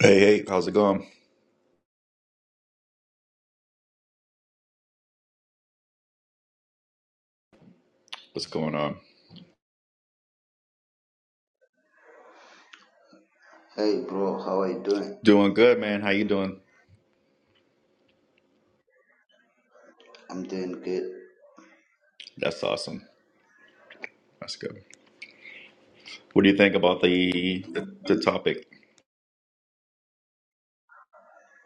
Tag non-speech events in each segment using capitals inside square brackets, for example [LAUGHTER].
Hey, hey, how's it going? What's going on? Hey bro, how are you doing? Doing good, man. How you doing? I'm doing good. That's awesome. That's good. What do you think about the the, the topic?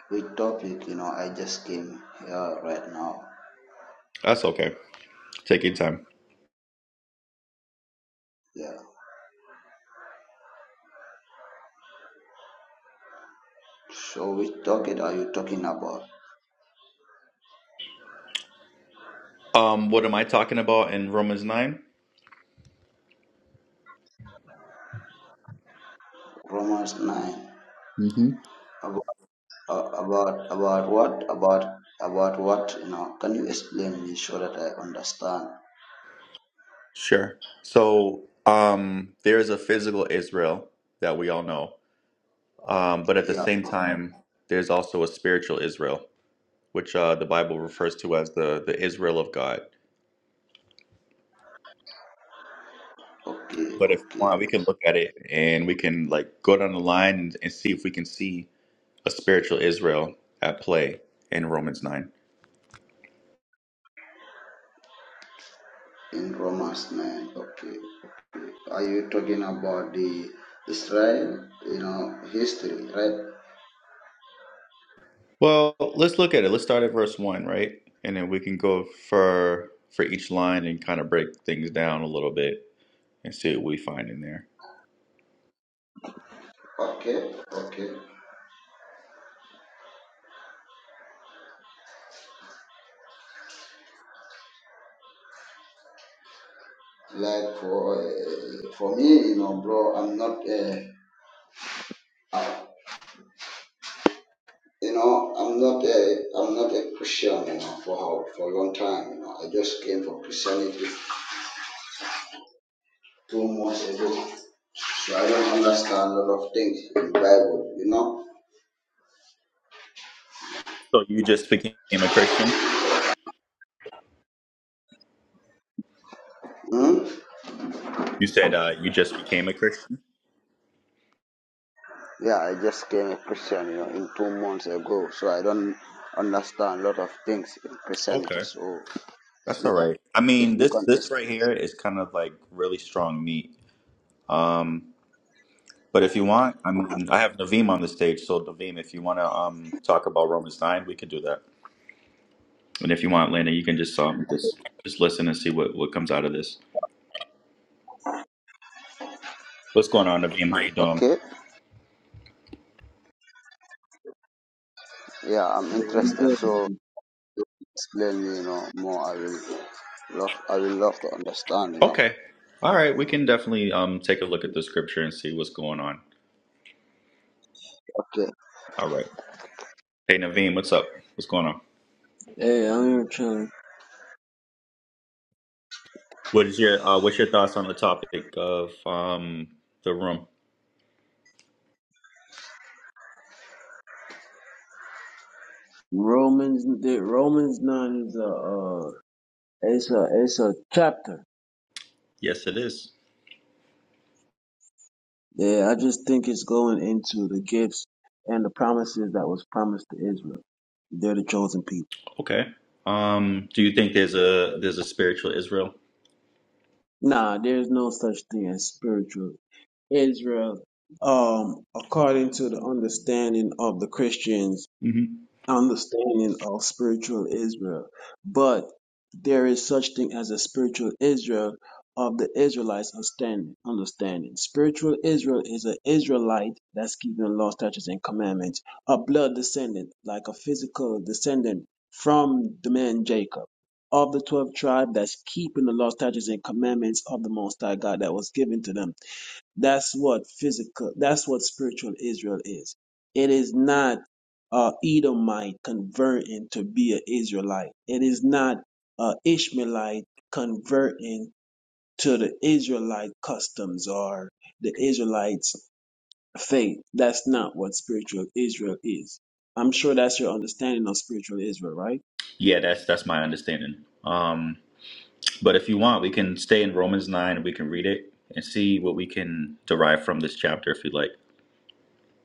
Which topic? You know, I just came here right now. That's okay. Take your time. Yeah. So which topic are you talking about? Um, what am I talking about in Romans 9? Romans nine. Mm-hmm. About uh, about about what? About about what? You know, can you explain me so that I understand? Sure. So, um, there's a physical Israel that we all know. Um, but at the Yeah. same Okay. time, there's also a spiritual Israel, which uh, the Bible refers to as the the Israel of God. Okay. But if you okay. want, we can look at it and we can like go down the line and, and see if we can see a spiritual Israel at play in Romans 9. In Romans nine. Okay. Are you talking about the Israel? You know, history, right? Well, let's look at it. Let's start at verse 1, right? And then we can go for for each line and kind of break things down a little bit and see what we find in there. Okay. Okay. Like for uh, for me, you know, bro, I'm not a, I, you know, I'm not a, I'm not a Christian, you know, for how, for a long time, you know. I just came from Christianity two months ago, so I don't understand a lot of things in Bible, you know. So you just became a Christian? Hmm? You said uh, you just became a Christian? Yeah, I just came a Christian, you know, in two months ago, so I don't understand a lot of things in Christianity. Okay. So if That's you all can, right. I if mean, you this can, this ex- right here is kind of like really strong meat. Um But if you want, I mean, I have Naveem on the stage, so Naveem, if you want to um talk about Romans nine, we could do that. And if you want, Lena, you can just um just just listen and see what what comes out of this. What's going on, Naveem? How you doing? okay, yeah, I'm interested. So. explain me, you know, more. I will love, I will love to understand, you know. Okay, all right, we can definitely um take a look at the scripture and see what's going on. Okay. All right, hey Naveem, what's up? What's going on? Hey, I'm here trying. What is your uh, what's your thoughts on the topic of um the room? Romans, the Romans nine is a, uh, it's a, it's a chapter. Yes, it is. Yeah, I just think it's going into the gifts and the promises that was promised to Israel. They're the chosen people. Okay. Um, do you think there's a there's a spiritual Israel? Nah, there's no such thing as spiritual Israel. Um, according to the understanding of the Christians, Mm-hmm. understanding of spiritual Israel. But there is such thing as a spiritual Israel of the Israelites understanding. Understanding spiritual Israel is an Israelite that's keeping law, statutes, and commandments. A blood descendant, like a physical descendant from the man Jacob. Of the twelve tribe that's keeping the law, statutes, and commandments of the Most High God that was given to them that's what physical, that's what spiritual Israel is. It is not a Edomite converting to be an Israelite. It is not a Ishmaelite converting to the Israelite customs or the Israelites' faith. That's not what spiritual Israel is. I'm sure that's your understanding of spiritual Israel, right? Yeah, that's that's my understanding. Um, but if you want, we can stay in Romans nine and we can read it and see what we can derive from this chapter if you would like.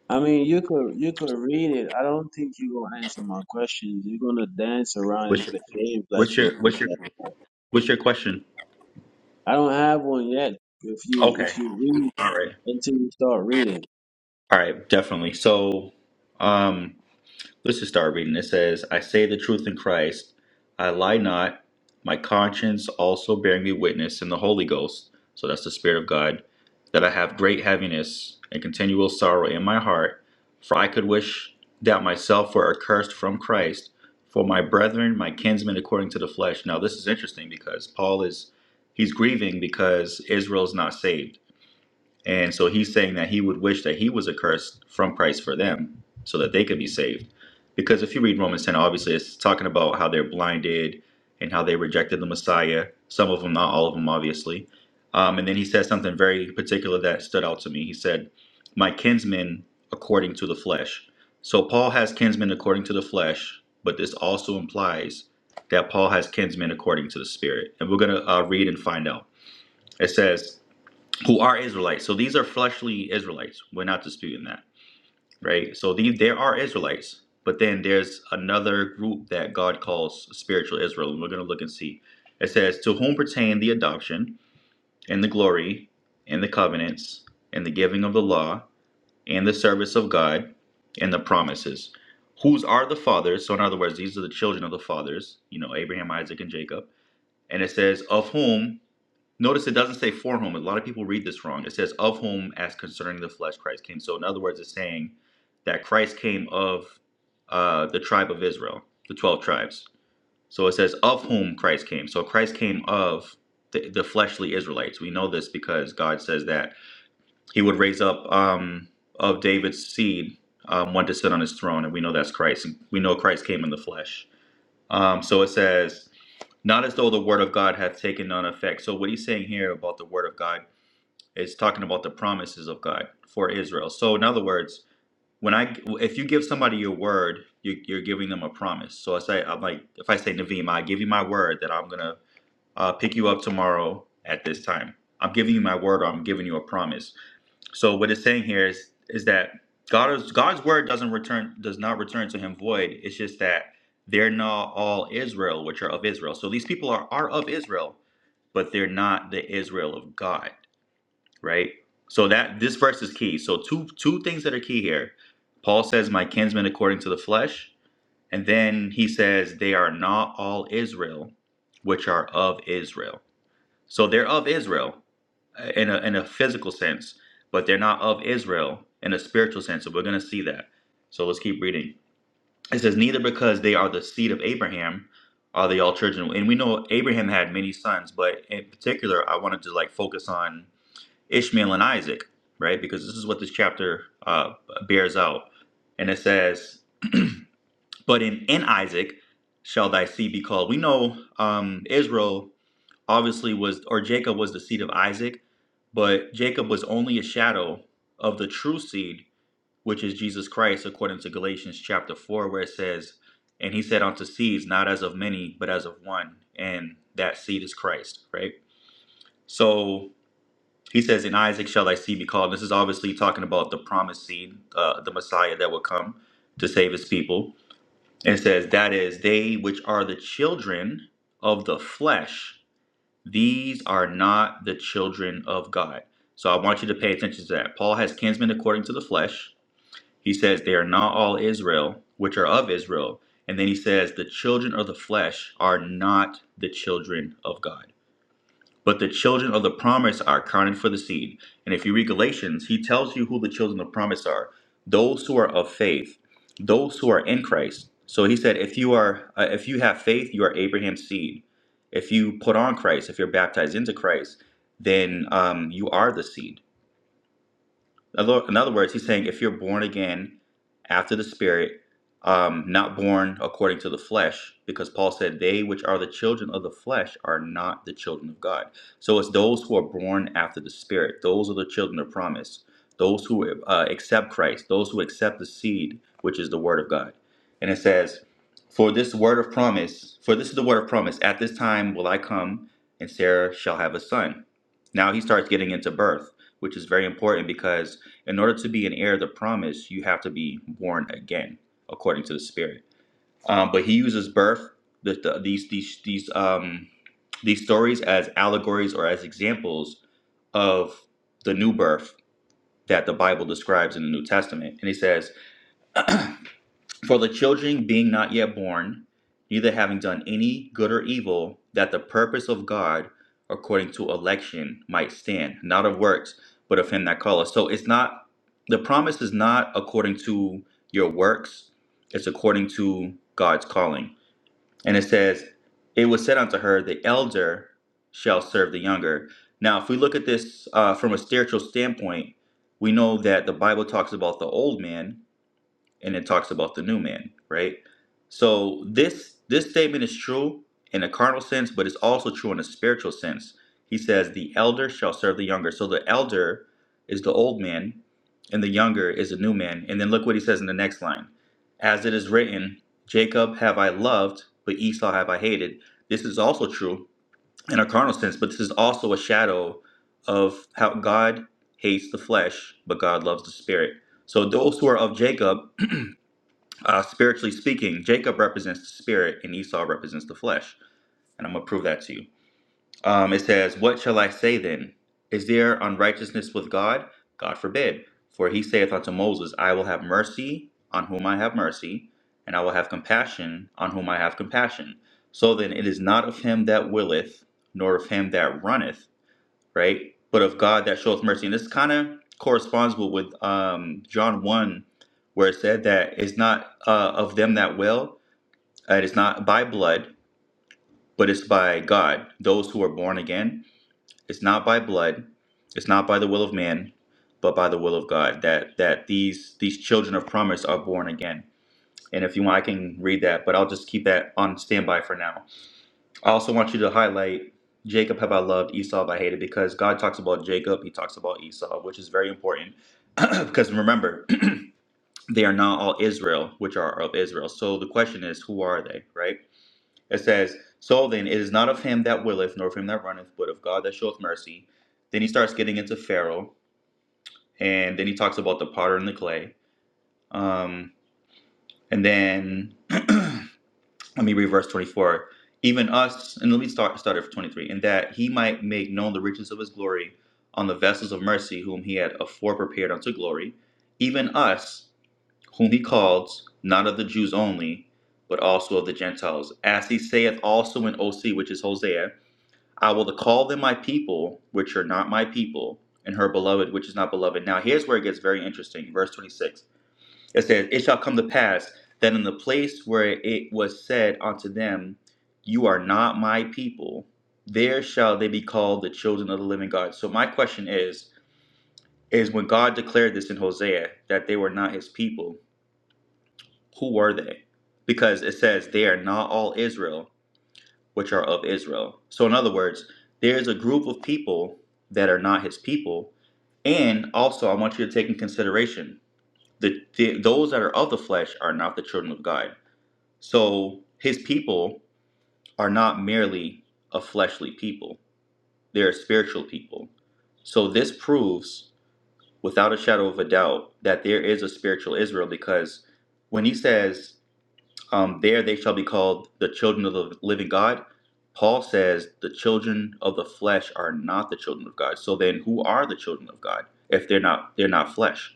I mean, you could you could read it. I don't think you're gonna answer my questions. You're gonna dance around What's and your play games like what's you your were. what's your what's your question? I don't have one yet. If you Okay. if you read All right. until you start reading, All right, definitely. So um Let's just start reading. It says, I say the truth in Christ. I lie not. My conscience also bearing me witness in the Holy Ghost. So that's the Spirit of God. That I have great heaviness and continual sorrow in my heart. For I could wish that myself were accursed from Christ for my brethren, my kinsmen according to the flesh. Now, this is interesting because Paul is. He's grieving because Israel is not saved and so he's saying that he would wish that he was accursed from Christ for them so that they could be saved. Because if you read Romans 10, obviously it's talking about how they're blinded and how they rejected the Messiah. Some of them, not all of them, obviously. Um, and then he said something very particular that stood out to me. He said, My kinsmen according to the flesh. So Paul has kinsmen according to the flesh, but this also implies that Paul has kinsmen according to the spirit. And we're going to uh, read and find out. It says, who are Israelites. So these are fleshly Israelites. We're not disputing that, right? So these there are Israelites, but then there's another group that God calls spiritual Israel, and we're going to look and see. It says, "To whom pertain the adoption and the glory and the covenants and the giving of the law and the service of God and the promises." Whose are the fathers? So in other words, these are the children of the fathers, you know, Abraham, Isaac, and Jacob. And it says, "Of whom." Notice it doesn't say for whom. A lot of people read this wrong. It says of whom as concerning the flesh Christ came. So in other words, it's saying that Christ came of uh, the tribe of Israel, the 12 tribes. So it says of whom Christ came. So Christ came of the, the fleshly Israelites. We know this because God says that he would raise up um, of David's seed um, one to sit on his throne. And we know that's Christ. We know Christ came in the flesh. Um, so it says not as though the word of God hath taken none effect. So what he's saying here about the word of God is talking about the promises of God for Israel. So in other words, when I if you give somebody your word, you, you're giving them a promise. So I say I'm like if I say Naveem, I give you my word that I'm gonna uh, pick you up tomorrow at this time. I'm giving you my word, or I'm giving you a promise. So what it's saying here is is that God's God's word doesn't return does not return to Him void. It's just that they're not all Israel, which are of Israel. So these people are are of Israel, but they're not the Israel of God right? So that this verse is key. So two two things that are key here. Paul says, "My kinsmen according to the flesh," and then he says, "They are not all Israel, which are of Israel." So they're of Israel uh, in a in a physical sense, but they're not of Israel in a spiritual sense. So we're gonna see that. So let's keep reading. It says, "Neither because they are the seed of Abraham." Are they all children? And we know Abraham had many sons, but in particular, I wanted to like focus on Ishmael and Isaac, right? Because this is what this chapter uh, bears out. And it says, But in, in Isaac shall thy seed be called. We know um, Israel obviously was, or Jacob was the seed of Isaac, but Jacob was only a shadow of the true seed, which is Jesus Christ, according to Galatians chapter 4, where it says, And he said unto seeds, not as of many, but as of one. And that seed is Christ, right? So he says, "In Isaac shall thy seed be called." This is obviously talking about the promised seed, uh, the Messiah that will come to save his people. And it says, "That is they which are the children of the flesh; these are not the children of God." So I want you to pay attention to that. Paul has kinsmen according to the flesh. He says they are not all Israel, which are of Israel. And then he says the children of the flesh are not the children of God. But the children of the promise are counted for the seed. And if you read Galatians, he tells you who the children of promise are those who are of faith, those who are in Christ. So he said, if you are, uh, if you have faith, you are Abraham's seed. If you put on Christ, if you're baptized into Christ, then um, you are the seed other- In other words, he's saying if you're born again after the Spirit, um, not born according to the flesh, because Paul said, They which are the children of the flesh are not the children of God. So it's those who are born after the Spirit. Those are the children of promise. Those who uh, accept Christ. Those who accept the seed, which is the Word of God. And it says, For this word of promise, for this is the word of promise, at this time will I come, and Sarah shall have a son. Now he starts getting into birth, which is very important because in order to be an heir of the promise, you have to be born again, according to the Spirit. Um, but he uses birth, the, the, these these these um these stories as allegories or as examples of the new birth that the Bible describes in the New Testament. And he says for the children being not yet born, neither having done any good or evil, that the purpose of God according to election might stand, not of works, but of him that calleth. So it's not the promise is not according to your works, it's according to God's calling. And it says, It was said unto her, The elder shall serve the younger. Now, if we look at this uh, from a spiritual standpoint, we know that the Bible talks about the old man, and it talks about the new man, right? So this this statement is true in a carnal sense, but it's also true in a spiritual sense. He says, "The elder shall serve the younger." So the elder is the old man, and the younger is the new man. And then look what he says in the next line: "As it is written, Jacob have I loved, but Esau have I hated." This is also true in a carnal sense, but this is also a shadow of how God hates the flesh, but God loves the spirit. So those who are of Jacob uh, spiritually speaking, Jacob represents the spirit and Esau represents the flesh. And I'm going to prove that to you. Um, it says, What shall I say then? Is there unrighteousness with God? God forbid. For he saith unto Moses, I will have mercy on whom I have mercy, and I will have compassion on whom I have compassion. So then it is not of him that willeth, nor of him that runneth right? But of God that showeth mercy. And this kind of corresponds with, with um, John 1, where it said that it's not uh, of them that will, uh, it's not by blood, but it's by God, those who are born again. It's not by blood, it's not by the will of man, but by the will of God that that these these children of promise are born again. And if you want, I can read that, but I'll just keep that on standby for now. I also want you to highlight Jacob have I loved, Esau have I hated, because God talks about Jacob, he talks about Esau, which is very important. [CLEARS THROAT] because remember, [CLEARS THROAT] they are not all Israel, which are of Israel. So the question is, who are they, right? It says, So then it is not of him that willeth, nor of him that runneth, but of God that showeth mercy. Then he starts getting into Pharaoh, and then he talks about the potter and the clay. Um, and then [CLEARS THROAT] I mean, read verse 24. Even us, and let me start, start at 23, in that he might make known the riches of his glory on the vessels of mercy, whom he had afore prepared unto glory, even us, whom he called, not of the Jews only, but also of the Gentiles. As he saith also in OC, which is Hosea, I will call them my people, which are not my people, and her beloved, which is not beloved. Now, here's where it gets very interesting. Verse 26. It says, It shall come to pass that in the place where it was said unto them, You are not my people, there shall they be called the children of the living God. So my question is, is when God declared this in Hosea that they were not his people, who were they? Because it says they are not all Israel, which are of Israel. So in other words, there's a group of people that are not his people, and also, I want you to take in consideration that the, those that are of the flesh are not the children of God. So his people are not merely a fleshly people, they're a spiritual people. So this proves, without a shadow of a doubt, that there is a spiritual Israel because when he says, um, There they shall be called the children of the living God, Paul says the children of the flesh are not the children of God. So then who are the children of God if they're not they're not flesh?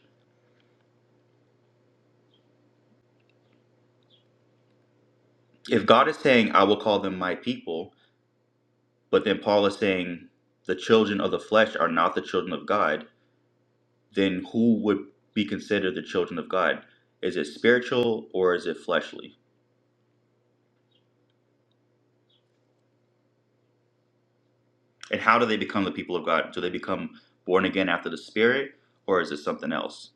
If God is saying, I will call them my people, But then Paul is saying the children of the flesh are not the children of God. Then who would be considered the children of God? Is it spiritual or is it fleshly? And how do they become the people of God? Do they become born again after the Spirit or is it something else?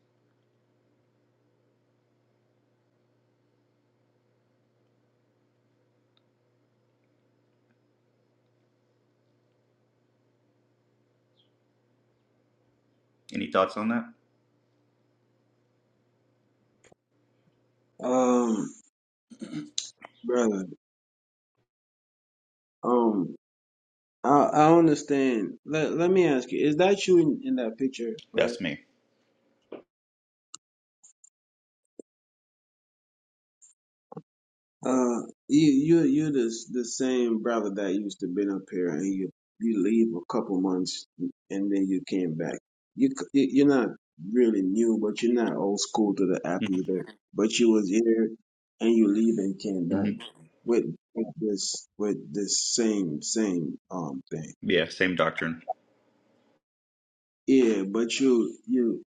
Any thoughts on that? Um, brother, um, I I understand. Let Let me ask you: Is that you in, in that picture, brother? That's me. Uh, you you you the the same brother that used to been up here, and you you leave a couple months, and then you came back. You c- you- you're not really new, but you're not old school to the app either. But you was here, and you leave and came back hmm with with this with this same same um thing. Yeah, same doctrine. Yeah, but you you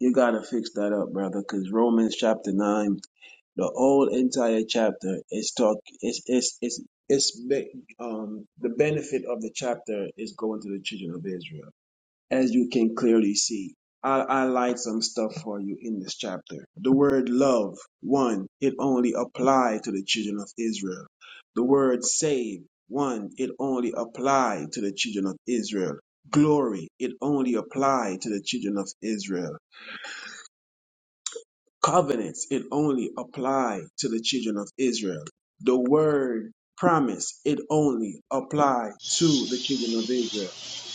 you gotta fix that up, brother, because Romans chapter nine. The whole entire chapter is talk is is is is be- um the benefit of the chapter is going to the children of Israel, as you can clearly see. I I like some stuff for you in this chapter. The word love, one, it only applied to the children of Israel. The word save, one, it only applied to the children of Israel. Glory, it only applied to the children of Israel covenants, it only apply to the children of Israel. The word promise, it only apply to the children of Israel.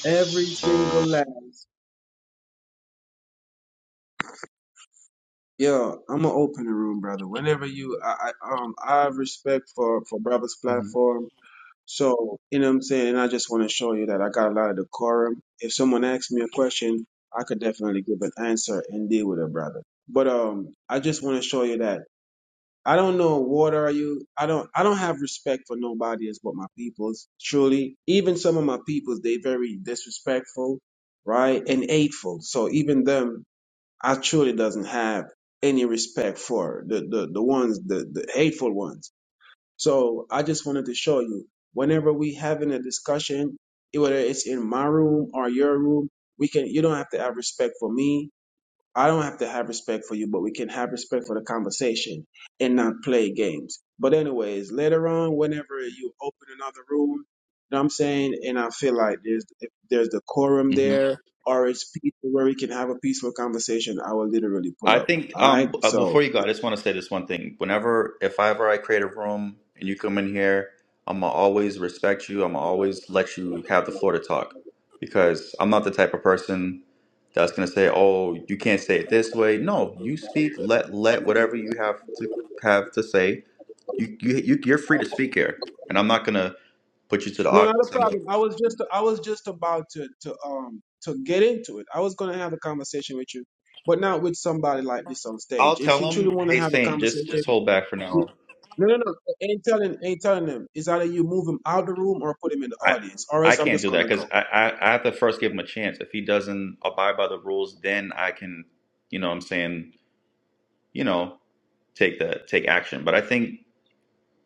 Every single last. Yo, I'm gonna open the room, brother. Whenever you, I, I um, I have respect for for brother's hmm platform. So you know what I'm saying. And I just want to show you that I got a lot of decorum. If someone asks me a question, I could definitely give an answer and deal with it, brother. But um, I just want to show you that. I don't know what are you. I don't. I don't have respect for nobody as but my peoples. Truly, even some of my peoples, they very disrespectful, right, and hateful. So even them, I truly doesn't have any respect for the the the ones the the hateful ones. So I just wanted to show you. Whenever we having a discussion, whether it's in my room or your room, we can. You don't have to have respect for me I don't have to have respect for you, but we can have respect for the conversation and not play games. But anyways, later on, whenever you open another room, you know what I'm saying, and I feel like there's if there's decorum hmm there or it's peaceful where we can have a peaceful conversation, I will literally pull I up. think All right, um uh, before so you go, I just want to say this one thing. Whenever, if I ever I create a room and you come in here, I'm gonna always respect you. I'm gonna always let you have the floor to talk because I'm not the type of person that's gonna say, "Oh, you can't say it this way." No, you speak. Let let whatever you have to have to say. You you, you you're free to speak here, and I'm not gonna put you to the no, not a audience. I'm not, problem. I was just I was just about to to um to get into it. I was gonna have a conversation with you, but not with somebody like this on stage. I'll If tell you truly them, want to "Hey, have a Saint, just just conversation. hold back for now." No, no, no. Ain't telling, ain't telling them. It's either you move him out of the room or put him in the I audience, or I else I'm can't just do that gonna go. because I, I I have to first give him a chance. If he doesn't abide by the rules, then I can, you know, what I'm saying, you know, take the take action. But I think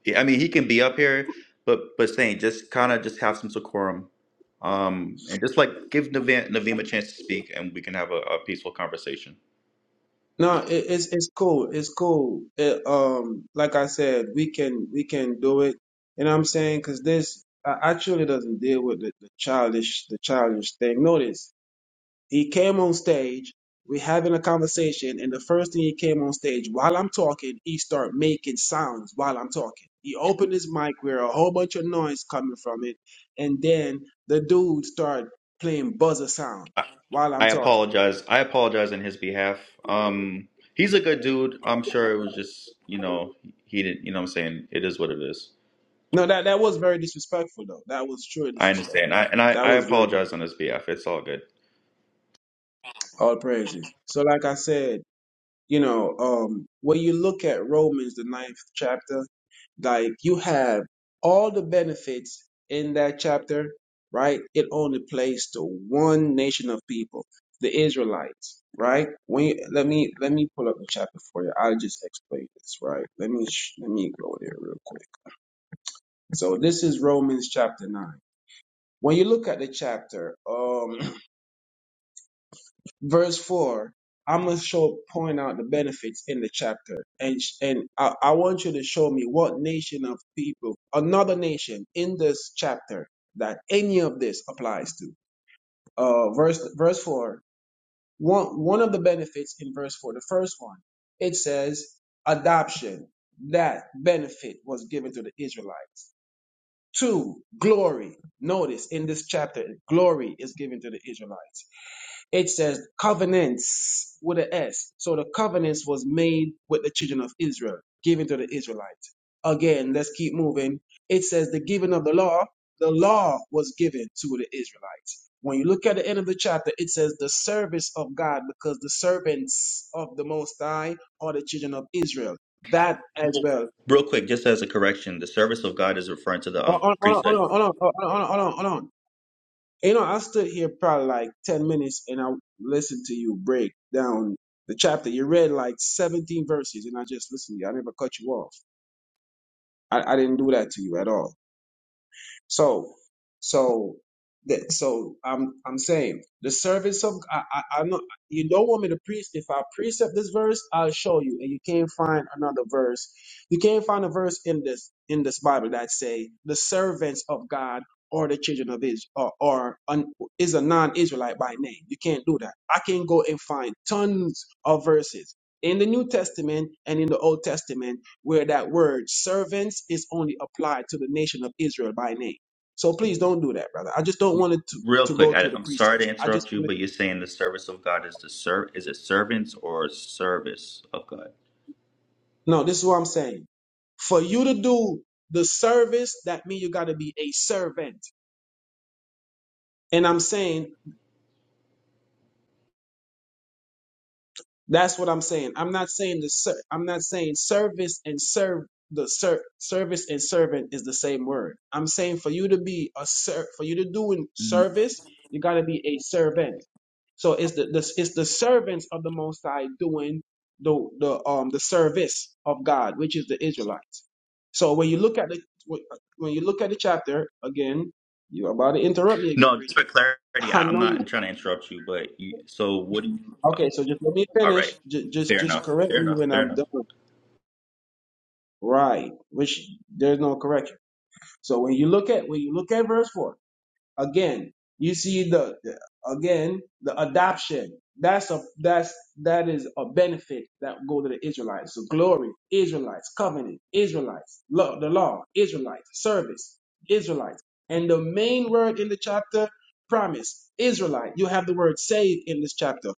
yeah, I mean he can be up here, but but saying just kind of just have some decorum, um, and just like give Naveem, Naveem a chance to speak, and we can have a, a peaceful conversation. No, it, it's it's cool. It's cool. It, um, like I said, we can we can do it. You know what I'm saying? Because this uh, actually doesn't deal with the, the childish the childish thing. Notice. He came on stage. we having a conversation, and the first thing he came on stage while I'm talking, he start making sounds while I'm talking. He opened his mic where a whole bunch of noise coming from it, and then the dude start playing buzzer sound I, while I I'm talking. apologize. I apologize on his behalf. Um, he's a good dude. I'm sure it was just you know he didn't. You know, what I'm saying it is what it is. No, that that was very disrespectful though. That was truly I disrespectful. understand. I and I, That I was really apologize on his behalf. It's all good. all praises. So like I said. You know, um, when you look at Romans, the ninth chapter, like you have all the benefits in that chapter, right? It only plays to one nation of people, the Israelites, right? When you, let me let me pull up the chapter for you. I'll just explain this, right? Let me sh- let me go there real quick. So this is Romans chapter nine. When you look at the chapter, um, verse 4 i'm going to show point out the benefits in the chapter and sh- and I, I want you to show me what nation of people another nation in this chapter that any of this applies to uh verse verse 4 one one of the benefits in verse 4 the first one it says adoption that benefit was given to the israelites two glory notice in this chapter glory is given to the israelites it says covenants with an S. So the covenants was made with the children of Israel, given to the Israelites. Again, let's keep moving. It says the giving of the law, the law was given to the Israelites. When you look at the end of the chapter, it says the service of God, because the servants of the Most High are the children of Israel. That as Real well. real quick, just as a correction, the service of God is referring to the Hold um, on, hold on, hold priesthood. on, hold on, hold on, hold on, hold on. hold on. You know, I stood here probably like 10 minutes and I listened to you break down the chapter. You read like 17 verses and I just listened to you. I never cut you off. I, I didn't do that to you at all. So, so, that, so I'm I'm saying the service of I, I I'm not you don't want me to preach. If I precept this verse, I'll show you, and you can't find another verse. You can't find a verse in this in this Bible that say the servants of God or the children of Israel or, or an, is a non-Israelite by name. You can't do that. I can go and find tons of verses in the New Testament and in the Old Testament where that word servants is only applied to the nation of Israel by name. So please don't do that, brother. I just don't want it to, Real to quick, go I, through the I'm sorry to precepts. I just interrupt you, want but you're saying the service of God is the serv is it servants or service of God? to, no, this is what I'm saying. For you to do the service, that means you got to be a servant. And I'm saying, that's what I'm saying. I'm not saying the ser- I'm not saying service and serve the ser- service and servant is the same word. I'm saying for you to be a ser- for you to do in Mhm. service, you got to be a servant. So it's the, the it's the servants of the Most High doing the the um the service of God, which is the Israelites. So when you look at the when you look at the chapter again, you're about to interrupt me again, No, just preacher. for [LAUGHS] clarity, I I, I'm know you. not trying to interrupt you, but you. So what do you? Okay, so just let me All finish. right, Just just fair just enough, correct fair me enough, when fair I'm enough. done. Right, which there's no correction. So when you look at when you look at verse four. Again, you see the, the- again the adoption. That's a that's that is a benefit that go to the Israelites. So glory, Israelites, covenant, Israelites, love the law, Israelites, service, Israelites. And the main word in the chapter, promise, Israelite. You have the word save in this chapter,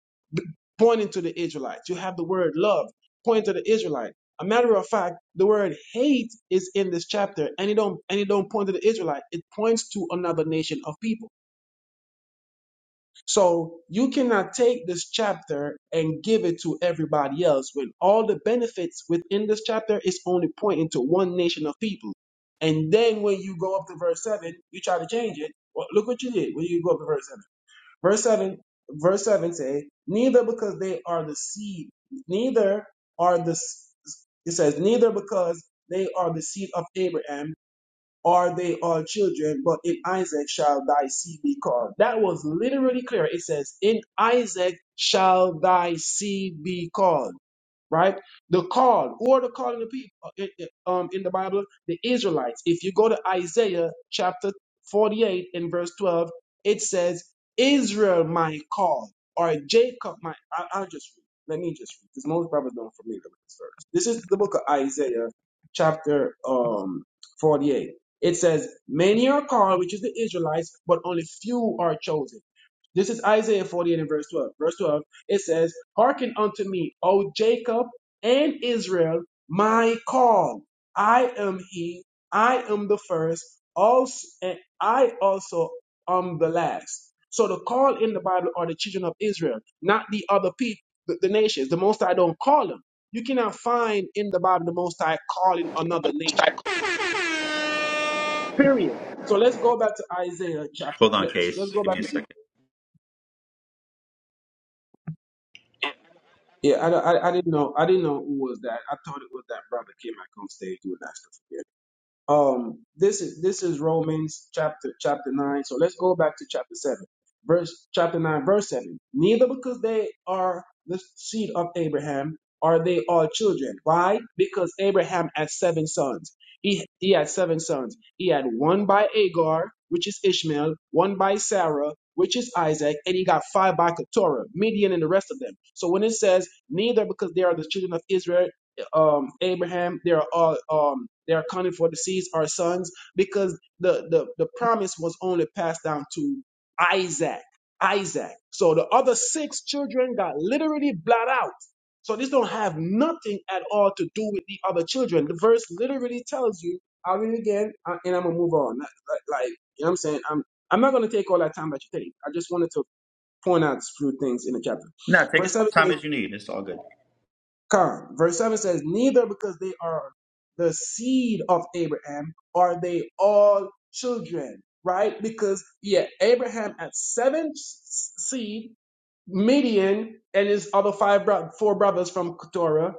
pointing to the Israelites. You have the word love, pointing to the Israelite. A matter of fact, the word hate is in this chapter, and it don't and it don't point to the Israelite. It points to another nation of people. So you cannot take this chapter and give it to everybody else when all the benefits within this chapter is only pointing to one nation of people. And then when you go up to verse 7, you try to change it. Well, look what you did when you go up to verse 7. Verse 7, verse 7 says, neither because they are the seed, neither are the, it says, neither because they are the seed of Abraham, are they all children, but in Isaac shall thy seed be called. That was literally clear. It says, In Isaac shall thy seed be called right? The call, Who are the calling the people uh, in- in- um, in the Bible, the Israelites. If you go to Isaiah chapter 48 and verse 12, it says, Israel my call, or Jacob my. I, I'll just read. Let me just read, because most brothers don't familiar with this verse. This is the book of Isaiah chapter um, 48. It says, Many are called, which is the Israelites, but only few are chosen. This is Isaiah 48 and verse 12. Verse 12, it says, Hearken unto me, O Jacob and Israel, my call. I am he, I am the first, also, and I also am the last. So the call in the Bible are the children of Israel, not the other people, the, the nations. The Most High don't call them. You cannot find in the Bible the Most High calling another nation. start Period. So let's go back to Isaiah chapter. Hold on, Let's case. let's go Give back. me a second. Yeah, I, I, I didn't know I didn't know who was that. I thought it was that brother came back on stage doing that stuff. um this is this is romans chapter chapter 9 so let's go back to chapter 7 verse chapter 9 verse 7 neither because they are the seed of abraham are they all children why because abraham had seven sons he he had seven sons he had one by agar which is ishmael one by sarah which is Isaac, and he got five by Keturah, Midian, and the rest of them. So when it says, neither because they are the children of Israel um, Abraham, they are all um, they are accounted for the seeds, our sons, because the, the the promise was only passed down to Isaac. Isaac. So the other six children got literally blot out. So this don't have nothing at all to do with the other children. The verse literally tells you. I'll read it again, uh, and I'm gonna move on. Like, like like, you know, what I'm saying, I'm I'm not gonna take all that time that you take. I just wanted to point out a few things in the chapter. No, take Verse as much 17. time as you need. It's all good. Come, Verse 7 says, Neither because they are the seed of Abraham are they all children, right? Because, yeah, Abraham had seven s- seed Midian and his other five bro- four brothers from Keturah,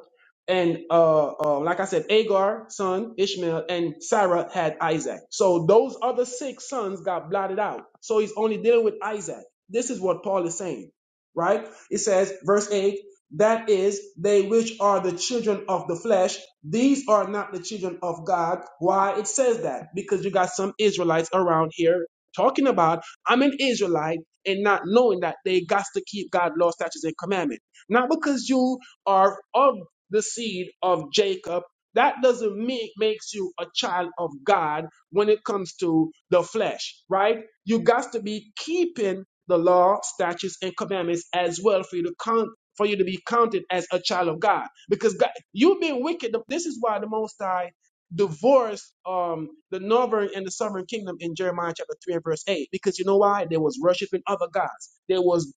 and uh, uh, like I said, Agar son Ishmael and Sarah had Isaac. So those other six sons got blotted out. So he's only dealing with Isaac. This is what Paul is saying, right? It says, verse eight. That is, they which are the children of the flesh, these are not the children of God. Why it says that? Because you got some Israelites around here talking about, I'm an Israelite and not knowing that they got to keep God's law, statutes, and commandment. Not because you are of the seed of Jacob. That doesn't make makes you a child of God when it comes to the flesh, right? You got to be keeping the law, statutes, and commandments as well for you to count for you to be counted as a child of God. Because God, you've been wicked. This is why the Most High divorced um, the northern and the southern kingdom in Jeremiah chapter 3 and verse 8 because you know why? They was worshiping other gods. They was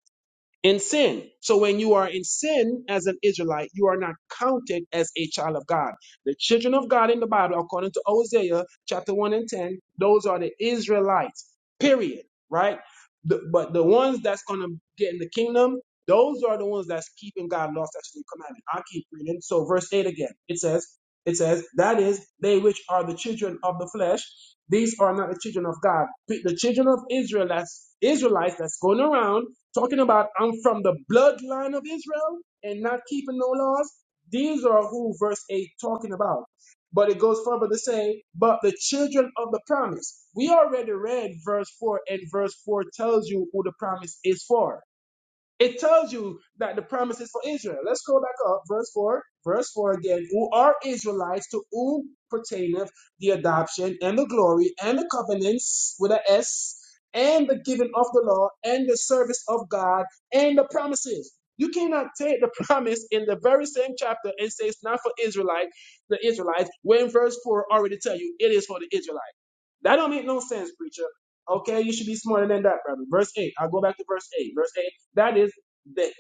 in sin. So when you are in sin as an Israelite, you are not counted as a child of God. The children of God in the Bible, according to Hosea chapter 1 and 10, those are the Israelites, period, right? The- but the ones that's going to get in the kingdom, those are the ones that's keeping God's lost after the commandment. I'll keep reading. So verse 8 again, it says, it says, that is, they which are the children of the flesh, these are not the children of God. The children of Israel, that's Israelites that's going around Talking about I'm from the bloodline of Israel and not keeping no laws. These are who verse 8 talking about. But it goes further to say, but the children of the promise. We already read verse 4, and verse 4 tells you who the promise is for. It tells you that the promise is for Israel. Let's go back up, verse 4. Verse 4 again. Who are Israelites to whom pertaineth the adoption and the glory and the covenants with a S and the giving of the law and the service of God and the promises. You cannot take the [LAUGHS] promise in the very same chapter and say it's not for Israelite, the Israelites, when verse 4 already tell you it is for the Israelites. That don't make no sense, preacher. Okay, you should be smarter than that, brother. Verse 8. I'll go back to verse 8. Verse 8. That is they.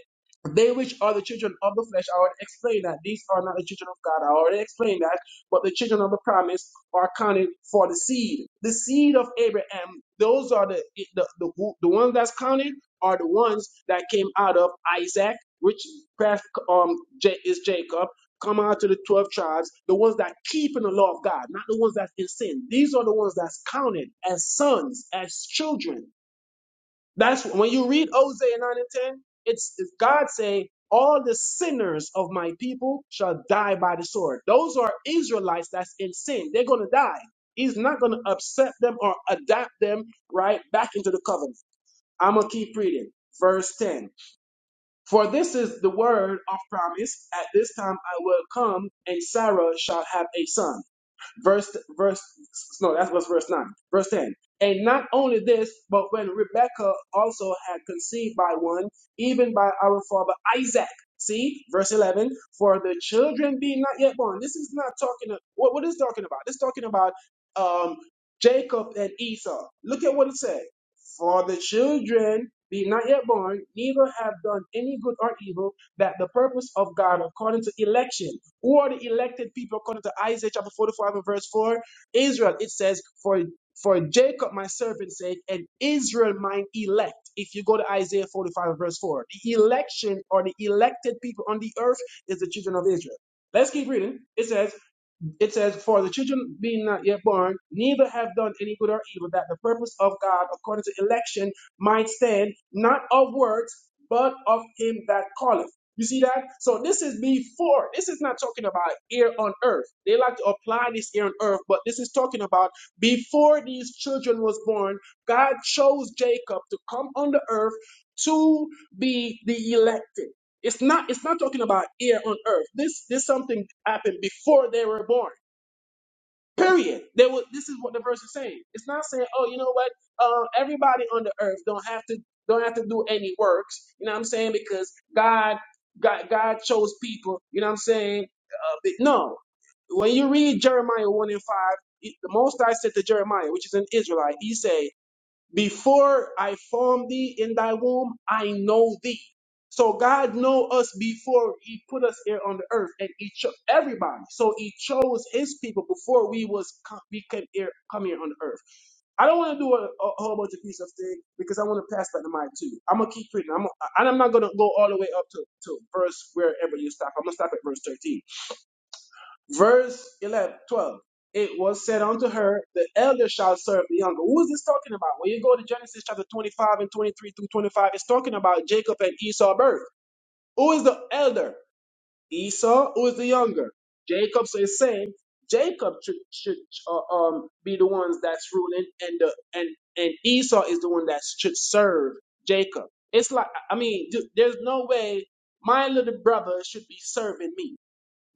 They which are the children of the flesh, I already explained that. These are not the children of God. I already explained that. But the children of the promise are counted for the seed. The seed of Abraham, those are the the, the, the ones that's counted are the ones that came out of Isaac, which perhaps, um J- is Jacob, Come out to the 12 tribes, the ones that keep in the law of God, not the ones that's in sin. These are the ones that's counted as sons, as children. That's when you read Hosea 9 and 10, it's, it's God saying, All the sinners of my people shall die by the sword. Those are Israelites that's in sin. They're going to die. He's not going to upset them or adapt them right back into the covenant. I'm going to keep reading. Verse 10. For this is the word of promise. At this time I will come, and Sarah shall have a son. Verse, verse, no, that was verse 9. Verse 10. And not only this, but when Rebekah also had conceived by one, even by our father Isaac. See, verse 11, for the children being not yet born. This is not talking, what, what is talking about? This is talking about um, Jacob and Esau. Look at what it said. For the children be not yet born, neither have done any good or evil, that the purpose of God according to election, who are the elected people according to Isaiah chapter 45 and verse 4, Israel, it says, For for Jacob my servant's sake, and Israel mine elect. If you go to Isaiah 45 and verse 4, the election or the elected people on the earth is the children of Israel. Let's keep reading. It says, it says, For the children being not yet born, neither have done any good or evil, that the purpose of God according to election might stand, not of works, but of him that calleth. You see that? So this is before. This is not talking about here on earth. They like to apply this here on earth, but this is talking about before these children was born, God chose Jacob to come on the earth to be the elected. It's not it's not talking about here on earth. This this something happened before they were born. Period. They were, this is what the verse is saying. It's not saying, oh, you know what? Uh, everybody on the earth don't have to don't have to do any works. You know what I'm saying? Because God God God chose people. You know what I'm saying? Uh, but no. When you read Jeremiah one and five, it- the Most High said to Jeremiah, which is an Israelite, he said. Before I formed thee in thy womb, I know thee. So God know us before He put us here on the earth, and He chose everybody. So He chose His people before we was co- we came here come here on the earth. I don't want to do a, a whole bunch of piece of thing because I want to pass that to mic too. I'm gonna keep reading. I'm gonna, and I'm not gonna go all the way up to to verse wherever you stop. I'm gonna stop at verse thirteen. Verse 11, 12. It was said unto her, The elder shall serve the younger. Who is this talking about? When you go to Genesis chapter 25 and 23 through 25, it's talking about Jacob and Esau birth. Who is the elder? Esau. Who is the younger? Jacob. So it's saying Jacob should, should uh, um, be the ones that's ruling, and the and and Esau is the one that should serve Jacob. It's like I mean, th- there's no way my little brother should be serving me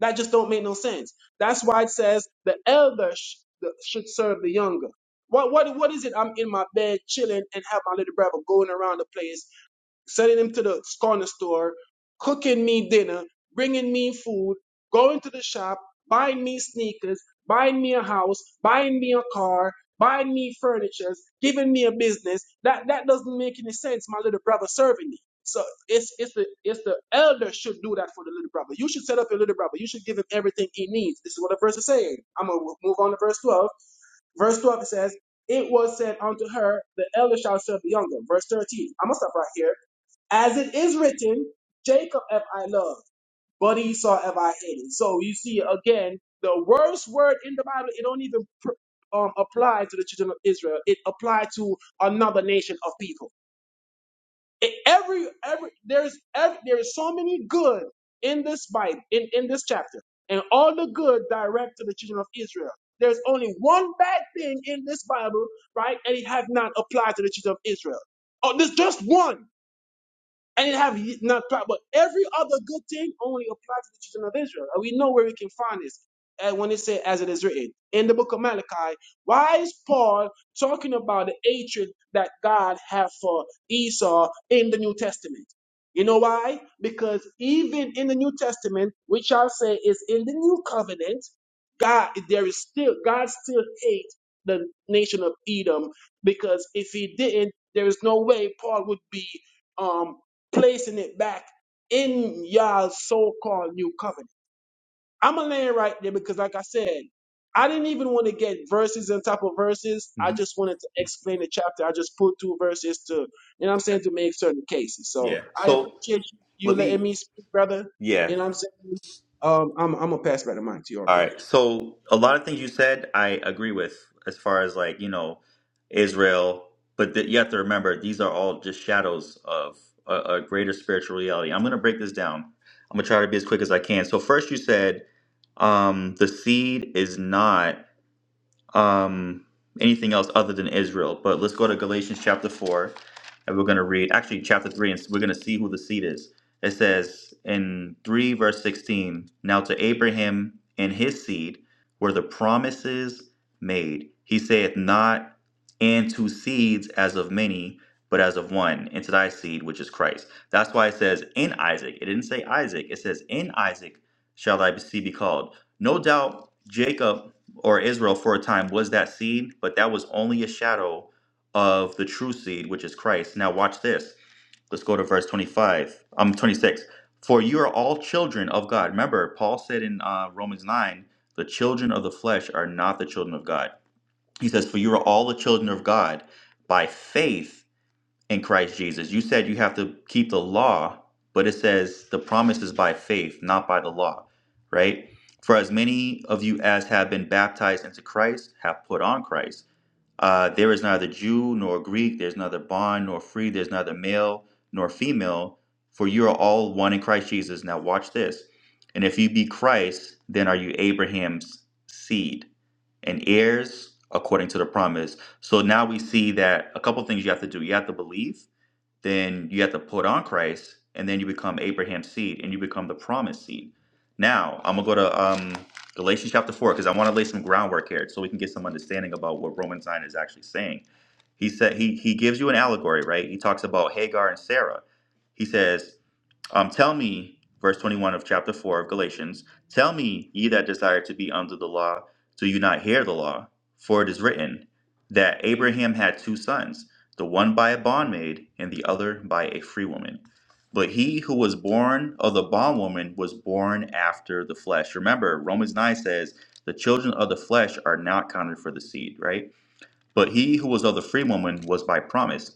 that just don't make no sense. That's why it says the elder sh- the- should serve the younger. What what what is it? I'm in my bed chilling and have my little brother going around the place sending him to the corner store, cooking me dinner, bringing me food, going to the shop, buying me sneakers, buying me a house, buying me a car, buying me furniture, giving me a business. That that doesn't make any sense. My little brother serving me. So it's it's the it's the elder should do that for the little brother. You should set up your little brother. You should give him everything he needs. This is what the verse is saying. I'm gonna move on to verse twelve. Verse twelve it says, "It was said unto her, the elder shall serve the younger." Verse thirteen. I'm gonna stop right here as it is written, Jacob have I loved, but Esau have I hated. So you see, again, the worst word in the Bible, it don't even pr- um, apply to the children of Israel. It applied to another nation of people. It- every, every, there's, every, there is so many good in this Bible, in, in this chapter, and all the good direct to the children of Israel. There's only one bad thing in this Bible, right? And it have not applied to the children of Israel. Oh, there's just one. And it have ye- not pro- but every other good thing only applies to the children of Israel. And we know where we can find this. And when it say as it is written in the book of Malachi, why is Paul talking about the hatred that God have for Esau in the New Testament? You know why? Because even in the New Testament, which I'll say is in the New Covenant, God there is still God still hate the nation of Edom because if he didn't, there is no way Paul would be um placing it back in y'all's so-called new covenant. I'm gonna land right there because, like I said, I didn't even want to get verses on top of verses. I Mhm. just wanted to explain the chapter. I just put two verses to, you know, what I'm saying to make certain cases. So Yeah. I So appreciate you let me. letting me speak, brother. Yeah. You know, what I'm saying. Um, I'm, I'm gonna pass by the mic to your All brother. right. So a lot of things you said, I agree with as far as like, you know, Israel, but th- you have to remember these are all just shadows of a, a greater spiritual reality. I'm going to break this down. I'm going to try to be as quick as I can. So first you said um the seed is not um, anything else other than Israel. But let's go to Galatians chapter 4, and we're going to read, actually, chapter 3, and we're going to see who the seed is. It says in 3, verse 16, Now to Abraham and his seed were the promises made. He saith not, and to seeds as of many, but as of one, and to thy seed, which is Christ. That's why it says in Isaac. It didn't say Isaac, it says in Isaac shall thy seed be called. No doubt Jacob or Israel for a time was that seed, but that was only a shadow of the true seed, which is Christ. Now, watch this. Let's go to verse 25. Um, 26. For you are all children of God. Remember, Paul said in uh, Romans 9, the children of the flesh are not the children of God. He says, For you are all the children of God by faith in Christ Jesus. You said you have to keep the law, but it says the promise is by faith, not by the law, right? For as many of you as have been baptized into Christ have put on Christ. Uh, there is neither Jew nor Greek, there's neither bond nor free, there's neither male nor female, for you are all one in Christ Jesus. Now, watch this. And if you be Christ, then are you Abraham's seed and heirs according to the promise. So now we see that a couple things you have to do. You have to believe, then you have to put on Christ, and then you become Abraham's seed, and you become the promised seed. Now I'm gonna go to um, Galatians chapter four because I want to lay some groundwork here, so we can get some understanding about what Romans nine is actually saying. He said he he gives you an allegory, right? He talks about Hagar and Sarah. He says um, tell me, verse 21 of chapter 4 of Galatians, tell me, ye that desire to be under the law, do you not hear the law? For it is written that Abraham had two sons, the one by a bondmaid and the other by a free woman. But he who was born of the bondwoman was born after the flesh. Remember, Romans 9 says, the children of the flesh are not counted for the seed, right? But he who was of the free woman was by promise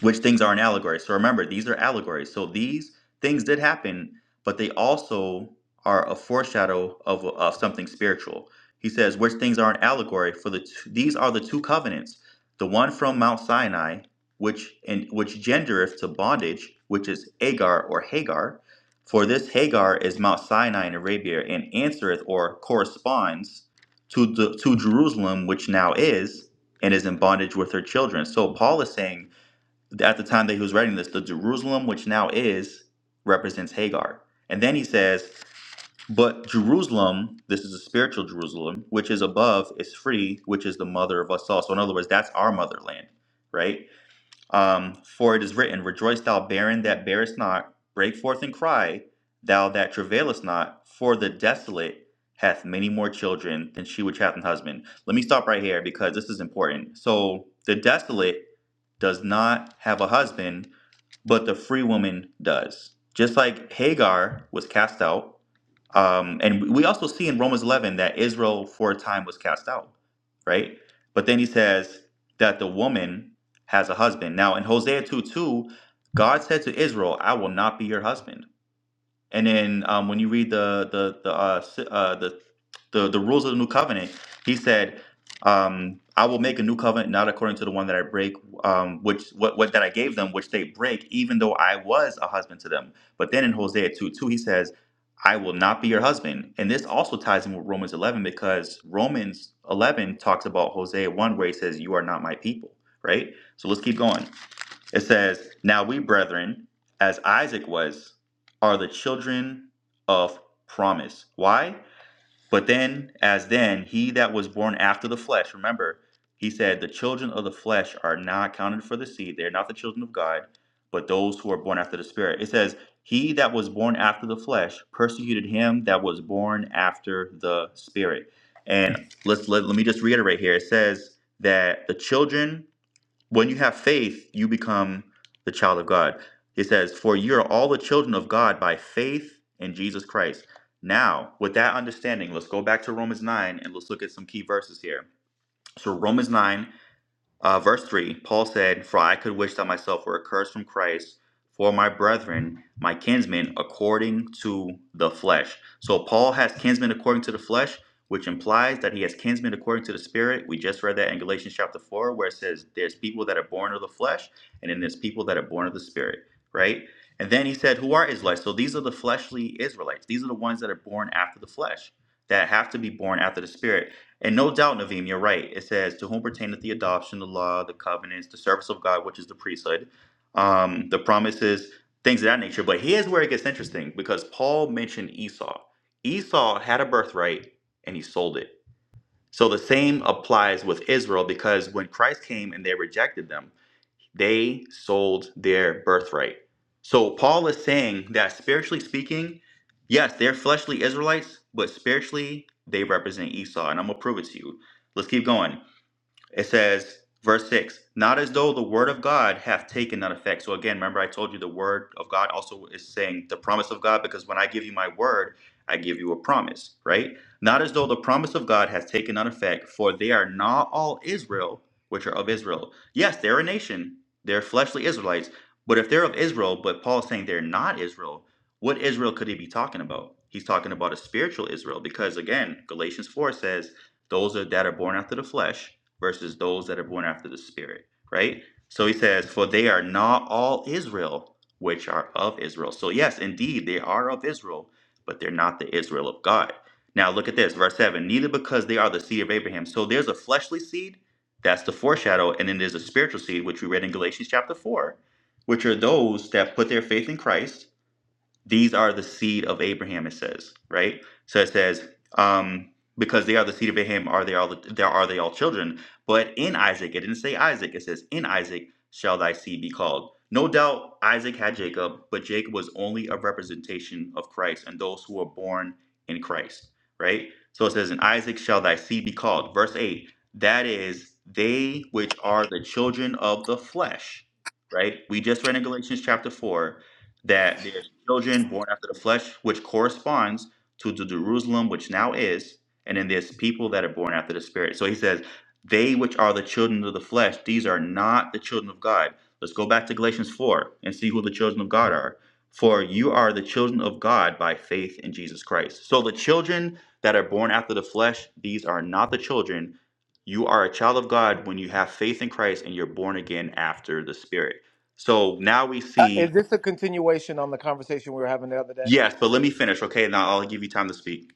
which things are an allegory. So remember, these are allegories. So these things did happen, but they also are a foreshadow of, of something spiritual. He says, which things are an allegory for the two, these are the two covenants, the one from Mount Sinai, which and which gendereth to bondage, which is Agar or Hagar. For this Hagar is Mount Sinai in Arabia, and answereth or corresponds to the to Jerusalem, which now is and is in bondage with her children. So Paul is saying at the time that he was writing this, the Jerusalem which now is represents Hagar. And then he says, But Jerusalem, this is a spiritual Jerusalem, which is above, is free, which is the mother of us all. So, in other words, that's our motherland, right? Um, For it is written, Rejoice, thou barren that bearest not, break forth and cry, thou that travailest not, for the desolate hath many more children than she which hath an husband. Let me stop right here because this is important. So, the desolate does not have a husband but the free woman does. Just like Hagar was cast out, um, and we also see in Romans 11 that Israel for a time was cast out, right? But then he says that the woman has a husband. Now in Hosea 2 2, God said to Israel, I will not be your husband. And then um, when you read the the the uh, si- uh, the, the the rules of the new covenant, he said, um, "I will make a new covenant not according to the one that I break, um, which what, what that I gave them, which they break, even though I was a husband to them." But then in Hosea two two, he says, "I will not be your husband." And this also ties in with Romans eleven because Romans eleven talks about Hosea one where he says, "You are not my people." Right. So let's keep going. It says, Now we, brethren, as Isaac was, are the children of promise. Why? But then, as then, he that was born after the flesh, remember, he said, The children of the flesh are not counted for the seed. They are not the children of God, but those who are born after the Spirit. It says, He that was born after the flesh persecuted him that was born after the Spirit. And let's let, let me just reiterate here. It says that the children when you have faith, you become the child of God. It says, For you are all the children of God by faith in Jesus Christ. Now, with that understanding, let's go back to Romans 9 and let's look at some key verses here. So, Romans 9 uh, verse 3 Paul said, For I could wish that myself were accursed from Christ for my brethren, my kinsmen, according to the flesh. So Paul has kinsmen according to the flesh, which implies that he has kinsmen according to the spirit. We just read that in Galatians chapter 4, where it says, There's people that are born of the flesh, and then there's people that are born of the spirit, right? And then he said, Who are Israelites? So these are the fleshly Israelites. These are the ones that are born after the flesh, that have to be born after the spirit and no doubt, Naveem, you're right. It says, To whom pertaineth the adoption, the law, the covenants, the service of God, which is the priesthood, um, the promises, things of that nature. But here's where it gets interesting because Paul mentioned Esau. Esau had a birthright and he sold it. So the same applies with Israel because when Christ came and they rejected them, they sold their birthright. So Paul is saying that spiritually speaking, yes, they're fleshly Israelites, but spiritually they represent Esau. And I'm going to prove it to you. Let's keep going. It says, verse 6, not as though the word of God hath taken none effect. So again, remember I told you the word of God also is saying the promise of God, because when I give you my word, I give you a promise, right? Not as though the promise of God hath taken none effect, for they are not all Israel which are of Israel. Yes, they're a nation, they're fleshly Israelites, but if they're of Israel, but Paul's saying they're not Israel, what Israel could he be talking about? He's talking about a spiritual Israel, because again, Galatians 4 says, those are- that are born after the flesh versus those that are born after the Spirit, right? So he says, For they are not all Israel, which are of Israel. So, yes, indeed, they are of Israel, but they're not the Israel of God. Now, look at this, verse 7 Neither because they are the seed of Abraham. So, there's a fleshly seed, that's the foreshadow, and then there's a spiritual seed, which we read in Galatians chapter 4, which are those that put their faith in Christ these are the seed of Abraham. It says right. So it says um, because they are the seed of Abraham, are they all there are they all children? But in Isaac, it didn't say Isaac. It says in Isaac shall thy seed be called. No doubt Isaac had Jacob, but Jacob was only a representation of Christ and those who were born in Christ. Right. So it says in Isaac shall thy seed be called. Verse eight. That is they which are the children of the flesh. Right. We just read in Galatians chapter four that there's children born after the flesh, which corresponds to the Jerusalem which now is, and then there's people that are born after the spirit. So he says, They which are the children of the flesh, these are not the children of God. Let's go back to Galatians 4 and see who the children of God are. For you are the children of God by faith in Jesus Christ. So the children that are born after the flesh, these are not the children. You are a child of God when you have faith in Christ and you're born again after the Spirit. So now we Uh, see is this a continuation on the conversation we were having the other day? Yes, but let me finish, okay? Now I'll give you time to speak.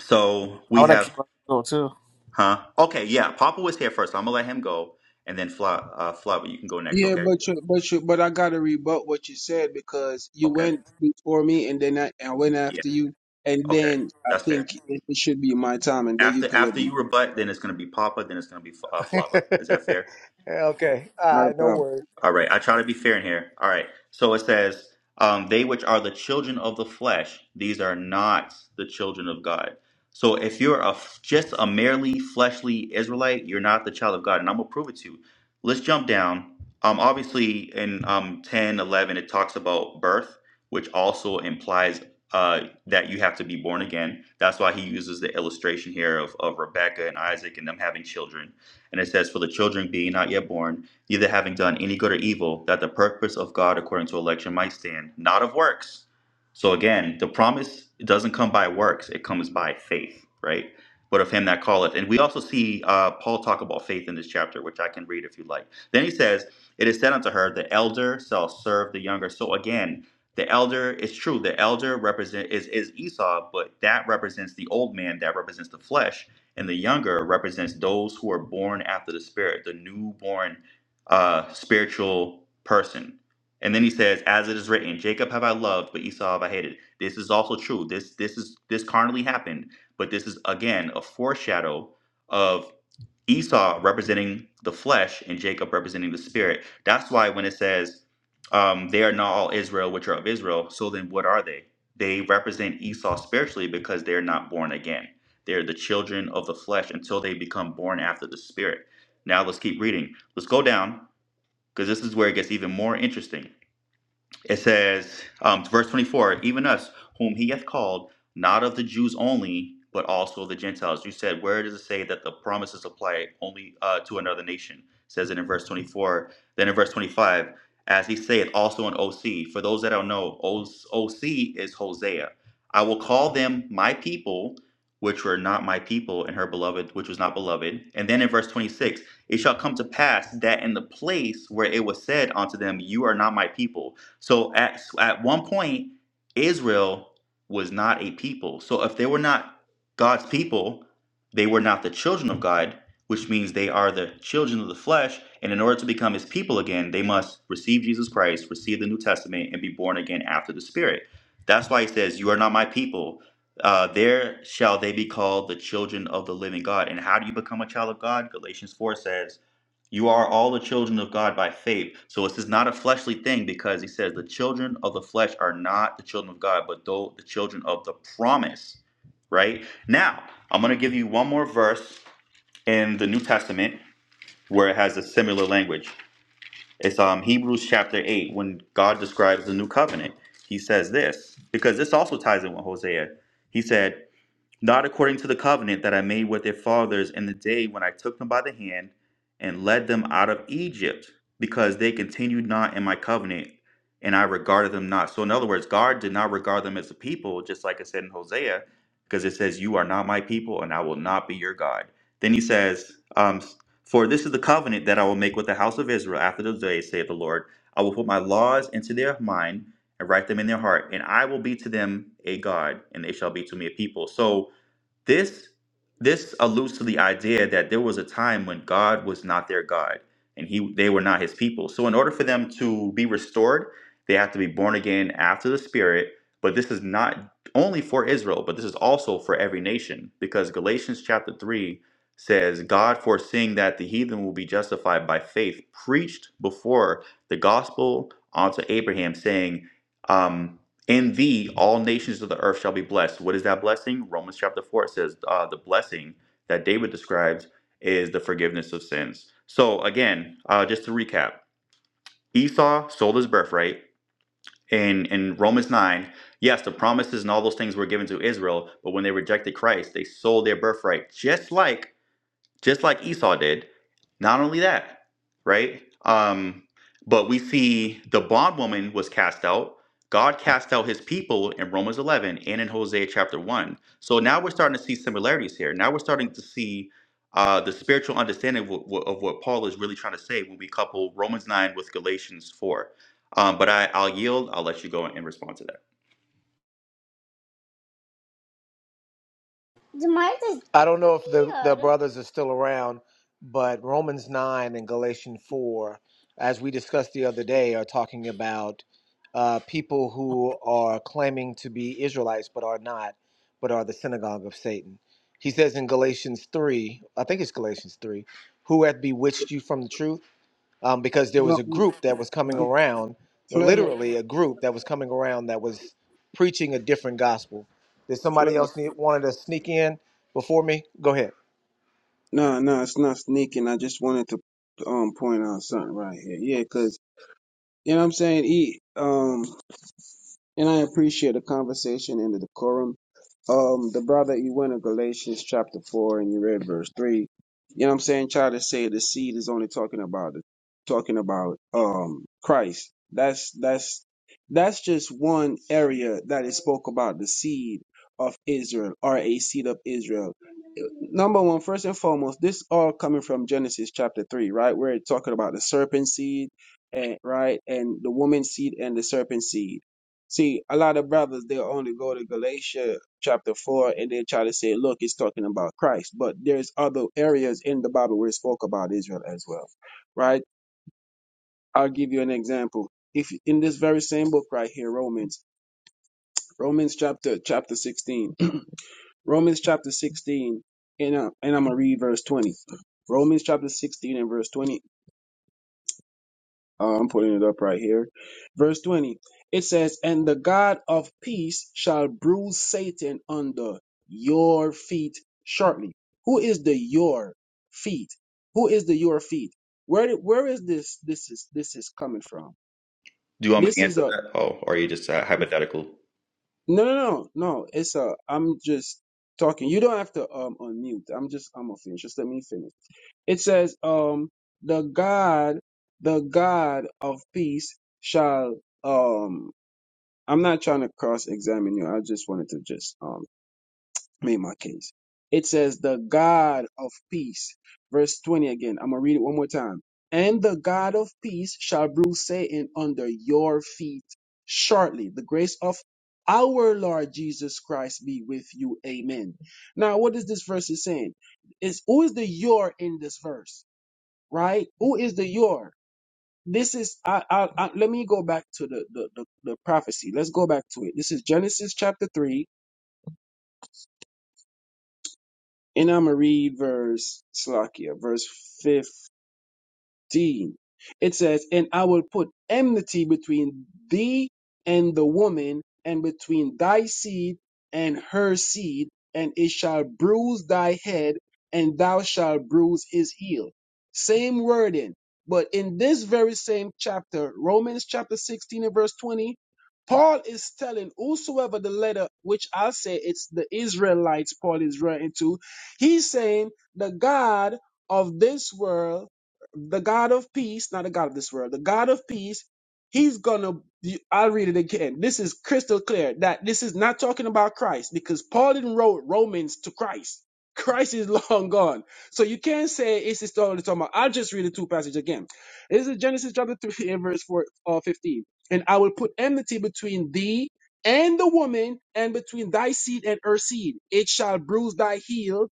So I we would actually have, like to go too. huh? Okay, yeah. Papa was here first. So I'm gonna let him go, and then Fla, uh, Flava, you can go next, Yeah, okay? but you, but you, but I gotta rebut what you said because you Okay. went before me and then I, I went Yeah. after you, and Okay. then I That's fair. think it, it should be my time, and then you After can let after me. you rebut, then it's gonna be Papa, then it's gonna be uh, Flava. Is that fair? [LAUGHS] okay, Not a uh, no problem. worries. All right, I try to be fair in here. All right, so it says, um, "They which are the children of the flesh, these are not the children of God." So if you're a f- just a merely fleshly Israelite, you're not the child of God, and I'm gonna prove it to you. Let's jump down. Um, obviously in um 10, eleven, it talks about birth, which also implies uh that you have to be born again. That's why he uses the illustration here of of Rebecca and Isaac and them having children. And it says, "For the children being not yet born." neither having done any good or evil, that the purpose of God according to election might stand, not of works. So again, the promise doesn't come by works, it comes by faith, right? But of him that calleth. And we also see uh, Paul talk about faith in this chapter, which I can read if you like. Then he says, It is said unto her, the elder shall serve the younger. So again, the elder is true. The elder represent is, is Esau, but that represents the old man, that represents the flesh, and the younger represents those who are born after the spirit, the newborn uh, spiritual person. And then he says, "As it is written, Jacob have I loved, but Esau have I hated." This is also true. This this is this carnally happened, but this is again a foreshadow of Esau representing the flesh and Jacob representing the spirit. That's why when it says, um, "They are not all Israel, which are of Israel," so then what are they? They represent Esau spiritually because they're not born again. They're the children of the flesh until they become born after the spirit. Now let's keep reading. Let's go down because this is where it gets even more interesting. It says, um, verse 24, even us, whom he hath called, not of the Jews only, but also of the Gentiles. You said, where does it say that the promises apply only uh, to another nation? It says it in verse 24. Then in verse 25, as he saith also in OC, for those that don't know, OC is Hosea. I will call them my people, which were not my people, and her beloved, which was not beloved. And then in verse 26, it shall come to pass that in the place where it was said unto them, You are not my people, so at at one point, Israel was not a people. So if they were not God's people, they were not the children of God, which means they are the children of the flesh. And in order to become His people again, they must receive Jesus Christ, receive the New Testament, and be born again after the Spirit. That's why He says, "You are not my people." Uh, there shall they be called the children of the living God. And how do you become a child of God? Galatians 4 says, you are all the children of God by faith. So this is not a fleshly thing because he says the children of the flesh are not the children of God, but though the children of the promise. Right? Now, I'm going to give you one more verse in the New Testament where it has a similar language. It's um Hebrews chapter 8 when God describes the new covenant. He says this because this also ties in with Hosea. He said, not according to the covenant that I made with their fathers in the day when I took them by the hand and led them out of Egypt, because they continued not in my covenant, and I regarded them not. So, in other words, God did not regard them as a people, just like it said in Hosea, because it says, You are not my people, and I will not be your God. Then he says, um, For this is the covenant that I will make with the house of Israel after those days, saith the Lord. I will put my laws into their mind and write them in their heart, and I will be to them a God, and they shall be to me a people. So, this this alludes to the idea that there was a time when God was not their God and he they were not his people. So in order for them to be restored, they have to be born again after the spirit, but this is not only for Israel, but this is also for every nation because Galatians chapter 3 says God foreseeing that the heathen will be justified by faith preached before the gospel unto Abraham saying, um, in thee, all nations of the earth shall be blessed. What is that blessing? Romans chapter 4 says uh, the blessing that David describes is the forgiveness of sins. So, again, uh, just to recap Esau sold his birthright. In, in Romans 9, yes, the promises and all those things were given to Israel, but when they rejected Christ, they sold their birthright, just like just like Esau did. Not only that, right? Um, but we see the bondwoman was cast out. God cast out his people in Romans 11 and in Hosea chapter 1. So now we're starting to see similarities here. Now we're starting to see uh, the spiritual understanding of, what- of what Paul is really trying to say when we couple Romans 9 with Galatians 4. Um, but I, I'll yield. I'll let you go and respond to that. Demarcus- I don't know if the, the brothers are still around, but Romans 9 and Galatians 4, as we discussed the other day, are talking about uh, people who are claiming to be Israelites but are not, but are the synagogue of Satan. He says in Galatians 3, I think it's Galatians 3, who hath bewitched you from the truth? um, because there No, was a no, group that was coming No. around, Flavor, literally a group that was coming around that was preaching a different gospel. Did somebody flavor. else need, wanted to sneak in before me? Go ahead. No, no, it's not sneaking. I just wanted to um point out something right here. Yeah, because you know what I'm saying. He um, and I appreciate the conversation and the decorum. um the brother you went to Galatians chapter four and you read verse three. You know what I'm saying? Try to say the seed is only talking about the talking about um Christ. That's that's that's just one area that it spoke about the seed of Israel or a seed of Israel. Number one, first and foremost, this all coming from Genesis chapter three, right? Where it's talking about the serpent seed and right and the woman seed and the serpent seed. See, a lot of brothers they'll only go to Galatia chapter 4 and they try to say look it's talking about christ but there's other areas in the bible where it spoke about israel as well right i'll give you an example if in this very same book right here romans romans chapter chapter 16 [CLEARS THROAT] romans chapter 16 and, uh, and i'm gonna read verse 20 romans chapter 16 and verse 20 Uh, I'm putting it up right here. Verse 20. It says, And the God of peace shall bruise Satan under your feet shortly. Who is the your feet? Who is the your feet? Where did- where is this this is this is coming from? Do you want me This to is answer a that? Oh, or are you just uh, hypothetical? no no no no. It's a I'm just talking. You don't have to um unmute. I'm just I'm gonna finish. Just let me finish. It says um the God the God of peace shall um I'm not trying to cross examine you. I just wanted to just um make my case. It says the God of peace. Verse 20 again. I'm gonna read it one more time. And the God of peace shall bruise Satan under your feet shortly. The grace of our Lord Jesus Christ be with you. Amen. Now, what is this verse is saying? Is who is the your in this verse? Right? Who is the your? this is I, I, I let me go back to the, the the the prophecy. Let's go back to it. This is Genesis chapter three, and I'm gonna read verse Slakia, verse fifth. 15, it says, And I will put enmity between thee and the woman, and between thy seed and her seed, and it shall bruise thy head, and thou shalt bruise his heel. Same wording. But in this very same chapter, Romans chapter 16 and verse 20, Paul is telling whosoever the letter, which I'll say it's the Israelites Paul is writing to, he's saying the God of this world the God of peace, not the God of this world, the God of peace, he's gonna, I'll read it again. This is crystal clear that this is not talking about Christ because Paul didn't wrote Romans to Christ. Christ is [LAUGHS] long gone. So you can't say it's just only talking about. I'll just read the two passages again. This is Genesis chapter 3 and verse 4, uh, 15. And I will put enmity between thee and the woman and between thy seed and her seed. It shall bruise thy heel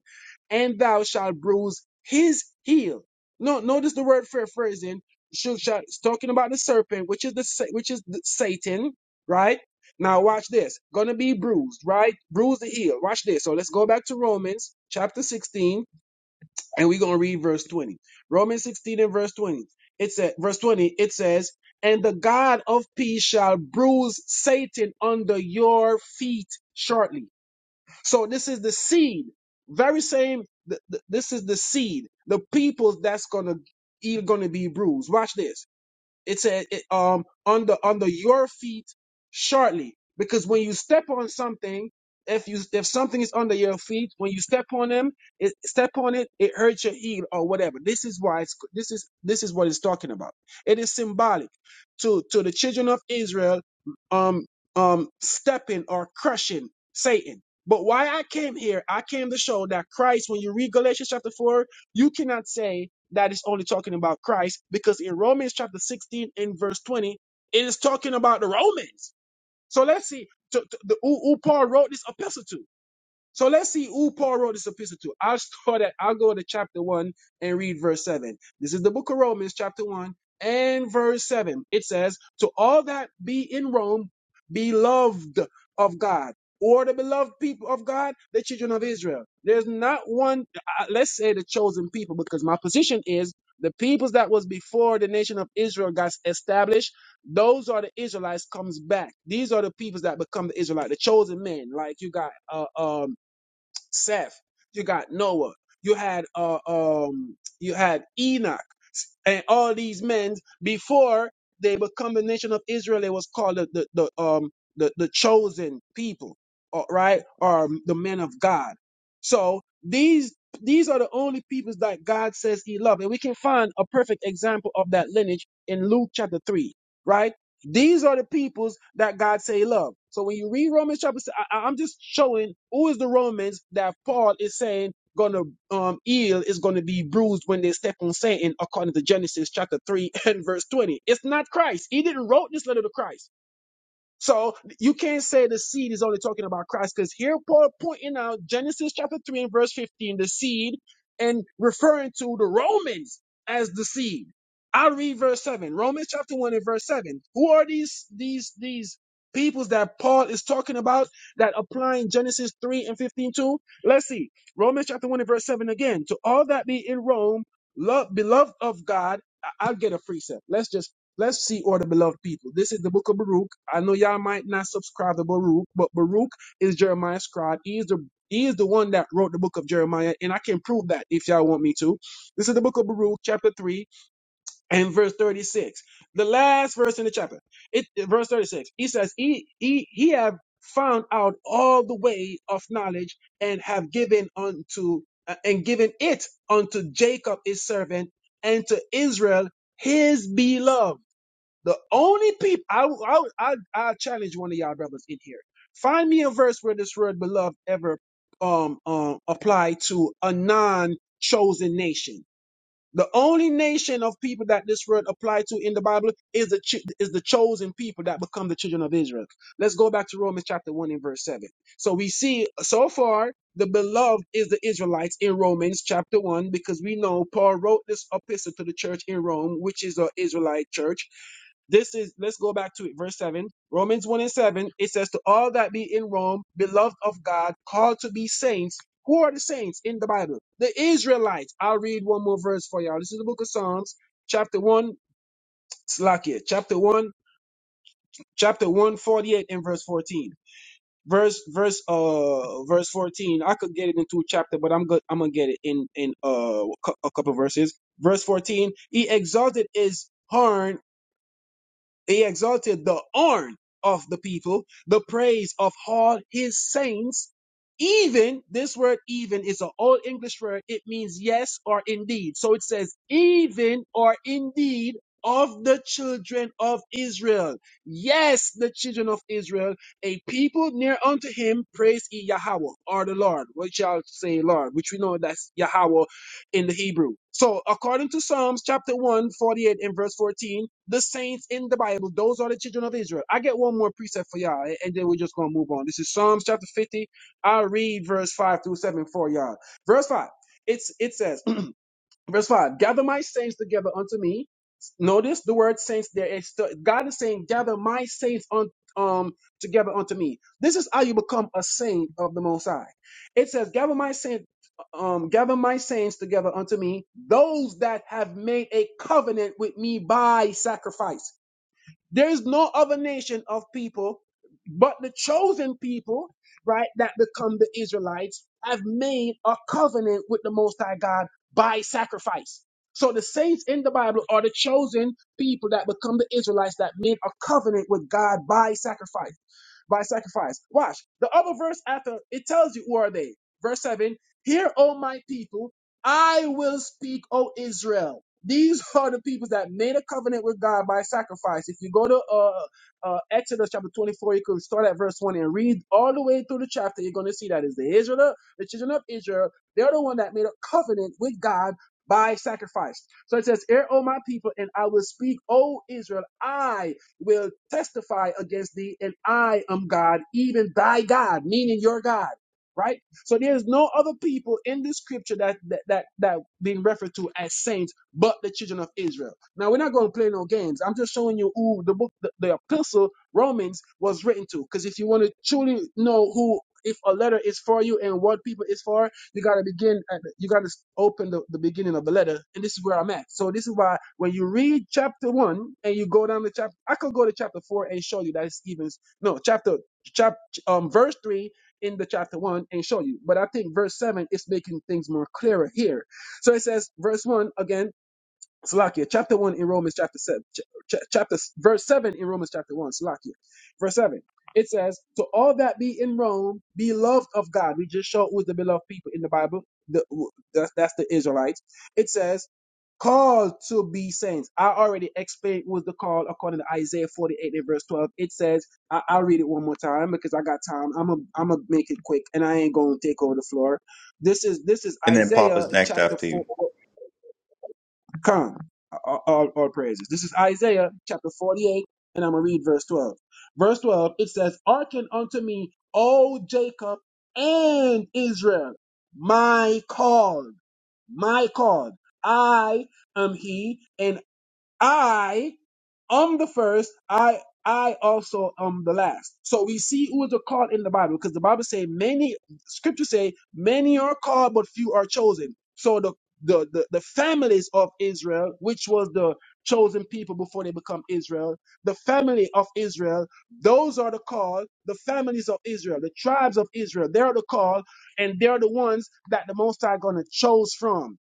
and thou shalt bruise his heel. No, notice the word for phrasing. Shall, shall, it's talking about the serpent, which is the sa- which is the Satan, right? Now watch this. Gonna be bruised, right? Bruise the heel. Watch this. So let's go back to Romans chapter 16, and we're gonna read verse 20. Romans 16 and verse 20. It says, verse 20, it says, And the God of peace shall bruise Satan under your feet shortly. So this is the seed. Very same. th- th- This is the seed. The people that's gonna even gonna be bruised. Watch this. It said it, um under under your feet shortly. Because when you step on something, if you if something is under your feet, when you step on them, it step on it, it hurts your heel or whatever. This is why it's this is this is what it's talking about. It is symbolic to to the children of Israel um um stepping or crushing Satan. But why I came here, I came to show that Christ, when you read Galatians chapter 4, you cannot say that is only talking about Christ because in Romans chapter 16 and verse 20, it is talking about the Romans. So let's see to, to- the, who, who Paul wrote this epistle to. So let's see who Paul wrote this epistle to. I'll start at, I'll go to chapter 1 and read verse 7. This is the book of Romans, chapter 1 and verse 7. It says, To all that be in Rome, beloved of God, or the beloved people of God, the children of Israel. There's not one, uh, let's say the chosen people, because my position is the peoples that was before the nation of Israel got established, those are the Israelites comes back. These are the peoples that become the Israelite, the chosen men. Like you got, uh, um, Seth. You got Noah. You had uh, um you had Enoch and all these men before they become the nation of Israel, they was called the, the, the um the, the chosen people, or- right? Or um, the men of God. So these these are the only peoples that God says He loved, and we can find a perfect example of that lineage in Luke chapter three, right? These are the peoples that God say He loved. So when you read Romans chapter, i I- I'm just showing who is the Romans that Paul is saying gonna um heel is gonna be bruised when they step on Satan according to Genesis chapter three [LAUGHS] and verse twenty. It's not Christ. He didn't wrote this letter to Christ. So you can't say the seed is only talking about Christ because here Paul pointing out Genesis chapter 3 and verse 15, the seed, and referring to the Romans as the seed. I'll read verse 7. Romans chapter 1 and verse 7. Who are these these these peoples that Paul is talking about that applying Genesis 3 and 15 to? Let's see. Romans chapter 1 and verse 7 again. To all that be in Rome, love beloved of God. I- I'll get a precept. Let's just Let's see, order beloved people. This is the book of Baruch. I know y'all might not subscribe to Baruch, but Baruch is Jeremiah's scribe. He is the he is the one that wrote the book of Jeremiah, and I can prove that if y'all want me to. This is the book of Baruch, chapter 3 and verse 36. The last verse in the chapter. It verse 36. He says, He he he have found out all the way of knowledge and have given unto uh, and given it unto Jacob his servant and to Israel his beloved. The only people I I I, I challenge one of y'all brothers in here. Find me a verse where this word beloved ever um um apply to a non chosen nation. The only nation of people that this word applied to in the Bible is the ch- is the chosen people that become the children of Israel. Let's go back to Romans chapter one and verse seven. So we see so far the beloved is the Israelites in Romans chapter one because we know Paul wrote this epistle to the church in Rome, which is an Israelite church this is, let's go back to it, verse 7. Romans 1 and 7, it says, To all that be in Rome, beloved of God, called to be saints. Who are the saints in the Bible? The Israelites. I'll read one more verse for y'all. This is the book of Psalms, chapter 1, slack it, chapter 1, chapter 148 and verse 14. Verse, verse, uh, verse 14. I could get it into a chapter, but I'm good. I'm gonna get it in, in, uh, a cou- a couple verses. Verse 14. He exalted his horn He exalted the horn of the people, the praise of all his saints. Even, this word even is an old English word. It means yes or indeed. So it says, even or indeed of the children of Israel. Yes, the children of Israel, a people near unto him, praise ye Yahweh or the Lord, which shall say Lord, which we know that's Yahweh in the Hebrew. So, according to Psalms chapter one 48 and verse 14, the saints in the Bible, those are the children of Israel. I get one more precept for y'all, and and then we're just going to move on. This is Psalms chapter 50. I'll read verse 5 through 7 for y'all. Verse 5. It's, it says, Verse 5 Gather my saints together unto me. Notice the word saints There is It's God is saying, Gather my saints un, um, together unto me. This is how you become a saint of the Most High. It says, Gather my saints. Um, gather my saints together unto me, those that have made a covenant with me by sacrifice. There is no other nation of people but the chosen people, right, that become the Israelites, have made a covenant with the Most High God by sacrifice. So the saints in the Bible are the chosen people that become the Israelites that made a covenant with God by sacrifice by sacrifice. Watch. The other verse after it tells you who are they. Verse 7 Hear, O my people, I will speak, O Israel. These [LAUGHS] are the people that made a covenant with God by sacrifice. If you go to uh, uh, Exodus chapter 24, you could start at verse 1 and read all the way through the chapter. You're going to see that is the Israel, the children of Israel. They're the one that made a covenant with God by sacrifice. So it says, Hear, O my people, and I will speak, O Israel, I will testify against thee, and I am God, even thy God, meaning your God. Right? So there's no other people in this scripture that that that, that being referred to as saints but the children of Israel. Now we're not going to play no games. I'm just showing you who the book the, the epistle Romans was written to. Because if you want to truly know who if a letter is for you and what people is for, you got to begin, at, the- you got to open the, the beginning of the letter. And this is where I'm at. So this is why when you read chapter one and you go down to chapter, I could go to chapter four and show you that it's even, no, chapter, chap, um, verse three in the chapter one and show you. But I think verse seven is making things more clearer here. So it says, verse one again, Salakia, chapter 1 in Romans chapter 7, ch- ch- chapter verse 7 in Romans chapter 1, Salakia, verse 7. It says, To all that be in Rome, beloved of God. We just showed who's the beloved people in the Bible. The, that's, that's the Israelites. It says, Called to be saints. I already explained was the call according to Isaiah 48 and verse 12. It says, I, I'll read it one more time because I got time. I'm going I'm to make it quick and I ain't going to take over the floor. This is this is And then Isaiah Papa's next chapter after you. 4. Come, all, all, all praises. This is Isaiah chapter 48, and I'm going to read verse 12. Verse 12, it says, Hearken unto me, O Jacob and Israel, my called, my called. I am he, and I I'm the first. I I also am the last. So we see who is called in the Bible because the Bible say many scriptures say many are called but few are chosen. So the the, the the families of Israel, which was the chosen people before they become Israel, the family of Israel, those are the called, the families of Israel, the tribes of Israel, they're the called, and they're the ones that the Most High gonna chose from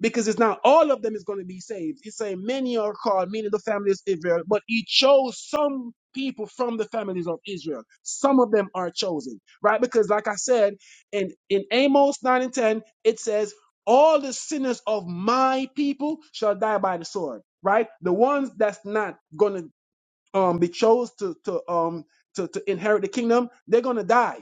because it's not all of them is going to be saved. It's saying many are called, meaning the families of Israel, but he chose some people from the families of Israel. Some of them are chosen, right? Because like I said, in, in Amos 9 and 10, it says, all the sinners of my people shall die by the sword, right? The ones that's not going to um, be chose to, to, um, to, to inherit the kingdom, they're going to die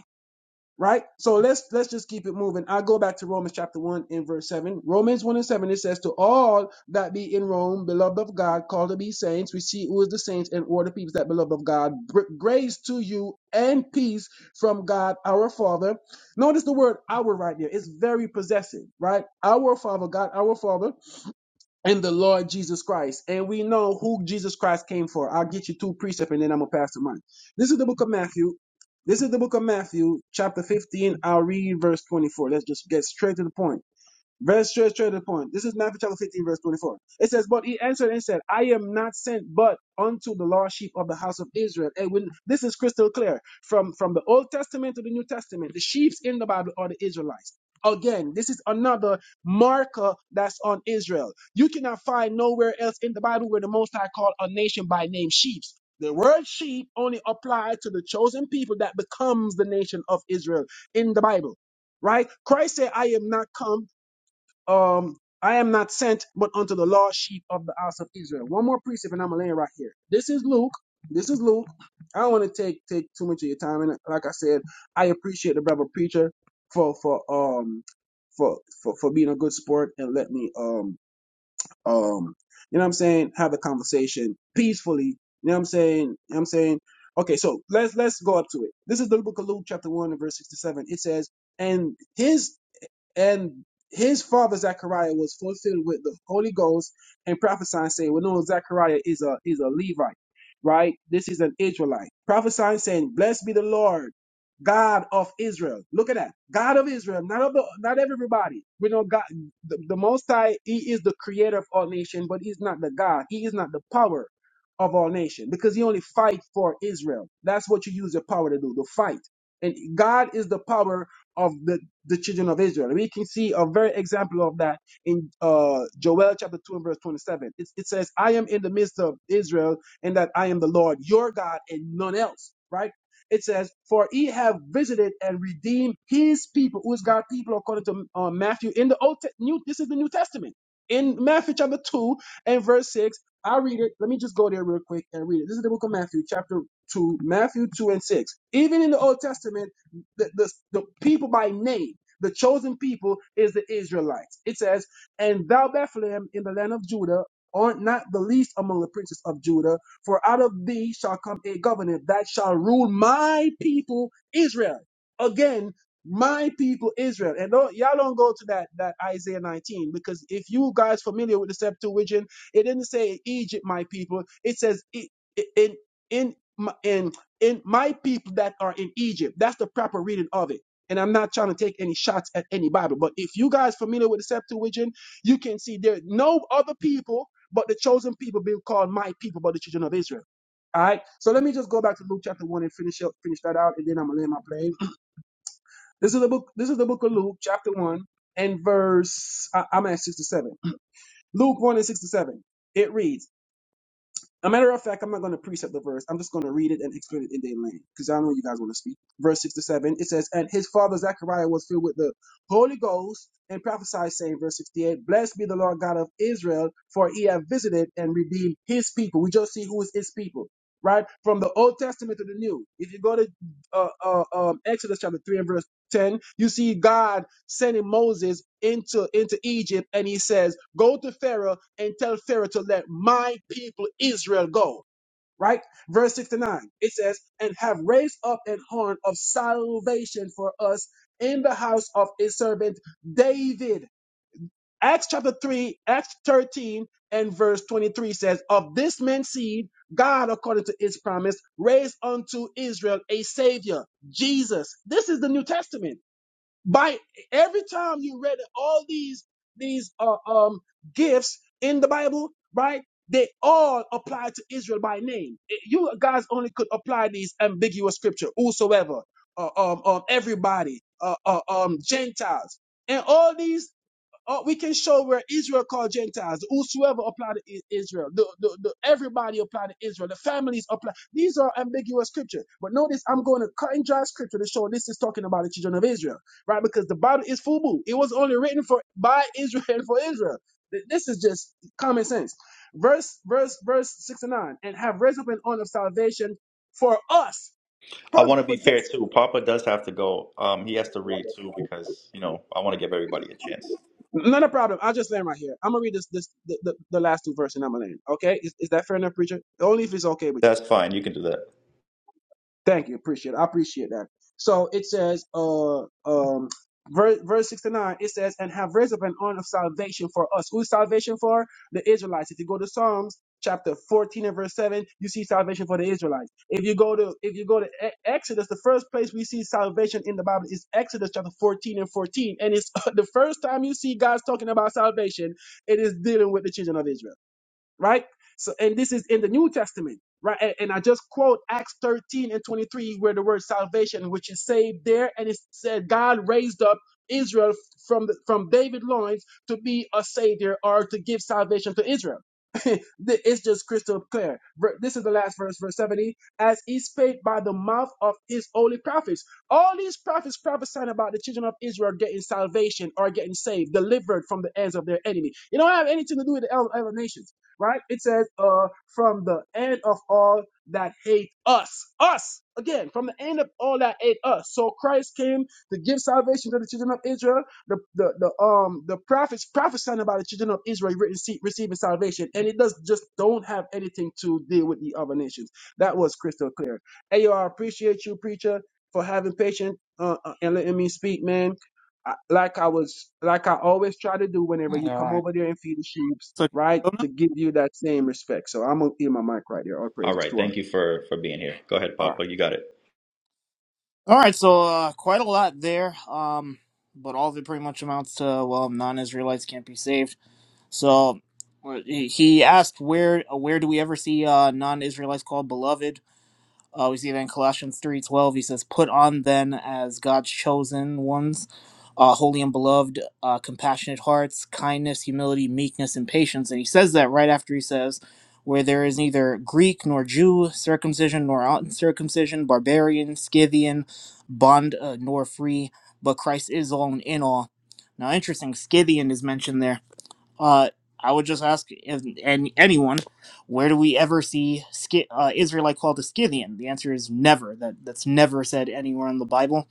right? So let's let's just keep it moving. I go back to Romans chapter one and verse seven. Romans one and seven it says, "To all that be in Rome, beloved of God, called to be saints, we see who is the saints and all the people that beloved of God. Gr- Grace to you and peace from God our Father." Notice the word "our" right there. It's very possessive, right? Our Father, God, our Father and the Lord Jesus Christ. And we know who Jesus Christ came for. I'll get you two precepts and then I'm going to pass the mic. This is the book of Matthew. This is the book of Matthew, chapter 15. I'll read verse 24. Let's just get straight to the point. Very straight, straight to the point. This is Matthew chapter 15, verse 24. It says, But he answered and said, I am not sent but unto the lost sheep of the house of Israel. And when this is crystal clear from, from the Old Testament to the New Testament, the sheep's in the Bible are the Israelites. Again, this is another marker that's on Israel. You cannot find nowhere else in the Bible where the Most High called a nation by name sheeps. The word sheep only applied to the chosen people that becomes the nation of Israel in the Bible right? Christ said, I am not come um, I am not sent but unto the lost sheep of the house of Israel. One more precept, and I'm gonna land right here. This is Luke. This is Luke. I don't want to take take too much of your time, and like I said, I appreciate the brother preacher for for um for for for being a good sport and let me um um you know what I'm saying have the conversation peacefully. You know what I'm saying. You know what I'm saying. Okay, so let's let's go up to it. This is the book of Luke, chapter one, and verse sixty-seven. It says, "And his and his father Zechariah was fulfilled with the Holy Ghost and prophesying, saying, "We know Zechariah is a is a Levite, right? This is an Israelite." Prophesying, saying, "Blessed be the Lord, God of Israel." Look at that, God of Israel, not of the, not everybody. We know God, the, the Most High. He is the Creator of all nation, but He's not the God. He is not the power of all nation because He only fight for Israel. That's what you use your power to do, to fight. And God is the power of the the children of Israel. We can see a very example of that in uh, Joel chapter 2 and verse 27. It, it says, I am in the midst of Israel, and that I am the Lord your God and none else, right? It says, For he have visited and redeemed his people, who is God's people, according to uh, Matthew in the Old Te- New. This is the New Testament. In Matthew chapter 2 and verse 6, I read it. Let me just go there real quick and read it. This is the book of Matthew, chapter 2, Matthew 2 and 6. Even in the Old Testament, the, the, the people by name. The chosen people is the Israelites. It says, And thou, Bethlehem, in the land of Judah, art not the least among the princes of Judah, for out of thee shall come a governor that shall rule my people Israel. Again, my people Israel. And don't, y'all don't go to that, that Isaiah 19, because if you guys familiar with the Septuagint, it didn't say Egypt, my people. It says "I- i- in, in, my- in, in my people that are in Egypt. That's the proper reading of it and I'm not trying to take any shots at any Bible, but if you guys familiar with the Septuagint, you can see there are no other people but the chosen people being called my people, but the children of Israel. All right. So let me just go back to Luke chapter one and finish up, finish that out, and then I'm gonna land my plane. This is the book. This is the book of Luke chapter one and verse. I, I'm at sixty-seven. Luke one and sixty-seven. It reads. A matter of fact, I'm not going to precept the verse. I'm just going to read it and explain it in their lane because I know you guys want to speak. Verse 6 to 7, it says, And his father Zechariah was filled with the Holy Ghost and prophesied, saying, verse 68, Blessed be the Lord God of Israel, for he hath visited and redeemed his people. We just see who is his people, right? From the Old Testament to the New. If you go to uh, uh, um, Exodus chapter 3 and verse 10 you see god sending moses into into egypt and he says go to pharaoh and tell pharaoh to let my people israel go right verse 69 it says and have raised up an horn of salvation for us in the house of his servant david acts chapter 3 acts 13 and verse 23 says of this man's seed god according to his promise raised unto israel a savior jesus this is the new testament by every time you read all these these uh, um gifts in the Bible, right? They all apply to Israel by name. Eh, You guys only could apply these ambiguous scripture, whosoever, uh, um, um, everybody, uh, uh, um, Gentiles, and all these. Or we can show where Israel called Gentiles, whosoever applied to Israel, the, the, the, everybody applied to Israel, the families applied. These are ambiguous scripture. But notice I'm going to cut and dry scripture to show this is talking about the children of Israel, right? Because the Bible is FUBU. It was only written for by Israel [LAUGHS] and for Israel. This is just common sense. Verse, verse, verse 6 and 9, and have raised up an horn of salvation for us, I want to be fair possess. too. Papa does have to go. Um, he has to read too because you know I want to give everybody a chance. Not a problem. I'll just land right here. I'm gonna read this this the, the, the last two verses and I'm gonna land. Okay? Is, is that fair enough, preacher? Only if it's okay with you. That's fine. You can do that. Thank you. Appreciate it. I appreciate that. So it says, uh, um, verse, verse 69, it says, and have raised up an arm of salvation for us. Who's salvation for? The Israelites. If you go to Psalms chapter 14 and verse 7, you see salvation for the Israelites. If you go to, if you go to E- Exodus, the first place we see salvation in the Bible is Exodus chapter 14 and 14. And it's [LAUGHS] the first time you see God's talking about salvation, it is dealing with the children of Israel right? So, and this is in the New Testament, right? And, and I just quote Acts 13 and 23, where the word salvation, which is saved there, and it said God raised up Israel from the, from David loins to be a savior or to give salvation to Israel. [LAUGHS] Th- it's just crystal clear. Ver- This is the last verse, verse 70. As he spake by the mouth of his holy prophets. All these prophets prophesying about the children of Israel getting salvation or getting saved, delivered from the hands of their enemy. You don't have anything to do with the other other nations right? It says, uh, from the end of all that hate us. Us! Again, from the end of all that hate us. So Christ came to give salvation to the children of Israel. The the, the um the prophets prophesying about the children of Israel re- rece- receiving salvation, and it does just don't have anything to deal with the other nations. That was crystal clear. Hey, yo, I appreciate you, preacher, for having patience uh, uh, and letting me speak, man I- like I was, like I always try to do whenever Yeah, you all come right. over there and feed the sheep, So can right? you go now? To give you that same respect. So I'm gonna hear my mic right there. All All praises right. to our Thank you for for being here. Go ahead, All right. Papa. You got it. All right. So uh, quite a lot there. Um, but all of it pretty much amounts to well, non-Israelites can't be saved. So uh, he he asked where where do we ever see uh, non-Israelites called beloved? Uh, we see that in Colossians 3.12, he says, Put on then as God's chosen ones, uh, holy and beloved, uh, compassionate hearts, kindness, humility, meekness, and patience. And he says that right after he says, Where there is neither Greek nor Jew, circumcision nor uncircumcision, barbarian, Scythian, bond uh, nor free, but Christ is all and in all. Now, interesting, Scythian is mentioned there uh, I would just ask and, and anyone, where do we ever see Sci- uh, Israelite called a Scythian? The answer is never. That that's never said anywhere in the Bible.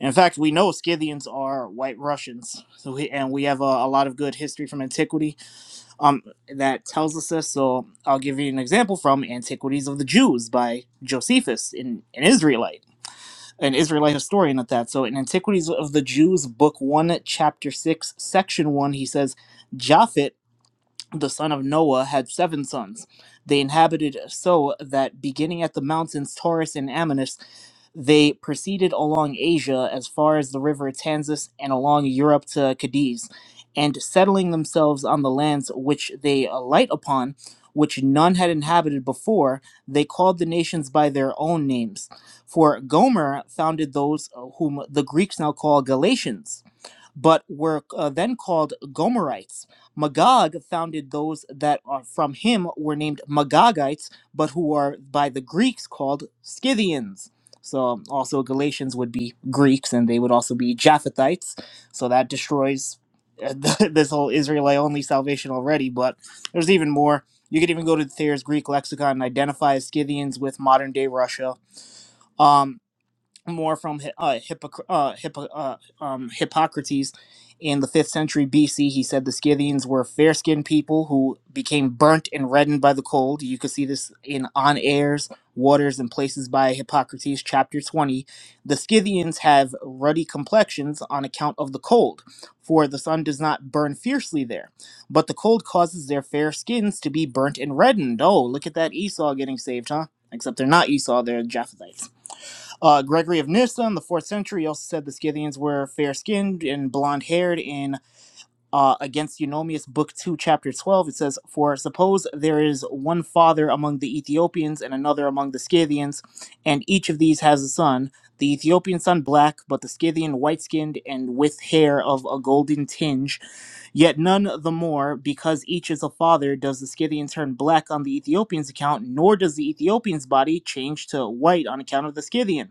And in fact, we know Scythians are white Russians. So we, and we have a, a lot of good history from antiquity um, that tells us this. So I'll give you an example from Antiquities of the Jews by Josephus, in, an Israelite, an Israelite historian at that. So in Antiquities of the Jews, book one, chapter six, section one, he says. Japhet the son of Noah, had seven sons. They inhabited so that beginning at the mountains Taurus and Amanus, they proceeded along Asia as far as the river Tansis and along Europe to Cadiz, and settling themselves on the lands which they alight upon, which none had inhabited before, they called the nations by their own names. For Gomer founded those uh, whom the Greeks now call Galatians but were uh, then called Gomerites. Magog founded those that are from him were named Magogites, but who are by the Greeks called Scythians. So also Galatians would be Greeks, and they would also be Japhethites. So that destroys uh, [LAUGHS] this whole Israelite only salvation already. But there's even more. You could even go to Thayer's Greek lexicon and identify Scythians with modern day Russia. Um, more from uh, Hippocr- uh, Hippo- uh, um, Hippocrates in the 5th century BC. He said the Scythians were fair skinned people who became burnt and reddened by the cold. You could see this in On Airs, Waters, and Places by Hippocrates, chapter 20. The Scythians have ruddy complexions on account of the cold, for the sun does not burn fiercely there. But the cold causes their fair skins to be burnt and reddened. Oh, look at that Esau getting saved, huh? Except they're not Esau, they're Japhethites. Uh, Gregory of Nyssa in the fourth century also said the Scythians were fair skinned and blonde haired. In uh, Against Eunomius, Book 2, Chapter 12, it says, For suppose there is one father among the Ethiopians and another among the Scythians, and each of these has a son. The Ethiopian son black, but the Scythian white skinned and with hair of a golden tinge. Yet none the more, because each is a father, does the Scythian turn black on the Ethiopian's account, nor does the Ethiopian's body change to white on account of the Scythian.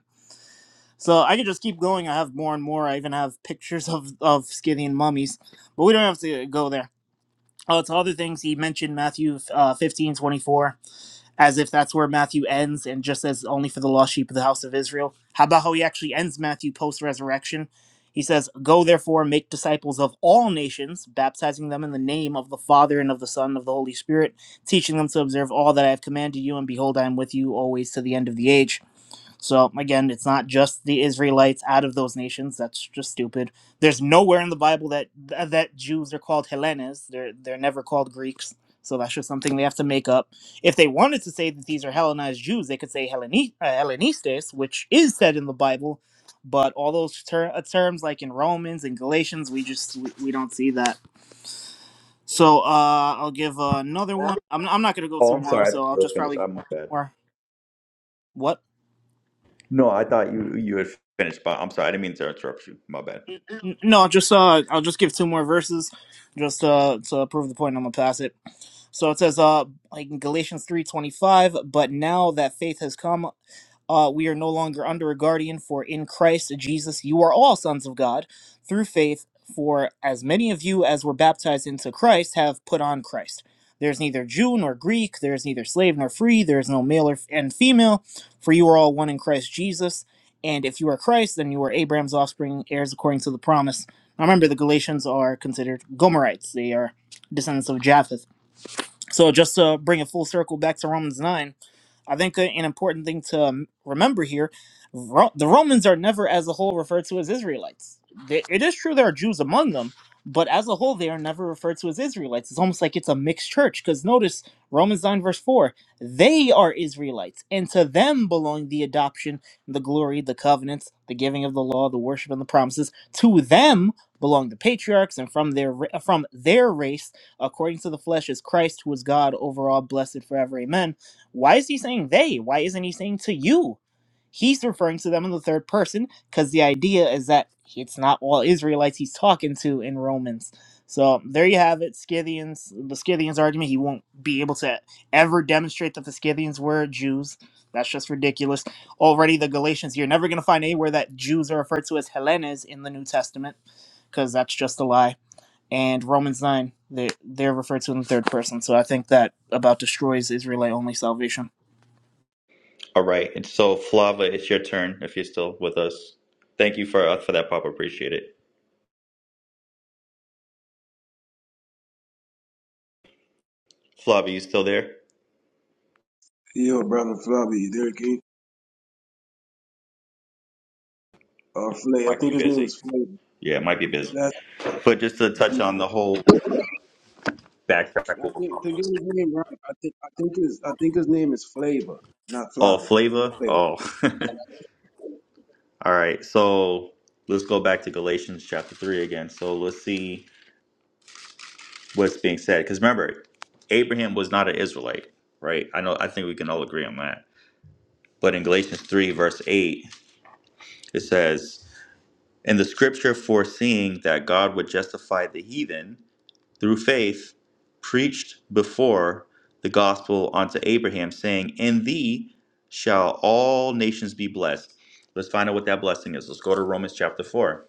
So I could just keep going. I have more and more. I even have pictures of of Scythian mummies, but we don't have to go there. Oh, to other things he mentioned Matthew uh, fifteen twenty four, as if that's where Matthew ends, and just says only for the lost sheep of the house of Israel. How about how he actually ends Matthew post resurrection? He says, "Go therefore, make disciples of all nations, baptizing them in the name of the Father and of the Son and of the Holy Spirit, teaching them to observe all that I have commanded you. And behold, I am with you always to the end of the age." So again, it's not just the Israelites out of those nations. That's just stupid. There's nowhere in the Bible that that Jews are called Hellenes. They're they're never called Greeks. So that's just something they have to make up. If they wanted to say that these are Hellenized Jews, they could say Helleni- uh, Hellenistes, which is said in the Bible. But all those ter- uh, terms, like in Romans and Galatians, we just we, we don't see that. So uh, I'll give another one. I'm I'm not gonna go Oh, too I'm long, sorry. I thought so I'll you were just finished. probably give I'm my two bad. more. What? No, I thought you you had finished, but I'm sorry. I didn't mean to interrupt you. My bad. N- No, just uh, I'll just give two more verses, just uh, to prove the point. I'm gonna pass it. So it says uh, like in Galatians three twenty five. But now that faith has come, uh, we are no longer under a guardian. For in Christ Jesus, you are all sons of God through faith. For as many of you as were baptized into Christ have put on Christ. There's neither Jew nor Greek. There is neither slave nor free. There is no male or f- and female. For you are all one in Christ Jesus and if you are Christ, then you are Abraham's offspring, heirs according to the promise. Now remember, the Galatians are considered Gomerites. They are descendants of Japheth. So just to bring it full circle back to Romans 9, I think an important thing to um, remember here, Ro- the Romans are never as a whole referred to as Israelites. They, it is true there are Jews among them, but as a whole they are never referred to as Israelites. It's almost like it's a mixed church because notice Romans 9 verse 4, they are Israelites and to them belong the adoption, the glory, the covenants, the giving of the law, the worship and the promises. To them belong the patriarchs and from their ra- from their race according to the flesh is Christ, who is God over all, blessed forever. Amen. Why is he saying they? Why isn't he saying to you? He's referring to them in the third person because the idea is that it's not all Israelites he's talking to in Romans. So there you have it, Scythians, the Scythians argument. He won't be able to ever demonstrate that the Scythians were Jews. That's just ridiculous. Already, the Galatians, you're never going to find anywhere that Jews are referred to as Hellenes in the New Testament because that's just a lie and Romans 9, they, they're referred to in the third person. So I think that about destroys Israelite only salvation. All right. And so Flava, it's your turn if you're still with us. Thank you for uh, for that, Papa. Appreciate it. Flava, you still there? Yo, brother Flavi, there King. Uh, Flay, I Might be think his name busy. is Flavor. Yeah, might be busy. That's, But just to touch on the whole backtrack I over think to get Papa. his name right, I think I think his I think his name is Flavor, not Oh, Flavi. flavor? Flavor. Oh. [LAUGHS] All right. So let's go back to Galatians chapter 3 again. So let's see what's being said. Because remember, Abraham was not an Israelite, right? I know, I think we can all agree on that. But in Galatians 3, verse 8, it says, In the scripture foreseeing that God would justify the heathen, through faith, preached before the gospel unto Abraham, saying, In thee shall all nations be blessed. Let's find out what that blessing is. Let's go to Romans chapter 4.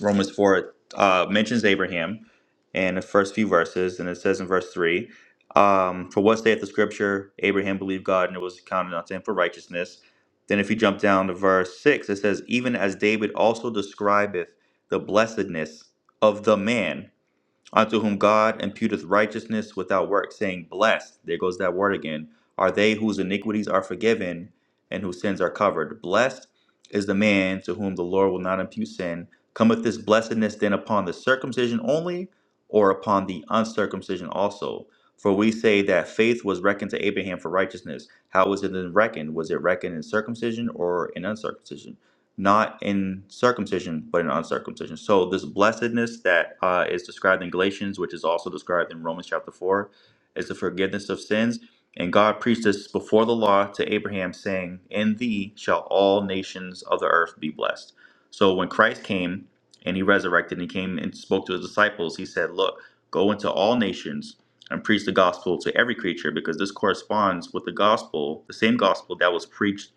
Romans 4 uh, mentions Abraham in the first few verses, and it says in verse 3 um, For what saith the scripture, Abraham believed God, and it was counted unto him for righteousness. Then, if you jump down to verse 6, it says, Even as David also describeth the blessedness of the man unto whom God imputeth righteousness without work, saying, Blessed, there goes that word again, are they whose iniquities are forgiven and whose sins are covered. Blessed is the man to whom the Lord will not impute sin. Cometh this blessedness then upon the circumcision only, or upon the uncircumcision also? For we say that faith was reckoned to Abraham for righteousness. How was it then reckoned? Was it reckoned in circumcision or in uncircumcision? not in circumcision, but in uncircumcision. So this blessedness that uh, is described in Galatians, which is also described in Romans chapter four, is the forgiveness of sins. And God preached this before the law to Abraham, saying, "In thee shall all nations of the earth be blessed." So when Christ came and he resurrected and he came and spoke to his disciples, he said, "Look, go into all nations." And preach the gospel to every creature because this corresponds with the gospel, the same gospel that was preached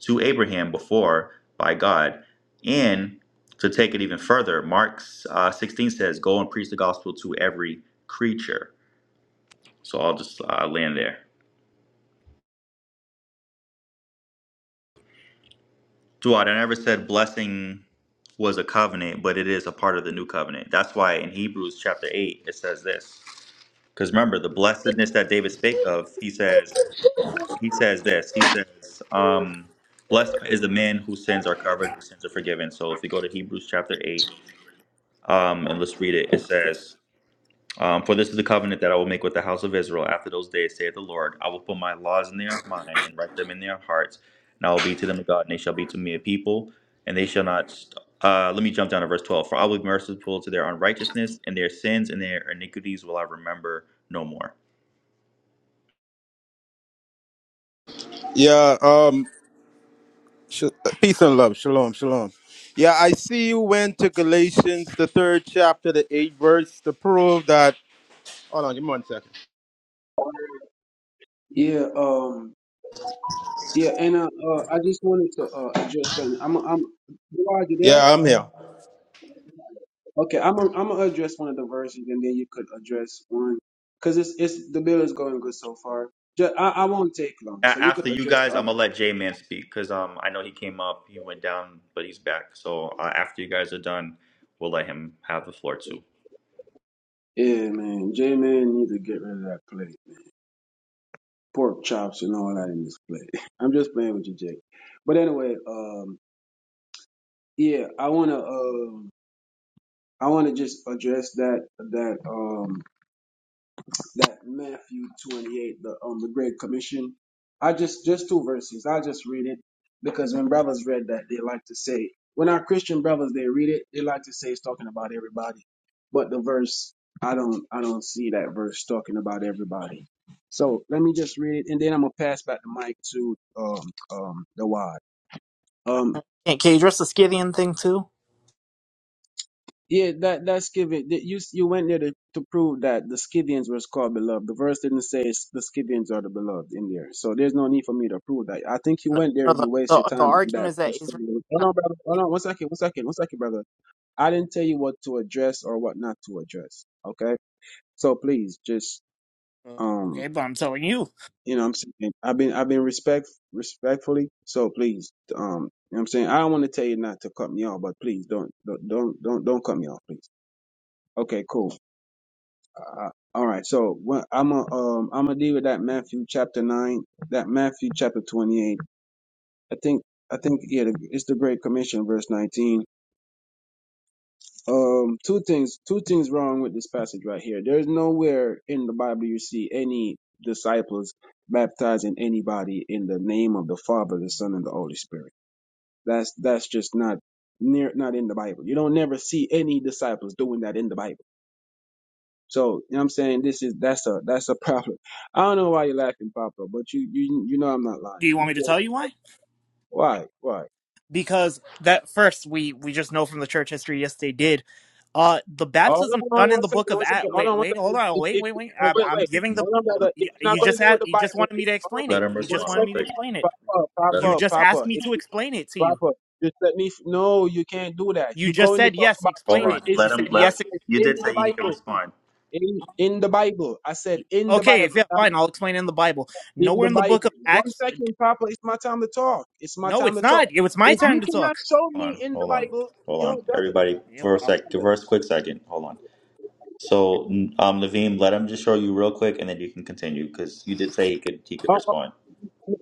to Abraham before, by God. And to take it even further, Mark uh, 16 says, Go and preach the gospel to every creature. So I'll just uh, land there. Duad, I never said blessing was a covenant, but it is a part of the new covenant. That's why in Hebrews chapter 8, it says this. Because remember, the blessedness that David spake of, he says, he says this. He says, um, blessed is the man whose sins are covered, whose sins are forgiven. So if we go to Hebrews chapter 8, um, and let's read it, it says, Um, for this is the covenant that I will make with the house of Israel after those days, saith the Lord. I will put my laws in their mind and write them in their hearts, and I will be to them a God, and they shall be to me a people, and they shall not. St- uh, let me jump down to verse 12. For I will be merciful to their unrighteousness, and their sins and their iniquities will I remember no more. Yeah, um, sh- uh, peace and love. Shalom, shalom. Yeah, I see you went to Galatians, the third chapter, the eighth verse, to prove that. Hold on, give me one second. Yeah. Um. Yeah. And uh, uh I just wanted to uh, address something. I'm. I'm. Gerard, you there? Yeah, I'm here. Okay, I'm i I'm gonna address one of the versions, and then you could address one, cause it's it's the bill is going good so far. Just, I I won't take long, A- so you after could you address the guys, I'm other. going to let J Man speak because um, I know he came up, he went down, but he's back. So uh, after you guys are done, we'll let him have the floor too. Yeah, man, J man need to get rid of that plate, pork chops and all that in this plate. [LAUGHS] I'm just playing with you, Jake. But anyway, um, yeah, I wanna um I wanna just address that that um that Matthew 28, the um the Great Commission. I just just two verses. I just read it because when brothers read that, they like to say when our Christian brothers they read it, they like to say it's talking about everybody. But the verse, I don't I don't see that verse talking about everybody. So let me just read it, and then I'm gonna pass back the mic to um um the wad. Can, can you address the Scythian thing too? Yeah, that that's Scythian that you you went there to, to prove that the Scythians was called beloved. The verse didn't say it's- the Scythians are the beloved in there, so there's no need for me to prove that. I think you No, went there no, and the, you waste your the, the time on argument that. is that Just for- Israel. Hold on, brother. Hold on, one second, one second, one second, brother. I didn't tell you what to address or what not to address. Okay, so please just um, Okay, but I'm telling you. you know, what I'm saying I've been I've been respect respectfully. So please um, you know what I'm saying I don't want to tell you not to cut me off, but please don't don't don't don't, don't cut me off, please. Okay, cool. Uh, all right, so what, I'm a um I'm gonna deal with that Matthew chapter nine, that Matthew chapter twenty eight. I think I think yeah, the- it's the Great Commission, verse nineteen. Um, two things, two things wrong with this passage right here. There's nowhere in the Bible you see any disciples baptizing anybody in the name of the Father, the Son, and the Holy Spirit. That's that's just not near not in the Bible. You don't never see any disciples doing that in the Bible So, you know what I'm saying? This is that's a that's a problem. I don't know why you're laughing, Papa, but you you you know I'm not Do lying. you want You me to can tell you why? why? Why? Because that first, we, we just know from the church history, yes, they did. Uh, the Hold on, baptism hold on done in one the second, book of one Acts. second, hold Wait, on one wait, hold second. on, If, wait, if, wait, wait. oh, I'm, wait, Hold I'm on, wait, giving Naveen. the. hold on, Let brother. him If You you're not you respond. gonna just deal with asked. the You just Bible, wanted me if, to hold explain on. Let it. him You One just respond wanted real me to second, quick. explain it. Papa, Let him You Papa, respond. just asked Papa, me if, to explain it to you. Papa, just let me f- no, you can't do that. You You're just going to said talk yes. about Hold Explain church it. on. You Let him. said history. I Let. yes. said You in did the say he can Bible. respond. In in the Bible. I said in the Okay, if Bible. yeah, fine, I'll explain it in the Bible. in Nowhere the in the book Bible. of One Acts. second, Papa. It's my time to talk. It's my No, time it's to talk. not. It was my If turn you to cannot talk. show Hold on. me in the Hold on. Bible, Hold yo, on. brother, Everybody, Yeah, for a well, sec, brother. diverse, quick second. Hold on. So, um, Levine, let him just show you real quick, and then you can continue because you did say he could. He could Oh, oh, respond.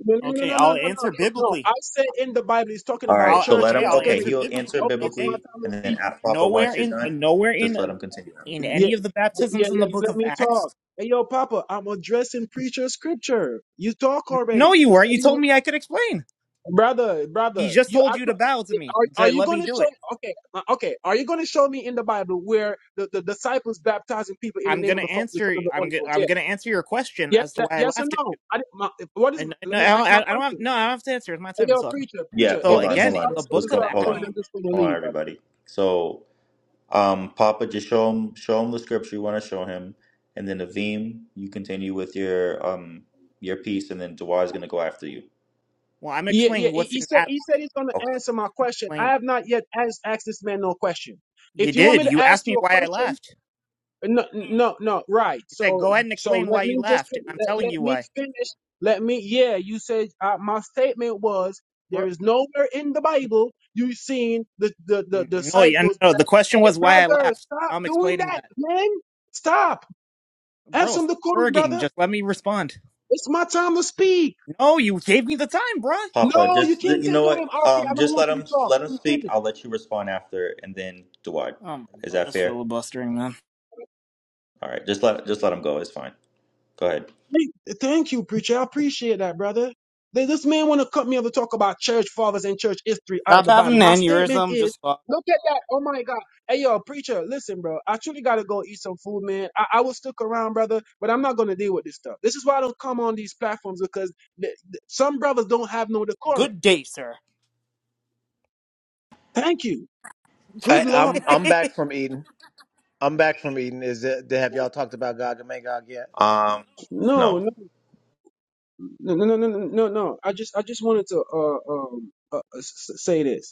no, no, no, okay, no, no, I'll no, answer no, no. biblically. I said in the Bible, he's talking All about right. I'll So church let okay, him. I'll Okay, answer history. he'll answer biblically. Okay, it's my Okay, biblically, time to and then speak. at proper nowhere once you're in done, nowhere just in let him continue. in Yeah, any of the yeah, baptisms in yeah the book let of me talk. Acts. Hey, yo, Papa, I'm addressing preacher scripture. You talk N- No, already. you Just weren't. let You me. told me I could explain. brother, He brother, just you told I- you to bow to me are, are to you let going me to do it. show? Okay, uh, okay, are you going to show me in the Bible where the, the disciples baptizing people in the I'm name of gonna the Father, the Son, answer. and the I'm Holy go- Ghost? Yeah, I'm gonna answer your question yes, as to that, why I yes or laughed at no? you. I, didn't- my, what is? And Let no, me ask I my don't I don't have question. no. I don't have to answer. It's my Hey, time to yo, talk. preacher, Yeah. preacher, So Hold if on. this again, Hold is how on. in the it's going Let's to book of go. start Hold Acts, going, I'm on. just going to Hold on, leave, brother. everybody. So. Um, Papa, just show him show him the scripture you want to show him, and then Avim, you continue with your um your piece, and then Dawar is gonna go after you. well, I'm Yeah, yeah. explaining He, what's he in said Acts. he said he's going to Okay, answer my question. I Explain. have not yet asked, asked this man no question. You If you want did. me to You ask asked me you a why I question, left. No, no, no. Right. You said, So, "Go ahead and so explain why let you me just left," and fin- I'm let, telling let you me why. finish. Let me. Yeah, you said uh, my statement was Bro, there is nowhere in the Bible you seen the the, the n- no, yeah, disciples. no. The that- question Hey, was why I brother, left. stop I'm doing explaining that, that, man. Stop. Have bro. some Stop decorum, berging. brother. Just let me respond. It's my time to speak. No, you gave me the time, bro. Papa, No, you just can't you take know on him. what? Okay, Um, I don't just want let you him to talk. let him Let me speak. finish. I'll let you respond after, and then Dawar. Oh my Is god, that just fair? filibustering, man. All right, just let just let him go. It's fine. Go ahead. Hey, Thank you, preacher. I appreciate that, brother. Th- This man want to cut me off to talk about church fathers and church history out of Stop the Bible. having My an statement aneurysm. is, Just fuck. look at that. Oh my God. Hey, yo, preacher, listen, bro. I truly gotta go eat some food, man. I, I will stick around, brother, but I'm not gonna deal with this stuff. This is why I don't come on these platforms because th- th- some brothers don't have no decorum. Good day, sir. Thank you. Good I, Lord. I'm [LAUGHS] I'm back from Eden. I'm back from Eden. Is it, have y'all talked about Gog and Magog yet? Um, No, no. no, no, no, no, no, no. no. I just, I just wanted to, uh, um, uh, uh, s- s- say this.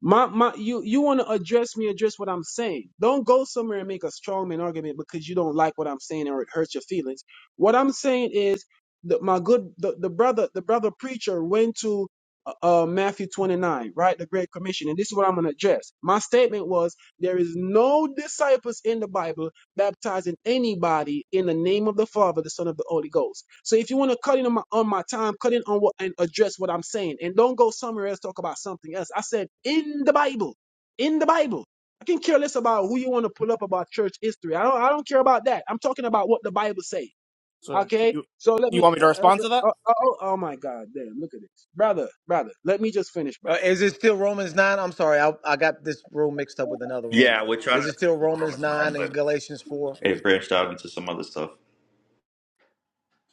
My my you you want to address me, address what I'm saying. Don't go somewhere and make a strongman argument because you don't like what I'm saying or it hurts your feelings. What I'm saying is that my good the, the brother the brother preacher went to uh uh, Matthew 29, right? The Great Commission, and this is what I'm gonna address. My statement was there is no disciples in the Bible baptizing anybody in the name of the Father, the Son of the Holy Ghost. So if you want to cut in on my, on my time, cut in on what and address what I'm saying, and don't go somewhere else talk about something else. I said in the Bible, in the Bible. I can care less about who you want to pull up about church history. I don't, I don't care about that. I'm talking about what the Bible say. so Okay. you, So let you me. want me Uh, to uh, uh, respond to that? oh, oh oh my God! Damn! Look at this, brother, brother. Let me just finish, brother. Uh, is it still Romans nine? I'm sorry, I I got this room mixed up with another room. Yeah, we're Is trying it to stay still with Romans Romans nine, nine and but Galatians four? it branched out into some other stuff.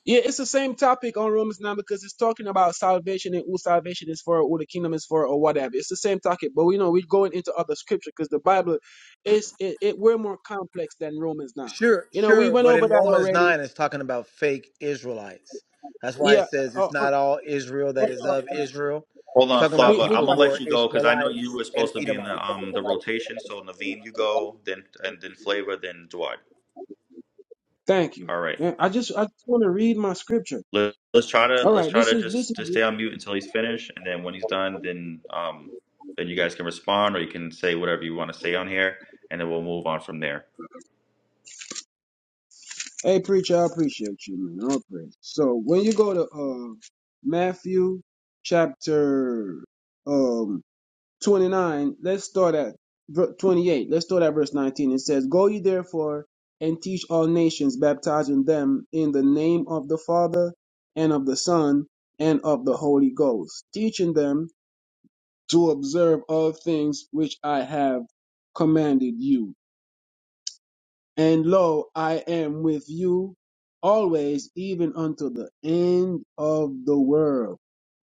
Yeah, it's the same topic on Romans 9 because it's talking about salvation and who salvation is for, or who the kingdom is for, or whatever. It's the same topic, but we know we're going into other scripture because the Bible is it, it we're more complex than Romans 9. Sure, You know, we sure, went but over in that Romans already. 9 it's talking about fake Israelites. That's why it Yeah, says uh, uh, it's uh, not all Israel that is uh, of uh, Israel. Hold It's on, talking about we Flava. we I'm people gonna got who are let you. you go because I know you Ishmaelites were and supposed to be in Edomites. the um the rotation. So Naveen, you go, then and then Flavor, then Dwight. Thank you. All right. Yeah, I just I just want to read my scripture. Let, let's try to All let's right, try this to is this just is. just stay on mute until he's finished, and then when he's done, then um then you guys can respond or you can say whatever you want to say on here, and then we'll move on from there. Hey preacher, I appreciate you, man. All praise. So when you go to uh Matthew chapter um 29, let's start at ver- 28. Let's start at verse 19. It says, Go ye therefore and teach all nations, baptizing them in the name of the Father and of the Son and of the Holy Ghost, teaching them to observe all things which I have commanded you. And lo, I am with you always, even unto the end of the world.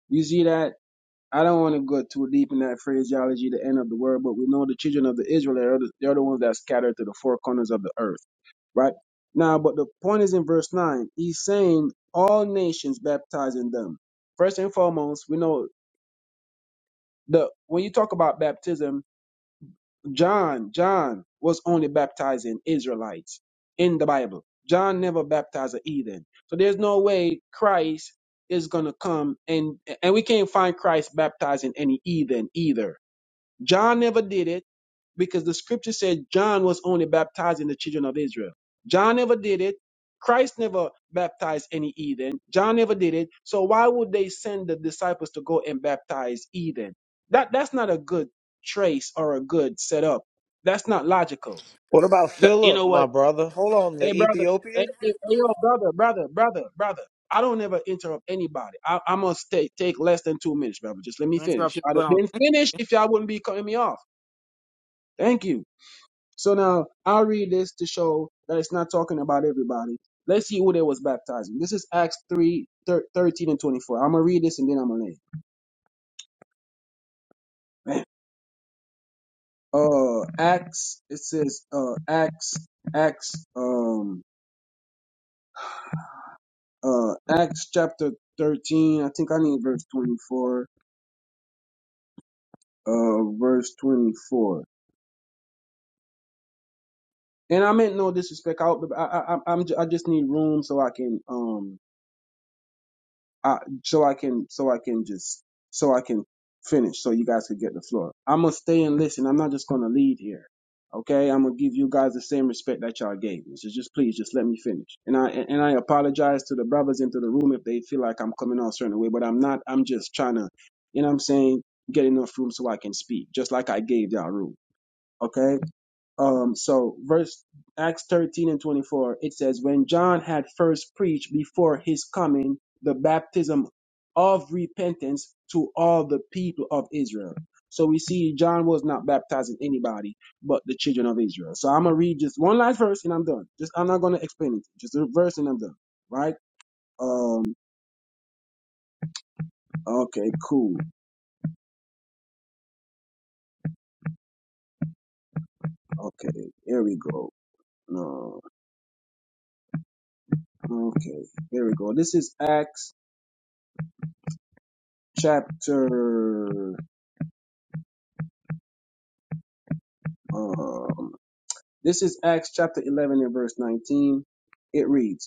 You see that? I don't want to go too deep in that phraseology, the end of the world, but we know the children of the Israel are the, they're the ones that scattered to the four corners of the earth, right? Now, but the point is in verse 9, he's saying all nations baptizing them. First and foremost, we know the when you talk about baptism, John, John was only baptizing Israelites in the Bible. John never baptized a heathen. So there's no way Christ is gonna come and and we can't find Christ baptizing any heathen either John never did it because the scripture said John was only baptizing the children of Israel. John never did it. Christ never baptized any heathen. John never did it. So why would they send the disciples to go and baptize heathen? That that's not a good trace or a good setup. That's not logical. What about The, you Philip, know my what? brother? Hold on, Hey the brother, hey, Ethiopian? hey, hey, yo, brother, brother, brother, brother. I don't ever interrupt anybody. I, I must take take less than two minutes, brother. Just let me You finish. interrupted I'd me when have I was. been finished if y'all wouldn't be cutting me off. Thank you. So now I'll read this to show that it's not talking about everybody. Let's see who they was baptizing. This is Acts 3, thir- 13 and 24. I'm going to read this and then I'm going to leave. Man. Uh, Acts, it says, uh, Acts, Acts, um, uh, Acts chapter 13. I think I need verse 24, uh, verse 24. And I meant no disrespect. I, I, I, I'm, ju- I just need room so I can, um, I, so I can so I can just so I can finish so you guys could get the floor. I'm gonna stay and listen. I'm not just gonna lead here. Okay, I'm gonna give you guys the same respect that y'all gave me. So just please, just let me finish. And I and I apologize to the brothers into the room if they feel like I'm coming on a certain way, but I'm not. I'm just trying to, you know, what I'm saying, get enough room so I can speak, just like I gave y'all room. Okay, um, so verse Acts 13 and 24, it says, When John had first preached before his coming the baptism of repentance to all the people of Israel. So we see John was not baptizing anybody but the children of Israel. So I'm gonna read just one last verse and I'm done. Just I'm not gonna explain it. Just a verse and I'm done. Right? Um okay, cool. Okay, here we go. No, okay, here we go. This is Acts chapter Um, this is Acts chapter 11 and verse 19. It reads,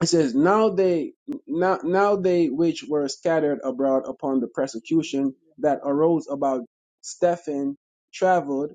it says, Now they now, now they which were scattered abroad upon the persecution that arose about Stephen traveled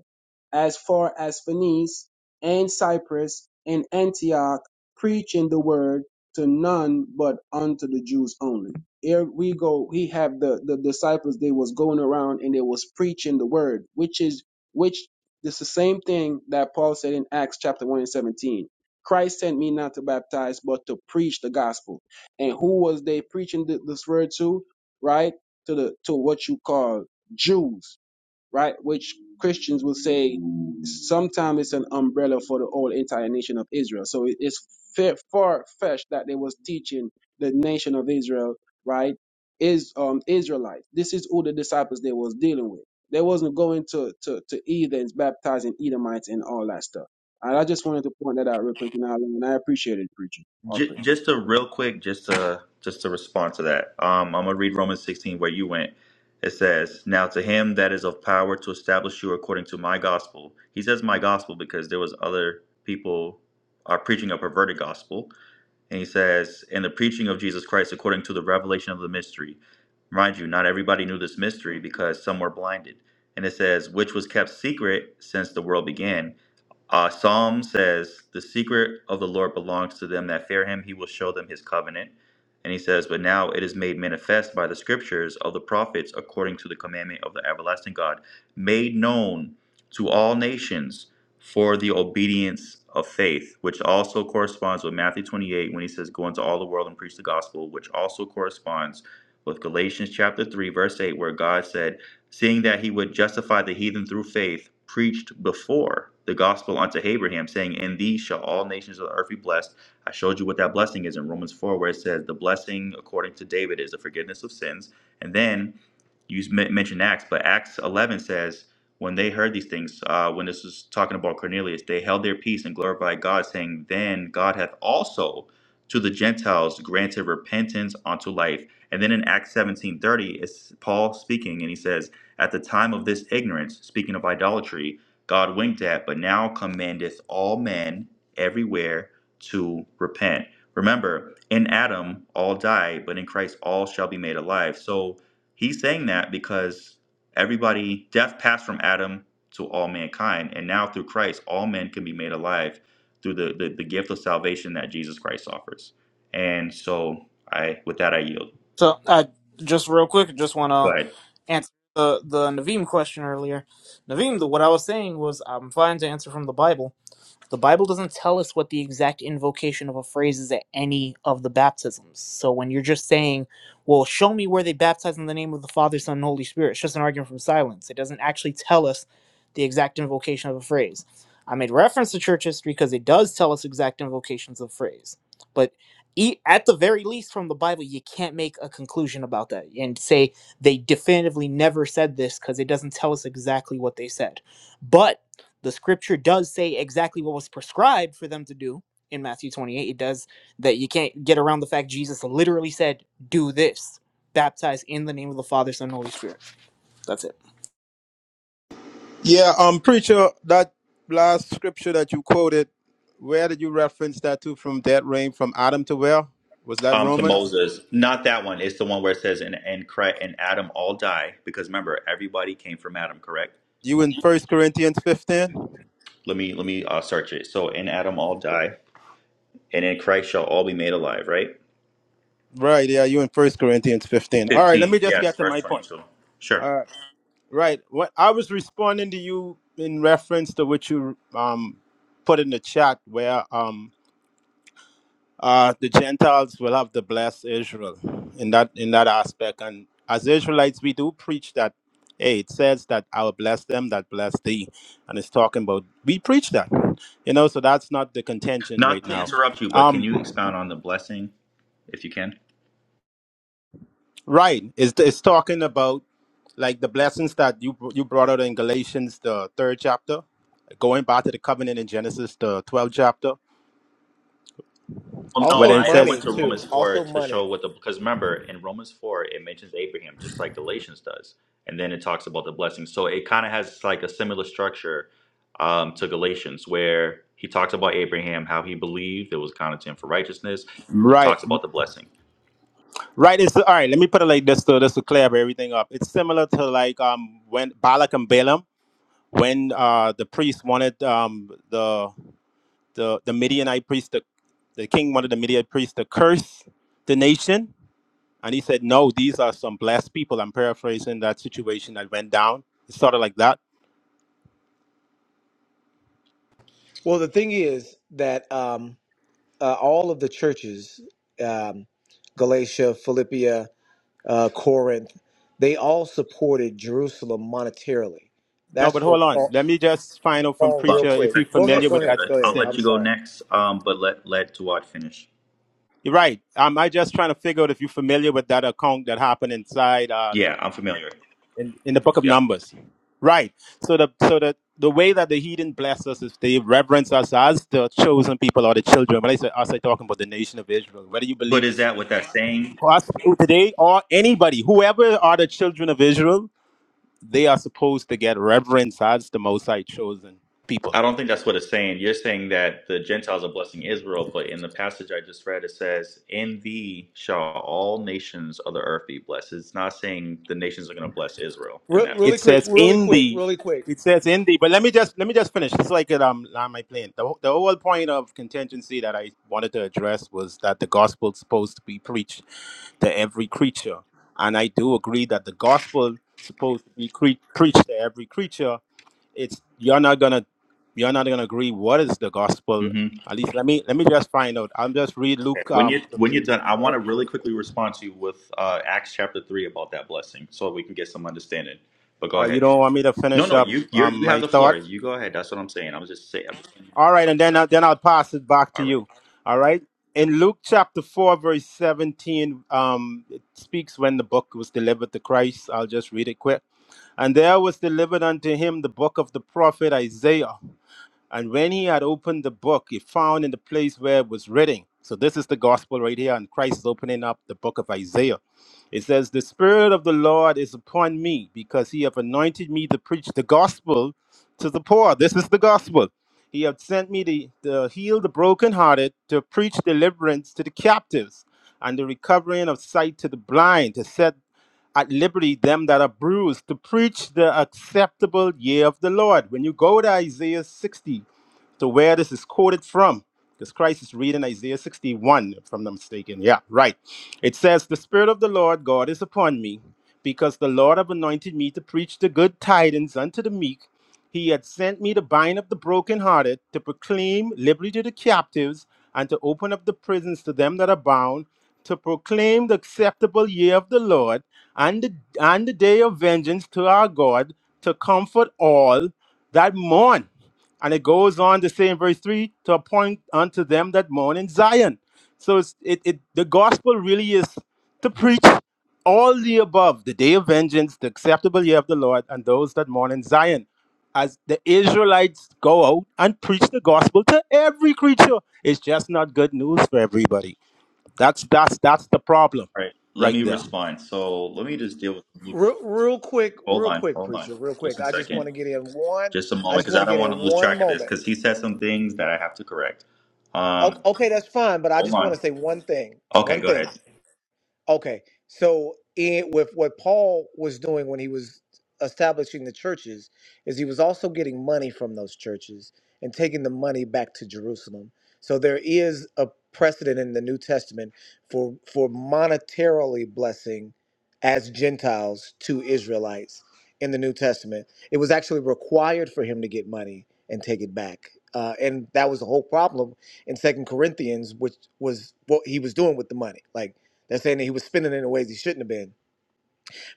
as far as Phoenice and Cyprus and Antioch, preaching the word to none but unto the Jews only. Here we go, he have the, the disciples, they was going around and they was preaching the word, which is which is the same thing that Paul said in Acts chapter 1 and 17 Christ sent me not to baptize, but to preach the gospel. And who was they preaching th- this word to? Right? To the to what you call Jews right? Which Christians will say sometimes it's an umbrella for the whole entire nation of Israel. So it is far fetched that they was teaching the nation of Israel, right? Is um Israelites. This is who the disciples they was dealing with. They wasn't going to to to heathens, baptizing Edomites and all that stuff. And I just wanted to point that out real quick, and I, and I appreciate it, preacher. All J- praise. just a real quick, just to just to respond to that. Um, I'm gonna read Romans 16 where you went. It says, "Now to him that is of power to establish you according to my gospel." He says my gospel because there was other people are preaching a perverted gospel, and he says, "In the preaching of Jesus Christ according to the revelation of the mystery." Mind you, not everybody knew this mystery because some were blinded. And it says, "Which was kept secret since the world began." Uh, Psalm says, The secret of the Lord belongs to them that fear him. He will show them his covenant. And he says, But now it is made manifest by the scriptures of the prophets according to the commandment of the everlasting God, made known to all nations for the obedience of faith, which also corresponds with Matthew 28 when he says, Go into all the world and preach the gospel, which also corresponds with Galatians chapter 3, verse 8, where God said, seeing that he would justify the heathen through faith, preached before the gospel unto Abraham, saying, In thee shall all nations of the earth be blessed. I showed you what that blessing is in Romans 4, where it says, The blessing according to David is the forgiveness of sins. And then you men- mentioned Acts, but Acts 11 says, When they heard these things, uh, when this is talking about Cornelius, they held their peace and glorified God, saying, Then God hath also to the Gentiles granted repentance unto life. And then in Acts 17:30, it's Paul speaking, and he says, at the time of this ignorance, speaking of idolatry, God winked at, but now commandeth all men everywhere to repent. Remember, in Adam all died, but in Christ all shall be made alive. So he's saying that because everybody, death passed from Adam to all mankind, and now through Christ, all men can be made alive through the, the, the gift of salvation that Jesus Christ offers. And so I with that I yield. So, uh, just real quick, just want Go to ahead. answer the the Naveem question earlier. Naveem, the, what I was saying was I'm fine to answer from the Bible. The Bible doesn't tell us what the exact invocation of a phrase is at any of the baptisms. So when you're just saying, well, show me where they baptize in the name of the Father, Son, and Holy Spirit, it's just an argument from silence. It doesn't actually tell us the exact invocation of a phrase. I made reference to church history because it does tell us exact invocations of phrase. But e- at the very least, from the Bible, you can't make a conclusion about that and say they definitively never said this because it doesn't tell us exactly what they said. But the scripture does say exactly what was prescribed for them to do in Matthew 28. It does that you can't get around the fact Jesus literally said, Do this, baptize in the name of the Father, Son, and Holy Spirit. That's it. Yeah, um, preacher, that last scripture that you quoted, where did you reference that to from that reign from Adam to where? Was that um to Romans? Moses. Not that one. It's the one where it says and and Christ, and Adam all die because remember everybody came from Adam, correct? You in First Corinthians 15? Let me let me uh, search it. So in Adam all die, and in Christ shall all be made alive, right? Right, yeah, you in First Corinthians 15. All right, let Fifteen, me just yes, get to verse my point. twenty-two. Sure. Right. What I was responding to you in reference to what you um put in the chat where um uh the Gentiles will have to bless Israel in that in that aspect. And as Israelites we do preach that hey it says that I will bless them that bless thee. And it's talking about we preach that. You know, so that's not the contention Not right to now. interrupt you, but can um. you expound on the blessing if you can? Right. It's, it's talking about like the blessings that you br- you brought out in Galatians the third chapter, going back to the covenant in Genesis the twelfth chapter, Well, no, where Also it I, I went money says to too. Romans 4 Also to show money. what the, because remember, in Romans 4, it mentions Abraham just like Galatians does. And then it talks about the blessings. So it kind of has like a similar structure um, to Galatians, where he talks about Abraham, how he believed, it was counted to him for righteousness. And it right, talks about the blessing. right. It's all right. Let me put it like this to this to clear everything up. It's similar to like um when Balak and Balaam when uh the priest wanted um the the the Midianite priest to, the king wanted the Midianite priest to curse the nation And he said, No, these are some blessed people. I'm paraphrasing that situation that went down. It's sort of like that. Well, the thing is that um, uh, all of the churches, um, Galatia, Philippia, uh, Corinth, they all supported Jerusalem monetarily. No, That's but what hold Paul. on. Let me just find out from Oh, Hold on, real Preacher if quick. real he's quick, Go a ahead, familiar go with ahead, that go flavor. I'll ahead. let I'm you instance. go sorry. next, um, but let, let Duat finish. You're right. Um, I just trying to figure out if you're familiar with that account that happened inside uh, Le- Yeah, I'm familiar. in, in the book of Yep. Numbers. Right. So the so the the way that the heathen bless us is they reverence us as the chosen people or the children. When I say us, I'm talking about the nation of Israel. Whether you But believe is it's that what that's saying? us today or anybody, whoever are the children of Israel, they are supposed to get reverence as the most high chosen people. I don't think that's what it's saying. You're saying that the Gentiles are blessing Israel, but in the passage I just read, it says, In thee shall all nations of the earth be blessed. It's not saying the nations are going to bless Israel in Re- that. really It quick, says really in quick, the really quick. it says in the but let me just let me just finish It's like could um land my plane. The, the whole point of contingency that I wanted to address was that the gospel's supposed to be preached to every creature. And I do agree that the gospel supposed to be cre- preached to every creature. It's you're not gonna you're not gonna agree what is the gospel. hmm At least let me let me just find out. I'm just read Luke When, you, um when you're done, I want to really quickly respond to you with uh, Acts chapter 3 about that blessing so we can get some understanding. But go Uh, you ahead. don't want me to No, finish no, up you you um, you have my the floor. thought? You go ahead. That's what I'm saying. I'm just saying. I'm just saying no, All but right, I'm and then, gonna, I then I'll pass it back to all right. you. All right? In Luke chapter 4, verse 17, um, it speaks when the book was delivered to Christ. I'll just read it quick. And there was delivered unto him the book of the prophet Isaiah. And when he had opened the book, he found in the place where it was written. So this is the gospel right here, and Christ is opening up the book of Isaiah. It says, The Spirit of the Lord is upon me, because he hath anointed me to preach the gospel to the poor. This is the gospel. He hath sent me to, to heal the brokenhearted, to preach deliverance to the captives, and the recovering of sight to the blind, to set at liberty them that are bruised to preach the acceptable year of the Lord. When you go to Isaiah 60, to where this is quoted from, because Christ is reading Isaiah 61, if I'm not mistaken. Yeah, right. It says, The Spirit of the Lord God is upon me, because the Lord have anointed me to preach the good tidings unto the meek he had sent me to bind up the brokenhearted, to proclaim liberty to the captives, and to open up the prisons to them that are bound, to proclaim the acceptable year of the Lord, and the, and the day of vengeance to our God, to comfort all that mourn. And it goes on to say in verse 3 to appoint unto them that mourn in Zion. So it's, it, it the gospel really is to preach all the above the day of vengeance, the acceptable year of the Lord, and those that mourn in Zion as the Israelites go out and preach the gospel to every creature. It's just not good news for everybody. That's that's that's the problem All right. Let right me there. respond. So let me just deal with Luke. Re- real quick, Hold real on. quick, Hold on. preacher, real Just quick. a I just second. want to get in one. Just a I moment, just because want I to get don't want in to lose one track of this, moment. because he said some things that I have to correct. O- Um, okay, that's fine, but I hold just want on. to say one thing. Okay, One go thing. ahead. Okay, so in, with what Paul was doing when he was establishing the churches, is he was also getting money from those churches and taking the money back to Jerusalem. So there is a precedent in the New Testament for for monetarily blessing as Gentiles to Israelites in the New Testament. It was actually required for him to get money and take it back. Uh, and that was the whole problem in Second Corinthians, which was what he was doing with the money. Like they're saying that he was spending it in ways he shouldn't have been.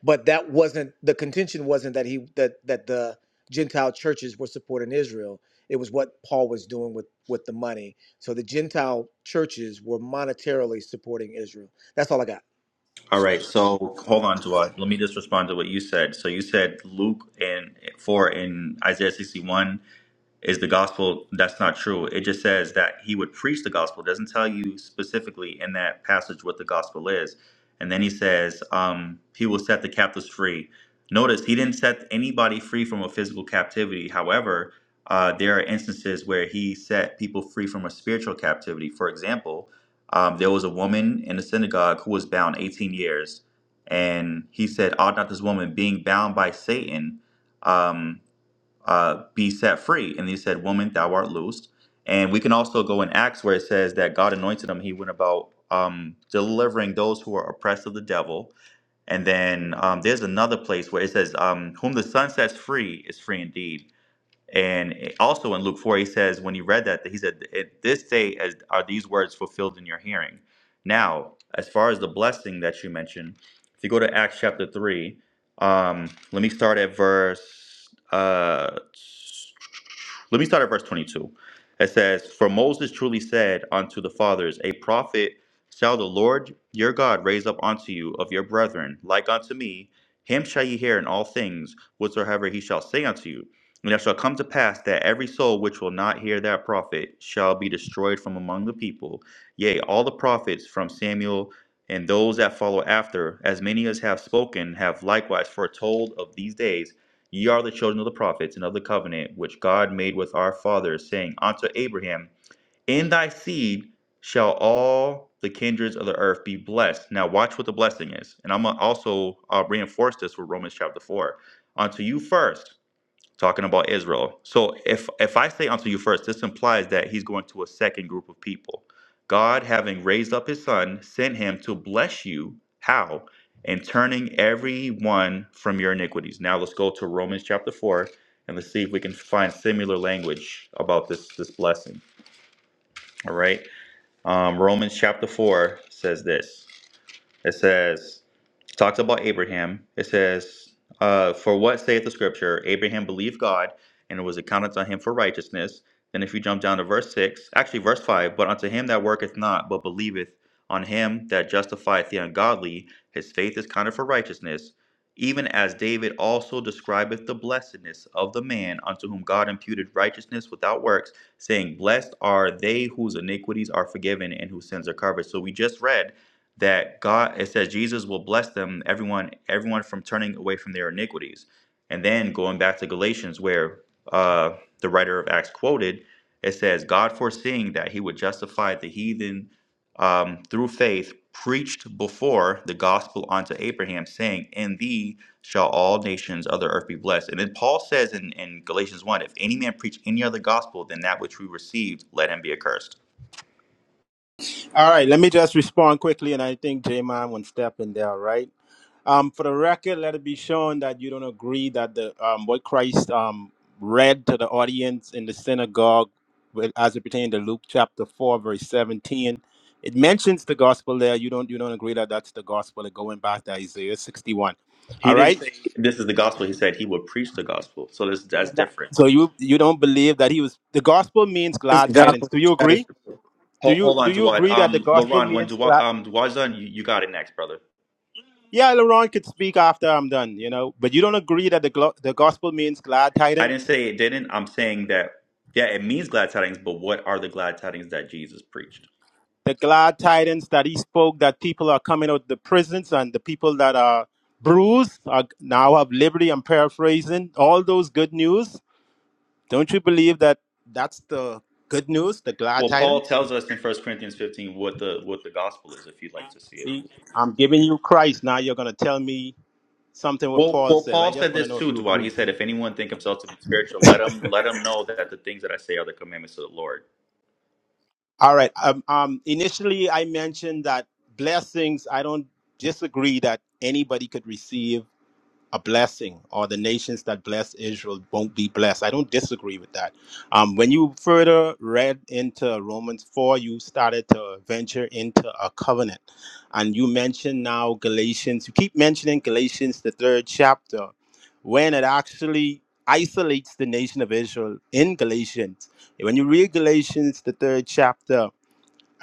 But that wasn't the contention. Wasn't that he that that the Gentile churches were supporting Israel? It was what Paul was doing with with the money. So the Gentile churches were monetarily supporting Israel. That's all I got. All right, so hold on, Jawad. Let me just respond to what you said. So you said Luke and four in Isaiah 61 is the gospel that's not true it just says that he would preach the gospel It doesn't tell you specifically in that passage what the gospel is and then he says um, he will set the captives free notice he didn't set anybody free from a physical captivity however uh, there are instances where he set people free from a spiritual captivity for example um, there was a woman in the synagogue who was bound 18 years and he said ought not this woman being bound by satan um, uh, be set free. And he said, Woman, thou art loosed. And we can also go in Acts where it says that God anointed him. He went about um, delivering those who are oppressed of the devil. And then um, there's another place where it says, um, Whom the Son sets free is free indeed. And it- also in Luke 4, he says, when he read that, that he said, At this day as are these words fulfilled in your hearing. Now, as far as the blessing that you mentioned, if you go to Acts chapter 3, um, let me start at verse uh, let me start at verse 22. It says, For Moses truly said unto the fathers, A prophet shall the Lord your God raise up unto you of your brethren, like unto me, him shall ye hear in all things, whatsoever he shall say unto you. And it shall come to pass that every soul which will not hear that prophet shall be destroyed from among the people. Yea, all the prophets from Samuel and those that follow after, as many as have spoken, have likewise foretold of these days. Ye are the children of the prophets and of the covenant which God made with our fathers, saying unto Abraham, In thy seed shall all the kindreds of the earth be blessed. Now, watch what the blessing is. And I'm going to also uh, reinforce this with Romans chapter 4. Unto you first talking about Israel. So if if I say unto you first, this implies that he's going to a second group of people. God, having raised up his son, sent him to bless you. How? And turning everyone from your iniquities. Now let's go to Romans chapter four and let's see if we can find similar language about this this blessing. All right. Um, Romans chapter four says this. It says, talks about Abraham. It says, uh, For what saith the scripture? Abraham believed God, and it was accounted to him for righteousness. Then if you jump down to verse 6, actually verse 5, But unto him that worketh not, but believeth on him that justifieth the ungodly, his faith is counted for righteousness. Even as David also describeth the blessedness of the man unto whom God imputed righteousness without works, saying, Blessed are they whose iniquities are forgiven and whose sins are covered. So we just read that God it says Jesus will bless them everyone everyone from turning away from their iniquities. And then going back to Galatians where uh, the writer of Acts quoted, it says God foreseeing that he would justify the heathen um, through faith preached before the gospel unto Abraham saying in thee shall all nations of the earth be blessed. And then Paul says in, in Galatians 1 if any man preach any other gospel than that which we received let him be accursed. All right, let me just respond quickly and I think J Man will step in there, right? Um, for the record, let it be shown that you don't agree that the um, what Christ um, read to the audience in the synagogue, with- as it pertained to Luke chapter four, verse seventeen, it mentions the gospel there. You don't you don't agree that that's the gospel. Like going back to Isaiah sixty-one. He All didn't right. say this is the gospel. He said he would preach the gospel. So this that's different. So you you don't believe that he was the gospel means It's the glad tidings. gospel. Do you you gotta- agree? show Do Hold, you hold do on, you Duwad. agree that the Um, gospel Laurent, when means Duwad, glad? um, Duwad's done, you, you got it next, brother. Yeah, Laurent could speak after I'm done. You know, but you don't agree that the glo- the gospel means glad I didn't tidings. say it didn't. I'm saying that, yeah, it means glad tidings, but what are the glad tidings that Jesus preached? the glad tidings that he spoke that people are coming out of the prisons and the people that are bruised are now have liberty. I'm paraphrasing all those good news. Don't you believe that that's the good news, the glad Well, Paul tidings? tells us in First Corinthians 15 what the what the gospel is, if you'd like to see it. See, I'm giving you Christ. Now you're going to tell me something what Well, Paul well, says. I Paul said just want to this know if too, you Duwad. He agree. said, if anyone think himself to be spiritual, let him let him know that the things that I say are the commandments of the Lord. All right. Um, um, initially, I mentioned that blessings, I don't disagree that anybody could receive a blessing or the nations that bless Israel won't be blessed. I don't disagree with that. Um, when you further read into Romans 4, you started to venture into a covenant. And you mentioned now Galatians, you keep mentioning Galatians, the third chapter, when it actually isolates the nation of Israel in Galatians. When you read Galatians, the third chapter,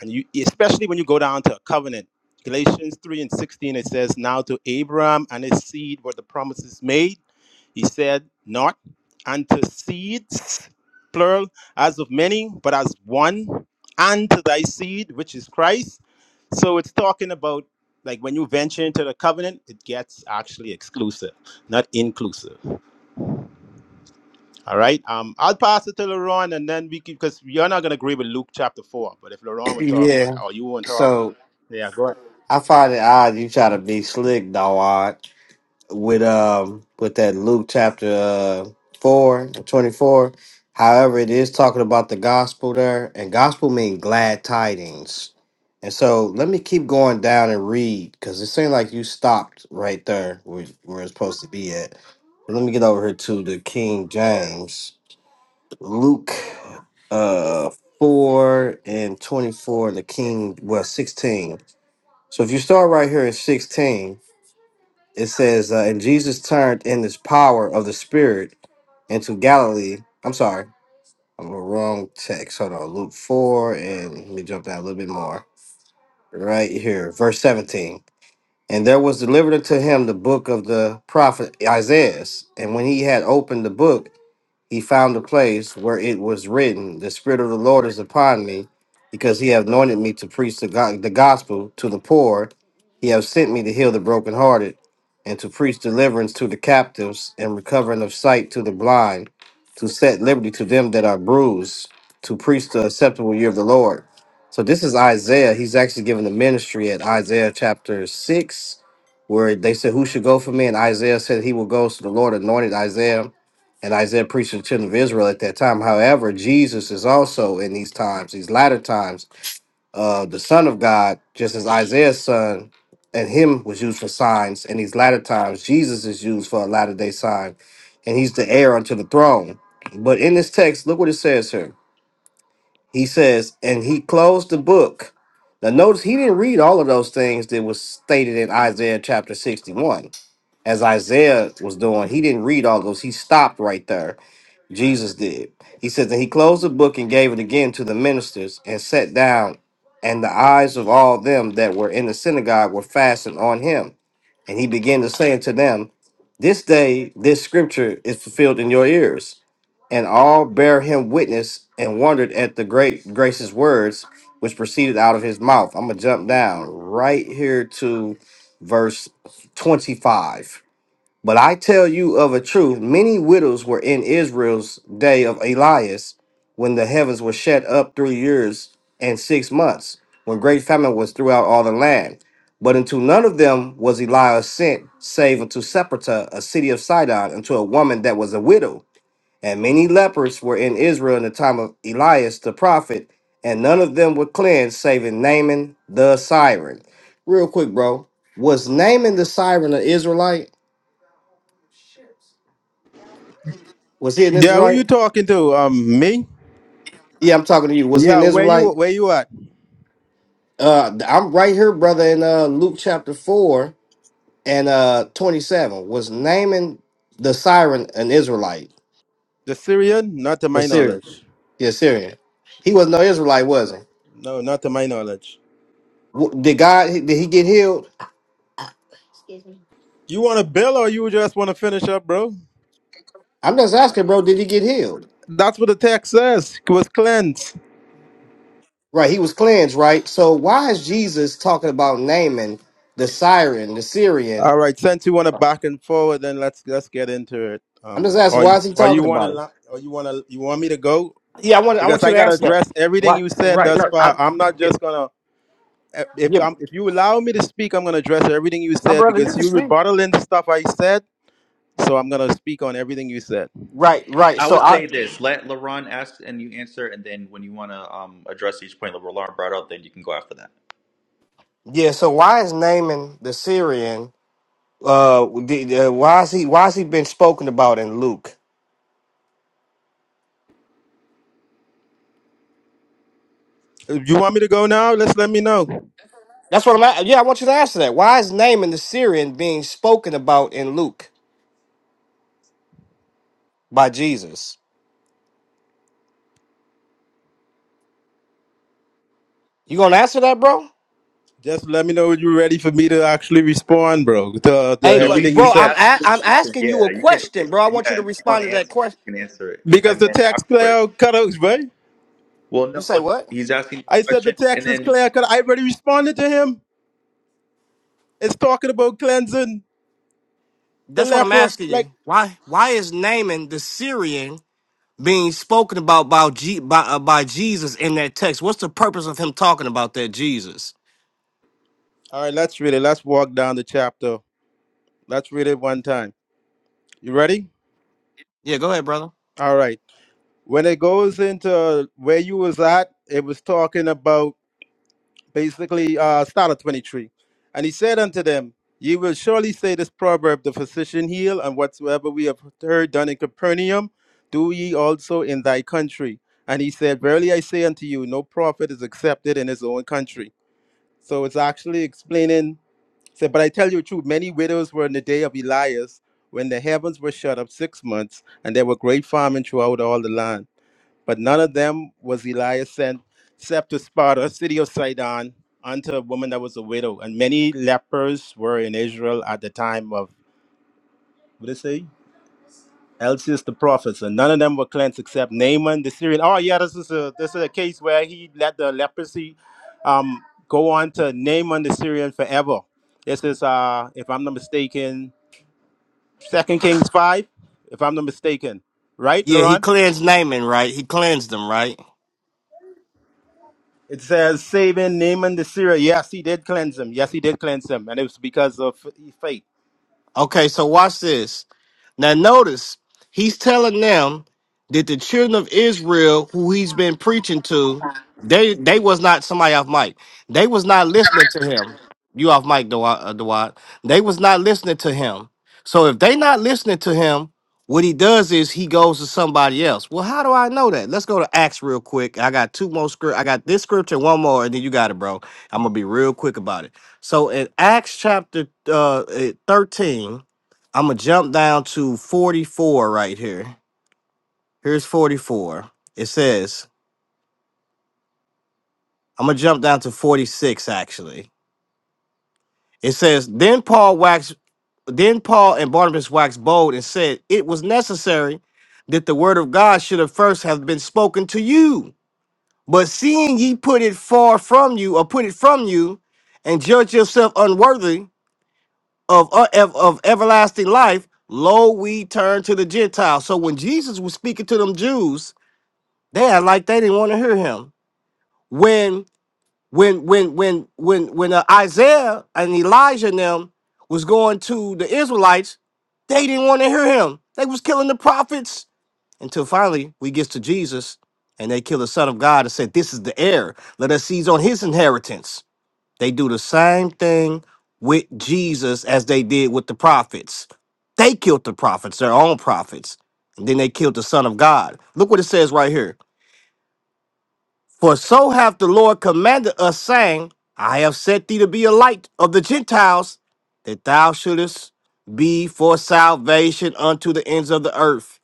and you especially when you go down to a covenant galatians 3 and 16 it says now to abraham and his seed were the promises made he said not unto seeds plural as of many but as one and to thy seed which is christ so it's talking about like when you venture into the covenant it gets actually exclusive not inclusive all right. Um, I'll pass it to Laurent, and then we can, because you're not gonna agree with Luke chapter four. But if Laurent it. [CLEARS THROAT] will talk, Yeah. or you won't talk, So yeah, go ahead. I find it odd you try to be slick, dog, with um with that Luke chapter uh, 4 twenty four. However, it is talking about the gospel there, and gospel mean glad tidings. And so let me keep going down and read because it seemed like you stopped right there where, where it's supposed to be at. Let me get over here to the King James. Luke uh 4 and 24, the King, well, 16. So if you start right here at 16, it says, uh, And Jesus turned in this power of the Spirit into Galilee. I'm sorry, I'm on the wrong text. Hold on, Luke 4, and let me jump down a little bit more. Right here, verse 17. And there was delivered unto him the book of the prophet Isaiah. And when he had opened the book, he found a place where it was written, The Spirit of the Lord is upon me, because he hath anointed me to preach the, go- the gospel to the poor. He hath sent me to heal the brokenhearted, and to preach deliverance to the captives, and recovering of sight to the blind, to set liberty to them that are bruised, to preach the acceptable year of the Lord. So this is Isaiah. He's actually given the ministry at Isaiah chapter 6, where they said, Who should go for me? And Isaiah said, He will go. So the Lord anointed Isaiah and Isaiah preached to the children of Israel at that time. However, Jesus is also in these times, these latter times, uh, the Son of God, just as Isaiah's son and him was used for signs in these latter times, Jesus is used for a latter day sign, and he's the heir unto the throne. But in this text, look what it says here. He says, and he closed the book. Now notice he didn't read all of those things that was stated in Isaiah chapter 61. As Isaiah was doing, he didn't read all those. He stopped right there Jesus did. He says, And he closed the book and gave it again to the ministers and sat down. And the eyes of all them that were in the synagogue were fastened on him. And he began to say unto them, This day this scripture is fulfilled in your ears. And all bare him witness and wondered at the great gracious words which proceeded out of his mouth. I'm going to jump down right here to verse 25. But I tell you of a truth, many widows were in Israel's day of Elias, when the heavens were shut up three years and six months, when great famine was throughout all the land. But unto none of them was Elias sent, save unto Sepulchre, a city of Sidon, unto a woman that was a widow. And many lepers were in Israel in the time of Elias the prophet, and none of them were cleansed, saving Naaman the Syrian. Real quick, bro, was Naaman the Syrian an Israelite? Was he an Yeah, who you Israelite? talking to? Um, me? Yeah, I'm talking to you. Was he Yeah, an where you Israelite? where you at? Uh, I'm right here, brother, in uh, Luke chapter 4 and uh, 27. Was naming the siren an Israelite? The Syrian? Not to The my Syrian. knowledge. The Syrian. He was no Israelite, was he? No, not to my knowledge. W- Did God, did he get healed? You want a bill, or you just want to finish up, bro? I'm just asking, bro, did he get healed? That's what the text says. It was cleansed. Right, he was cleansed, right? So why is Jesus talking about naming the siren, the Syrian? All right. Since you want to back and forward, then let's let's get into it. I'm just Um, asking, or why is he or you talking want about him? to, or you want to, you want me to go? Yeah, I want I because want you I to gotta answer that. address everything What? you said Right. thus No, I, far. I'm not yeah, just gonna eh, if yeah, I'm if you allow me to speak, I'm gonna address everything you Uh, said brother, you because can you speak. rebuttaling the stuff I said. So I'm gonna speak on everything you said. Right, right. I So would I say this: let LaRon ask and you answer, and then when you want to um, address each point that LaRon brought up, then you can go after that. yeah. So why is Naaman the Syrian? Uh, the, uh, why is he? Why is he been spoken about in Luke? If you want me to go now, let's let me know. That's what I'm. a- Yeah, I want you to answer that. Why is Naaman the Syrian being spoken about in Luke by Jesus? You gonna answer that, bro? Just let me know when you're ready for me to actually respond, bro, to, to Hey, No, but everything he's you bro, he's I'm said. asking a- you a I'm question. asking you Yeah, a you can. question, bro. I Yeah, want you to if you want respond to to that answer it, question. you can answer it, Because and the then text afterwards. clear cut out, right? Well, You no, say what? he's asking you I a said the question, and text is then clear cut. I already responded to him. It's talking about cleansing. the That's what I'm leper. asking Like, you. Why? Why is Naaman the Syrian? being spoken about by, G, by, uh, by Jesus in that text. What's the purpose of him talking about that Jesus? all right, let's really let's walk down the chapter. Let's read it one time. You ready? Yeah, go ahead, brother. All right. When it goes into where you was at, it was talking about basically uh start of 23. And he said unto them, Ye will surely say this proverb, the physician heal, and whatsoever we have heard done in Capernaum, do ye also in thy country. And he said, Verily I say unto you, no prophet is accepted in his own country. So it's actually explaining So, but I tell you the truth, many widows were in the day of Elias when the heavens were shut up six months, and there were great famine throughout all the land. But none of them was Elias sent, except to Sparta, city of Sidon, unto a woman that was a widow. And many lepers were in Israel at the time of, what did it say? Elsius the prophet. And none of them were cleansed except Naaman the Syrian. Oh, yeah, this is a, this is a case where he let the leprosy um, go on to Naaman the Syrian forever. This is, uh, if I'm not mistaken, Second Kings 5, if I'm not mistaken. Right, Yeah, he Laurent? cleansed Naaman, right? He cleansed them, right? It says, saving Naaman the Syrian. Yes, he did cleanse him. Yes, he did cleanse him. And it was because of faith. Okay, so watch this. Now notice he's telling them that the children of Israel who he's been preaching to, they they was not somebody off mic. They was not listening to him. You off mic, Dawad. uh, Dawad. They was not listening to him. So if they not listening to him, what he does is he goes to somebody else. Well, how do I know that? Let's go to Acts real quick. I got two more script. I got this scripture, one more, and then you got it, bro. I'm gonna be real quick about it. So in Acts chapter uh eh, 13, I'm gonna jump down to 44 right here. Here's 44. It says, I'm gonna jump down to 46 actually. It says, Then Paul waxed then Paul and Barnabas waxed bold and said, It was necessary that the word of God should have first have been spoken to you. But seeing ye put it far from you, or put it from you, and judge yourself unworthy of, of, of everlasting life, lo, we turn to the Gentiles. So when Jesus was speaking to them Jews, they had like they didn't want to hear him. When when when when when when uh, Isaiah and Elijah and them was going to the Israelites, they didn't want to hear him. They was killing the prophets until finally we gets to Jesus and they kill the Son of God and said, "This is the heir. Let us seize on his inheritance." They do the same thing with Jesus as they did with the prophets. They killed the prophets, their own prophets. And then they killed the Son of God. Look what it says right here. For so hath the Lord commanded us, saying, I have set thee to be a light of the Gentiles, that thou shouldest be for salvation unto the ends of the earth.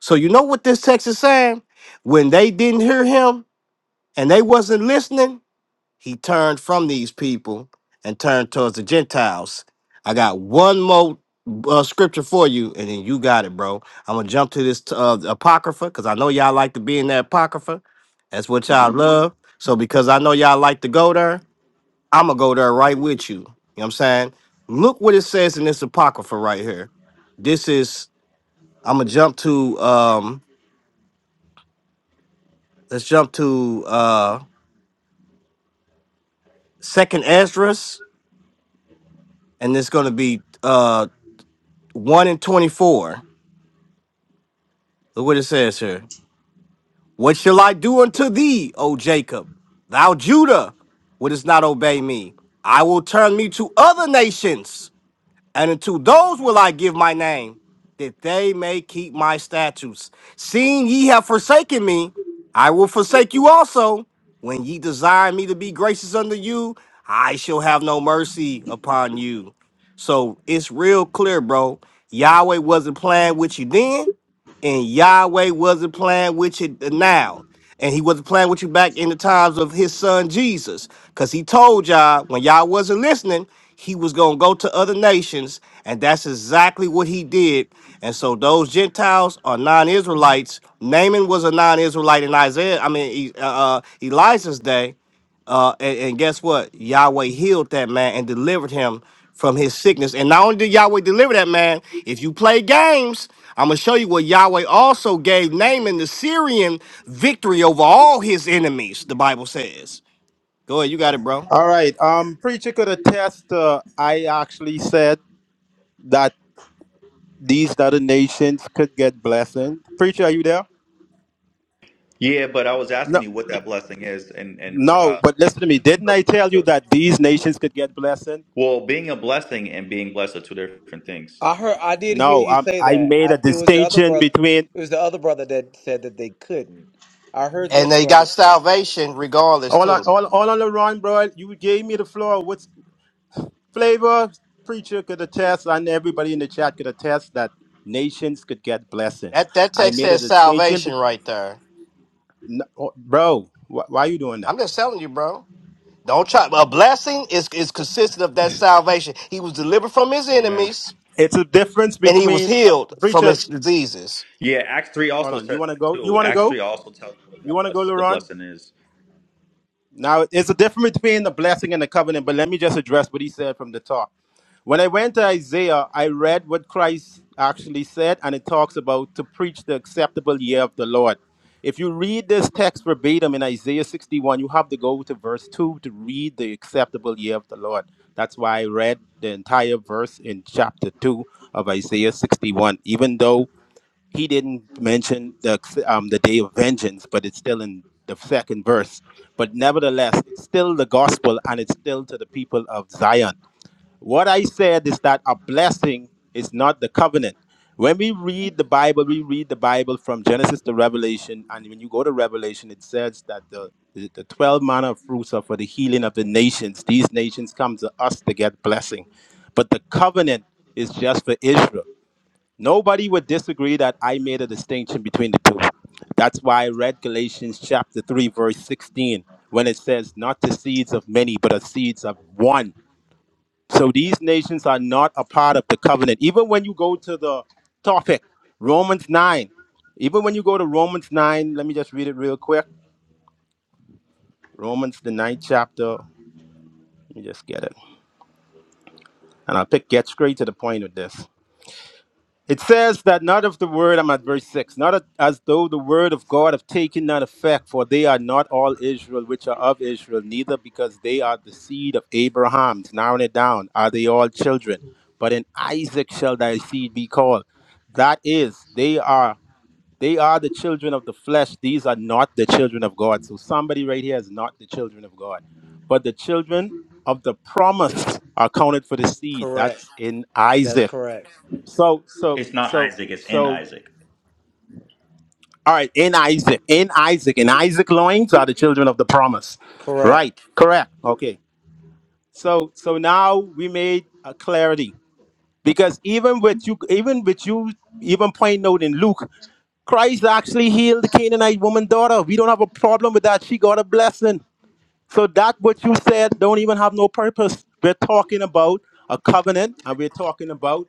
So you know what this text is saying? When they didn't hear him and they wasn't listening, he turned from these people and turned towards the Gentiles. I got one more uh, scripture for you, and then you got it, bro. I'm gonna jump to this uh, apocrypha because I know y'all like to be in that apocrypha. That's what y'all Mhm. love. So because I know y'all like to go there, I'm gonna go there right with you. You know what I'm saying? Look what it says in this apocrypha right here. This is I'm gonna jump to um let's jump to uh second Esdras and it's gonna be uh 1 and 24. Look what it says here. What shall I do unto thee, O Jacob? Thou Judah wouldst not obey me. I will turn me to other nations. And unto those will I give my name, that they may keep my statutes. Seeing ye have forsaken me, I will forsake you also. When ye desire me to be gracious unto you, I shall have no mercy upon you. So it's real clear, bro. Yahweh wasn't playing with you then, and Yahweh wasn't playing with you now. And he wasn't playing with you back in the times of his son Jesus. Because he told y'all when y'all wasn't listening, he was going to go to other nations, and that's exactly what he did. And so those Gentiles are non-Israelites. Naaman was a non-Israelite in Isaiah. I mean, E- uh, uh, Elijah's day. Uh, and, and guess what? Yahweh healed that man and delivered him from his sickness. And not only did Yahweh deliver that man, if you play games, I'm gonna show you what Yahweh also gave Naaman the Syrian victory over all his enemies. The Bible says. Go ahead, you got it, bro. All right. Um, Preacher could attest, uh, I actually said that these other nations could get blessing. Preacher, are you there? yeah, but I was asking No, you what that blessing is, and and no, uh, but listen to me. Didn't I relative tell you to that these nations could get blessing? well, being a blessing and being blessed are two different things. I heard. I did hear No, you um, say I that. made I, a it was the other distinction brother. between It was the other brother that said that they couldn't. I heard And this they brother got say that. salvation regardless all on too. all, all on the run, bro. You gave me the floor. What's Flavor preacher could attest, and everybody in the chat could attest that nations could get blessing. That that I text made a says distinction, salvation be- right there. n- oh, bro. Wh- why are you doing I'm that? just telling you, bro. Don't try. A blessing is is consistent of that salvation. He was delivered from his Amen. enemies It's a difference and he was between a healed from preacher. his diseases. Yeah, Acts three Hold also on, you says want to that go? You too. want to Acts three go? also tells you what You that want to go, bless the Laurent? blessing is. Now, it's a difference between the blessing and the covenant, but let me just address what he said from the top. When I went to Isaiah, I read what Christ actually said, and it talks about to preach the acceptable year of the Lord. If you read this text verbatim in Isaiah 61, you have to go to verse 2 to read the acceptable year of the Lord. That's why I read the entire verse in chapter 2 of Isaiah 61, even though he didn't mention the um, the day of vengeance, but it's still in the second verse. But nevertheless, it's still the gospel, and it's still to the people of Zion. What I said is that a blessing is not the covenant. When we read the Bible, we read the Bible from Genesis to Revelation, and when you go to Revelation, it says that the the the 12 manner of fruits are for the healing of the nations. These nations come to us to get blessing. But the covenant is just for Israel. Nobody would disagree that I made a distinction between the two. That's why I read Galatians chapter 3, verse 16, when it says, Not the seeds of many, but the seeds of one. So these nations are not a part of the covenant. Even when you go to the topic, Romans 9, even when you go to Romans 9, let me just read it real quick. Romans, the ninth chapter. Let me just get it. And I'll pick, get straight to the point with this. It says that not of the word, I'm at verse 6, not a- as though the word of God have taken not effect, for they are not all Israel which are of Israel, neither because they are the seed of Abraham. Narrowing it down, are they all children? But in Isaac shall thy seed be called. That is, they are they are the children of the flesh. These are not the children of God. So somebody right here is not the children of God. But the children of the promise are counted for the seed. Correct. That's in That's Isaac. correct. So so It's not so Isaac; it's in so Isaac. all right, in Isaac, in Isaac, in Isaac loins are the children of the promise. Right, Correct. correct. Okay. So so now we made a clarity. Because even with you even with you even point out in Luke, Christ actually healed the Canaanite woman daughter. We don't have a problem with that. She got a blessing. So that what you said don't even have no purpose. We're talking about a covenant and we're talking about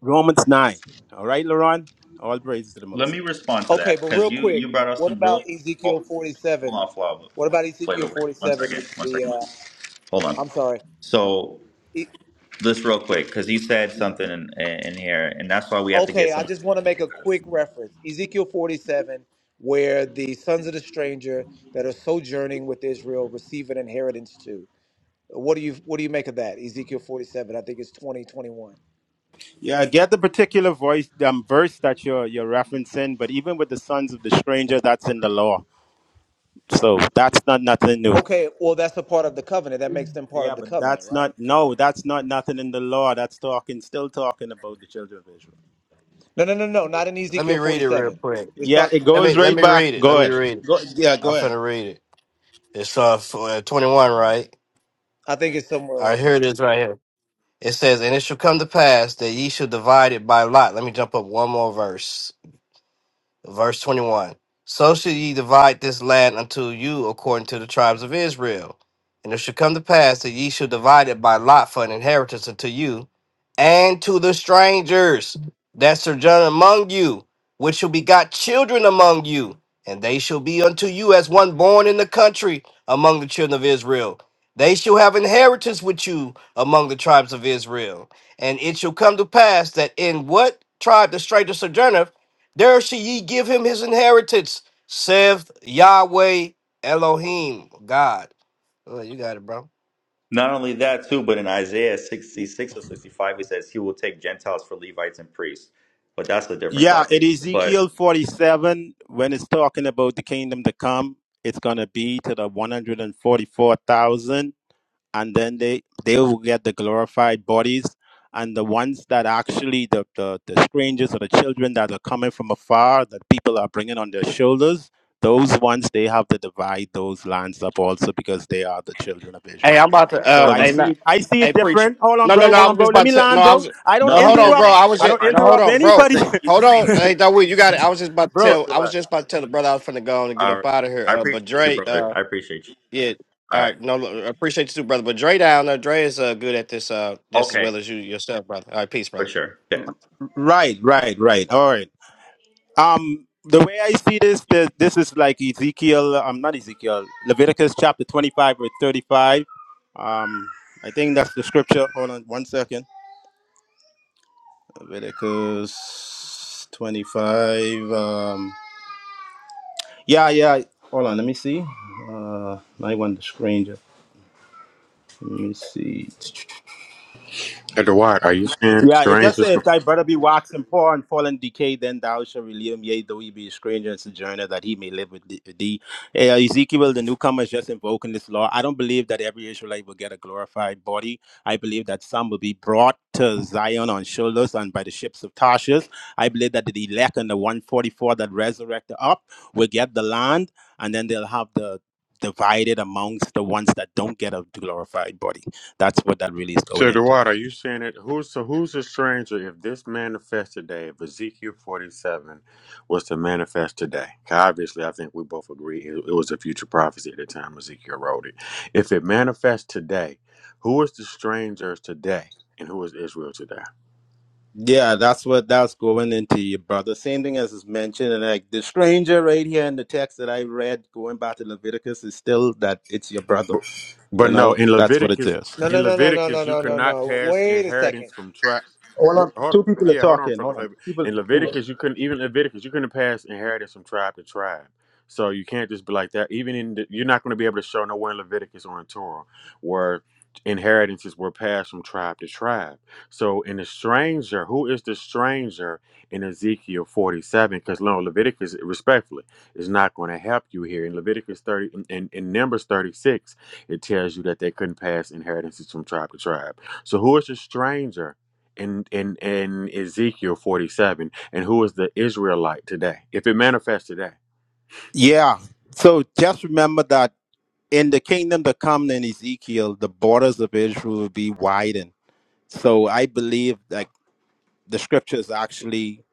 Romans 9. All right, Laron? All praises to the Let Most. High. me respond to Okay, that but because real you quick, you brought up what some about real. Ezekiel Hold 47? on, Flava. What about Flava, Wait, Ezekiel One 47 second. when One the second. uh Hold on. I'm sorry. So E- this real quick because you said something in, in here, and that's why we have to okay, get I some just want to understanding make a because quick reference. Ezekiel 47 where the sons of the stranger that are sojourning with Israel receive an inheritance too. What do you what do you make of that? Ezekiel 47, I think it's 20 21. Yeah, I get the particular voice um, verse that you're you're referencing, but even with the sons of the stranger, that's in the law. So that's not nothing new. Okay, well that's a part of the covenant. That makes them part of Yeah, the but covenant, that's right? not no, that's not nothing in the law. That's talking still talking about the children of Israel. No, no, no, no, not in Let Ezekiel me read it real 47. quick. It's Yeah, it talk Let me goes let right me back. read it. Let Go me ahead. read it. Go, yeah, I'm go ahead. finna read it. It's uh f- uh, 21, right? I think it's somewhere All right, around here there. it is right here. It says, "And it shall come to pass that ye shall divide it by lot." Let me jump up one more verse. Verse 21 So shall ye divide this land unto you according to the tribes of Israel. And it shall come to pass that ye shall divide it by lot for an inheritance unto you and to the strangers that sojourn among you, which shall begot children among you, and they shall be unto you as one born in the country among the children of Israel. They shall have inheritance with you among the tribes of Israel. And it shall come to pass that in what tribe the stranger sojourneth, there shall ye give him his inheritance, saith Yahweh Elohim, God. Oh, you got it, bro. not only that too, but in Isaiah sixty six or sixty five, it says he will take Gentiles for Levites and priests, but that's a different Yeah, in topic. Ezekiel But 47, when it's talking about the kingdom to come, it's going to be to the 144,000 and then they they will get the glorified bodies and the ones that actually the, the the strangers or the children that are coming from afar that people are bringing on their shoulders those ones they have to divide those lands up also because they are the children of Hey, israel I'm about to. so Uh, but i let hey, me. see not. it i see Hey, it preacher. different hold on No, bro no, no. I hold on was bro just let about me to. No, land I bro was. i don't No, No, he hold on, just bro. interrupt saying. I was i Hold just. don't on. No, hold interrupt on, He's just gonna bro. anybody say. He's Hold just saying on. he's Hey, leaving. Dawid, you got it. I was just [LAUGHS] about to bro Just tell. I was relax. just about to tell the brother I was finna go on and get All up right. out of here. I Uh, but appreciate you, Dre. brother. Uh, I appreciate you. yeah. All All right. right. No, look, I appreciate you too, brother. But Dre down there. Dre is uh good at this. Uh, just as Okay. well as you yourself, brother. All right, peace, For brother. sure. Yeah. right right right all right Um, the way I see this, that this is like Ezekiel. I'm um, not Ezekiel. Leviticus chapter 25 verse 35. Um, I think that's the scripture. Hold on one second. Leviticus 25. Um, yeah, yeah. Hold on. Let me see. Uh, I want the stranger. Let me see. Hey, Dwight, are you saying Yeah, it just says, strangers? if thy brother be waxen poor and fall in decay, then thou shalt relieve him, yea, though he be a stranger and sojourner, that he may live with thee. thee. Eh, Ezekiel, the newcomer, is just invoking this law. I don't believe that every Israelite will get a glorified body. I believe that some will be brought to Zion on shoulders and by the ships of Tarshish. I believe that the elect and the 144 that resurrected up will get the land, and then they'll have the divided amongst the ones that don't get a glorified body. That's what that really is going So, into. Dwight, are you saying it? who's so who's a stranger if this manifests today? If Ezekiel forty-seven was to manifest today, 'Cause obviously, I think we both agree it, it was a future prophecy at the time Ezekiel wrote it. If it manifests today, who is the strangers today, and who is Israel today? Yeah, that's what that's going into you, brother. Same thing as is mentioned, and like the stranger right here in the text that I read, going back to Leviticus, is still that it's your brother. But, You but know, no, in that's what it Leviticus, is. No, in no, no, no, no, no, Leviticus, you no, could no, not no. pass Wait a second. inheritance from tribe. Hold on, Hold, two people are yeah, hold on. talking. For, Hold on, for- two people. in Two people. Leviticus, you couldn't even Leviticus, you couldn't pass inheritance from tribe to tribe. So you can't just be like that. Even in the, you're not going to be able to show nowhere in Leviticus or in Torah where inheritances were passed from tribe to tribe. So in the stranger, who is the stranger in Ezekiel 47? Because no, Leviticus, respectfully, is not going to help you here in Leviticus 30 in, in Numbers 36 it tells you that they couldn't pass inheritances from tribe to tribe. So who is the stranger in in in Ezekiel 47 and who is the Israelite today? If it manifests today. Yeah. So just remember that in the kingdom to come in Ezekiel, the borders of Israel will be widened. So I believe like the scriptures actually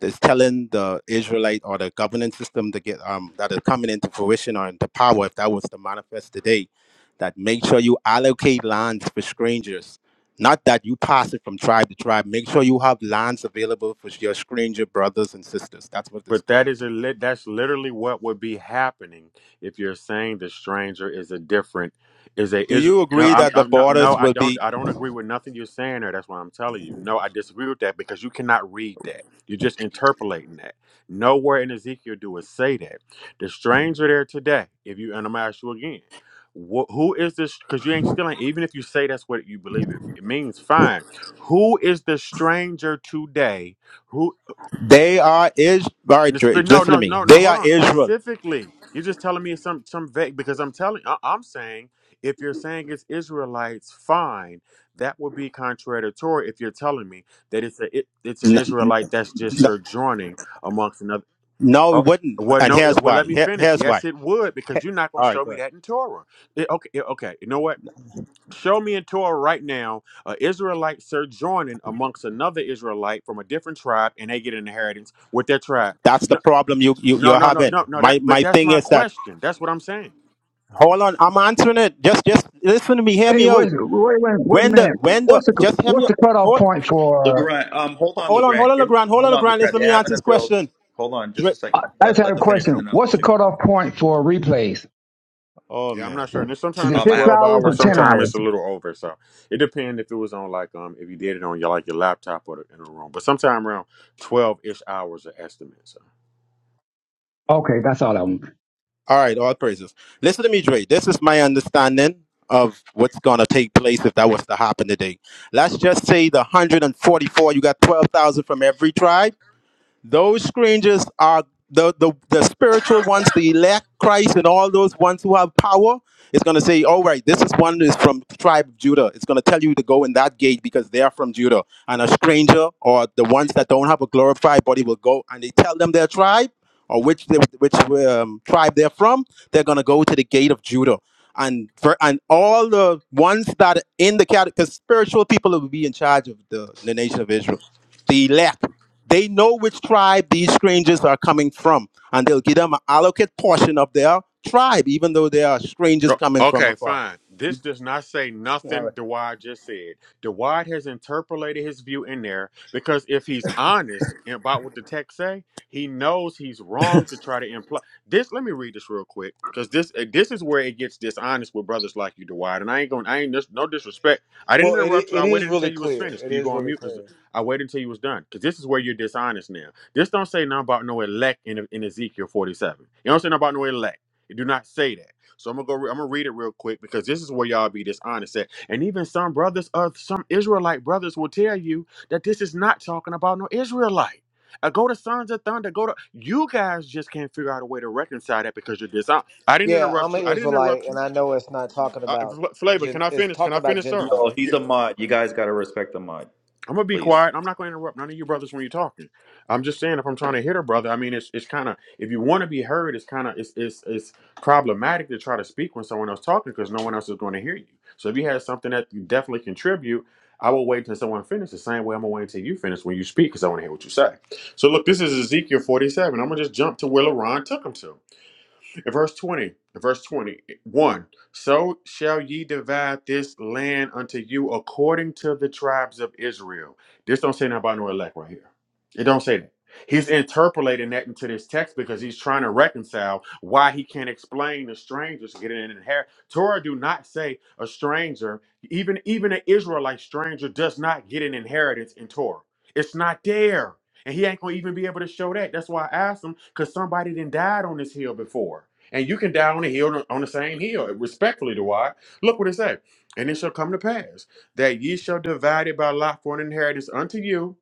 is telling the Israelite or the governance system to get um that is coming into fruition or into power if that was to manifest today, that make sure you allocate lands for strangers. Not that you pass it from tribe to tribe. Make sure you have lands available for your stranger brothers and sisters. That's what it's But that going is a into. lit. That's literally what would be happening if you're saying the stranger is a different is a Do is you no agree I'm, that the I'm no no borders I will don't be? I don't agree with nothing you're saying there. That's what I'm telling you. No, I disagree with that because you cannot read that. You're just interpolating that. Nowhere in Ezekiel do it say that the stranger there today. If you and I'm gonna ask you again, wh- who is this? Because you ain't still ain't- even if you say that's what you believe it, it means. Fine. Who is the stranger today? They are Israel. The spe- no, Listen to no, me. no, no. They Hold are on. Israel. Specifically, you're just telling me some some vague because I'm telling. I- I'm saying if you're saying it's Israelites, fine. That would be contradictory if you're telling me that it's a it, it's an No, Israelite that's just no, sojourning amongst another. no, it Oh, wouldn't. well, And no. here's it- Well, why. let me Here, finish. here's why. Yes, it would because you're not going All to right, show go me ahead. that in Torah. It- okay, it- okay. You know what? Show me in Torah right now a Israelite sojourning amongst another Israelite from a different tribe, and they get an inheritance with their tribe. That's No. the problem you, you No, you're no, no, having. no, no. That, My but my that's thing my is that question. That's what I'm saying. hold on, I'm answering it. Just just listen to me, hear Hey, me out. wait, wait, wait, wait a When the minute. when the What's the just hear me what's the out. cutoff hold point for? Legrand, um, hold on, hold on, hold Legrand. on, Give, Legrand, hold hold on, on, Legrand. Listen Legrand. to They are me answer having a this build. question. Hold on, just a Dre, I second. I just Let had let a them finish, and question. then I'll What's the let you go. cutoff point for replays? oh Yeah, I'm man. not sure. And Is sometimes it it's Um, I six have. 12 hours I'm or hours. not ten sure. Sometimes it's hours? a little over. So it depends if it was on like um if you did it on your like your laptop or the, in a room. But sometime around 12 ish hours of estimate. So. Okay, that's all I want. All right, all praises. Listen to me, Dre. This is my understanding of what's gonna take place if that was to happen today. Let's just say the 144, you got 12,000 from every tribe. Those strangers are the, the, the spiritual ones, the elect Christ, and all those ones who have power. It's going to say, all right, this is one is from the tribe of Judah. It's going to tell you to go in that gate because they are from Judah. And a stranger or the ones that don't have a glorified body will go and they tell them their tribe or which they, which um, tribe they're from. They're going to go to the gate of Judah. And for, and all the ones that are in the category, because spiritual people will be in charge of the, the nation of Israel, the elect. They know which tribe these strangers are coming from, and they'll give them an allocate portion of their tribe, even though they are strangers O- coming from Okay, afar. fine. This does not say nothing Dewad just said. Dewad has interpolated his view in there because if he's honest about what the text say, he knows he's wrong to try to imply this. Let me read this real quick because this uh, this is where it gets dishonest with brothers like you, Dewad. And I ain't going. I ain't just no disrespect. I didn't Well, it interrupt i- you. it I is waited really until you was clear. finished. It Can you is go on really mute? Because clear. I waited until you was done. Because this is where you're dishonest now. This don't say nothing about no elect in, E, in Ezekiel 47. It don't say nothing about no elect. It do not say that. So I'm gonna go. Re- I'm gonna read it real quick because this is where y'all be dishonest at. And even some brothers, uh, some Israelite brothers, will tell you that this is not talking about no Israelite. Uh, go to Sons of Thunder. Go to you guys. Just can't figure out a way to reconcile that because you're dishonest. I didn't Yeah, I'm interrupt you. an I didn't Israelite, interrupt and you. I know it's not talking Uh, about Fl- Flavor, can Gen. I It's finish? Can talking I about finish, sir? Gentiles. Yo, he's a mod. You guys gotta respect the mod, I'm gonna be please. quiet. I'm not gonna interrupt none of you brothers when you're talking. I'm just saying if I'm trying to hit a brother, I mean it's it's kind of if you want to be heard, it's kind of it's it's it's problematic to try to speak when someone else talking because no one else is going to hear you. So if you have something that you definitely contribute, I will wait until someone finishes. The same way I'm gonna wait until you finish when you speak because I want to hear what you say. So look, this is Ezekiel 47. I'm gonna just jump to where LaRon took him to. In verse 20, in verse 21, so shall ye divide this land unto you according to the tribes of Israel. This don't say nothing about no elect right here. It don't say that. He's interpolating that into this text because he's trying to reconcile why he can't explain the strangers getting an inheritance. Torah do not say a stranger, even even an Israelite stranger does not get an inheritance in Torah. It's not there. And he ain't gonna even be able to show that. That's why I asked him, because somebody did died on this hill before. And you can die on the hill on the same hill, respectfully to why. Look what it said. And it shall come to pass that ye shall divide it by lot for an inheritance unto you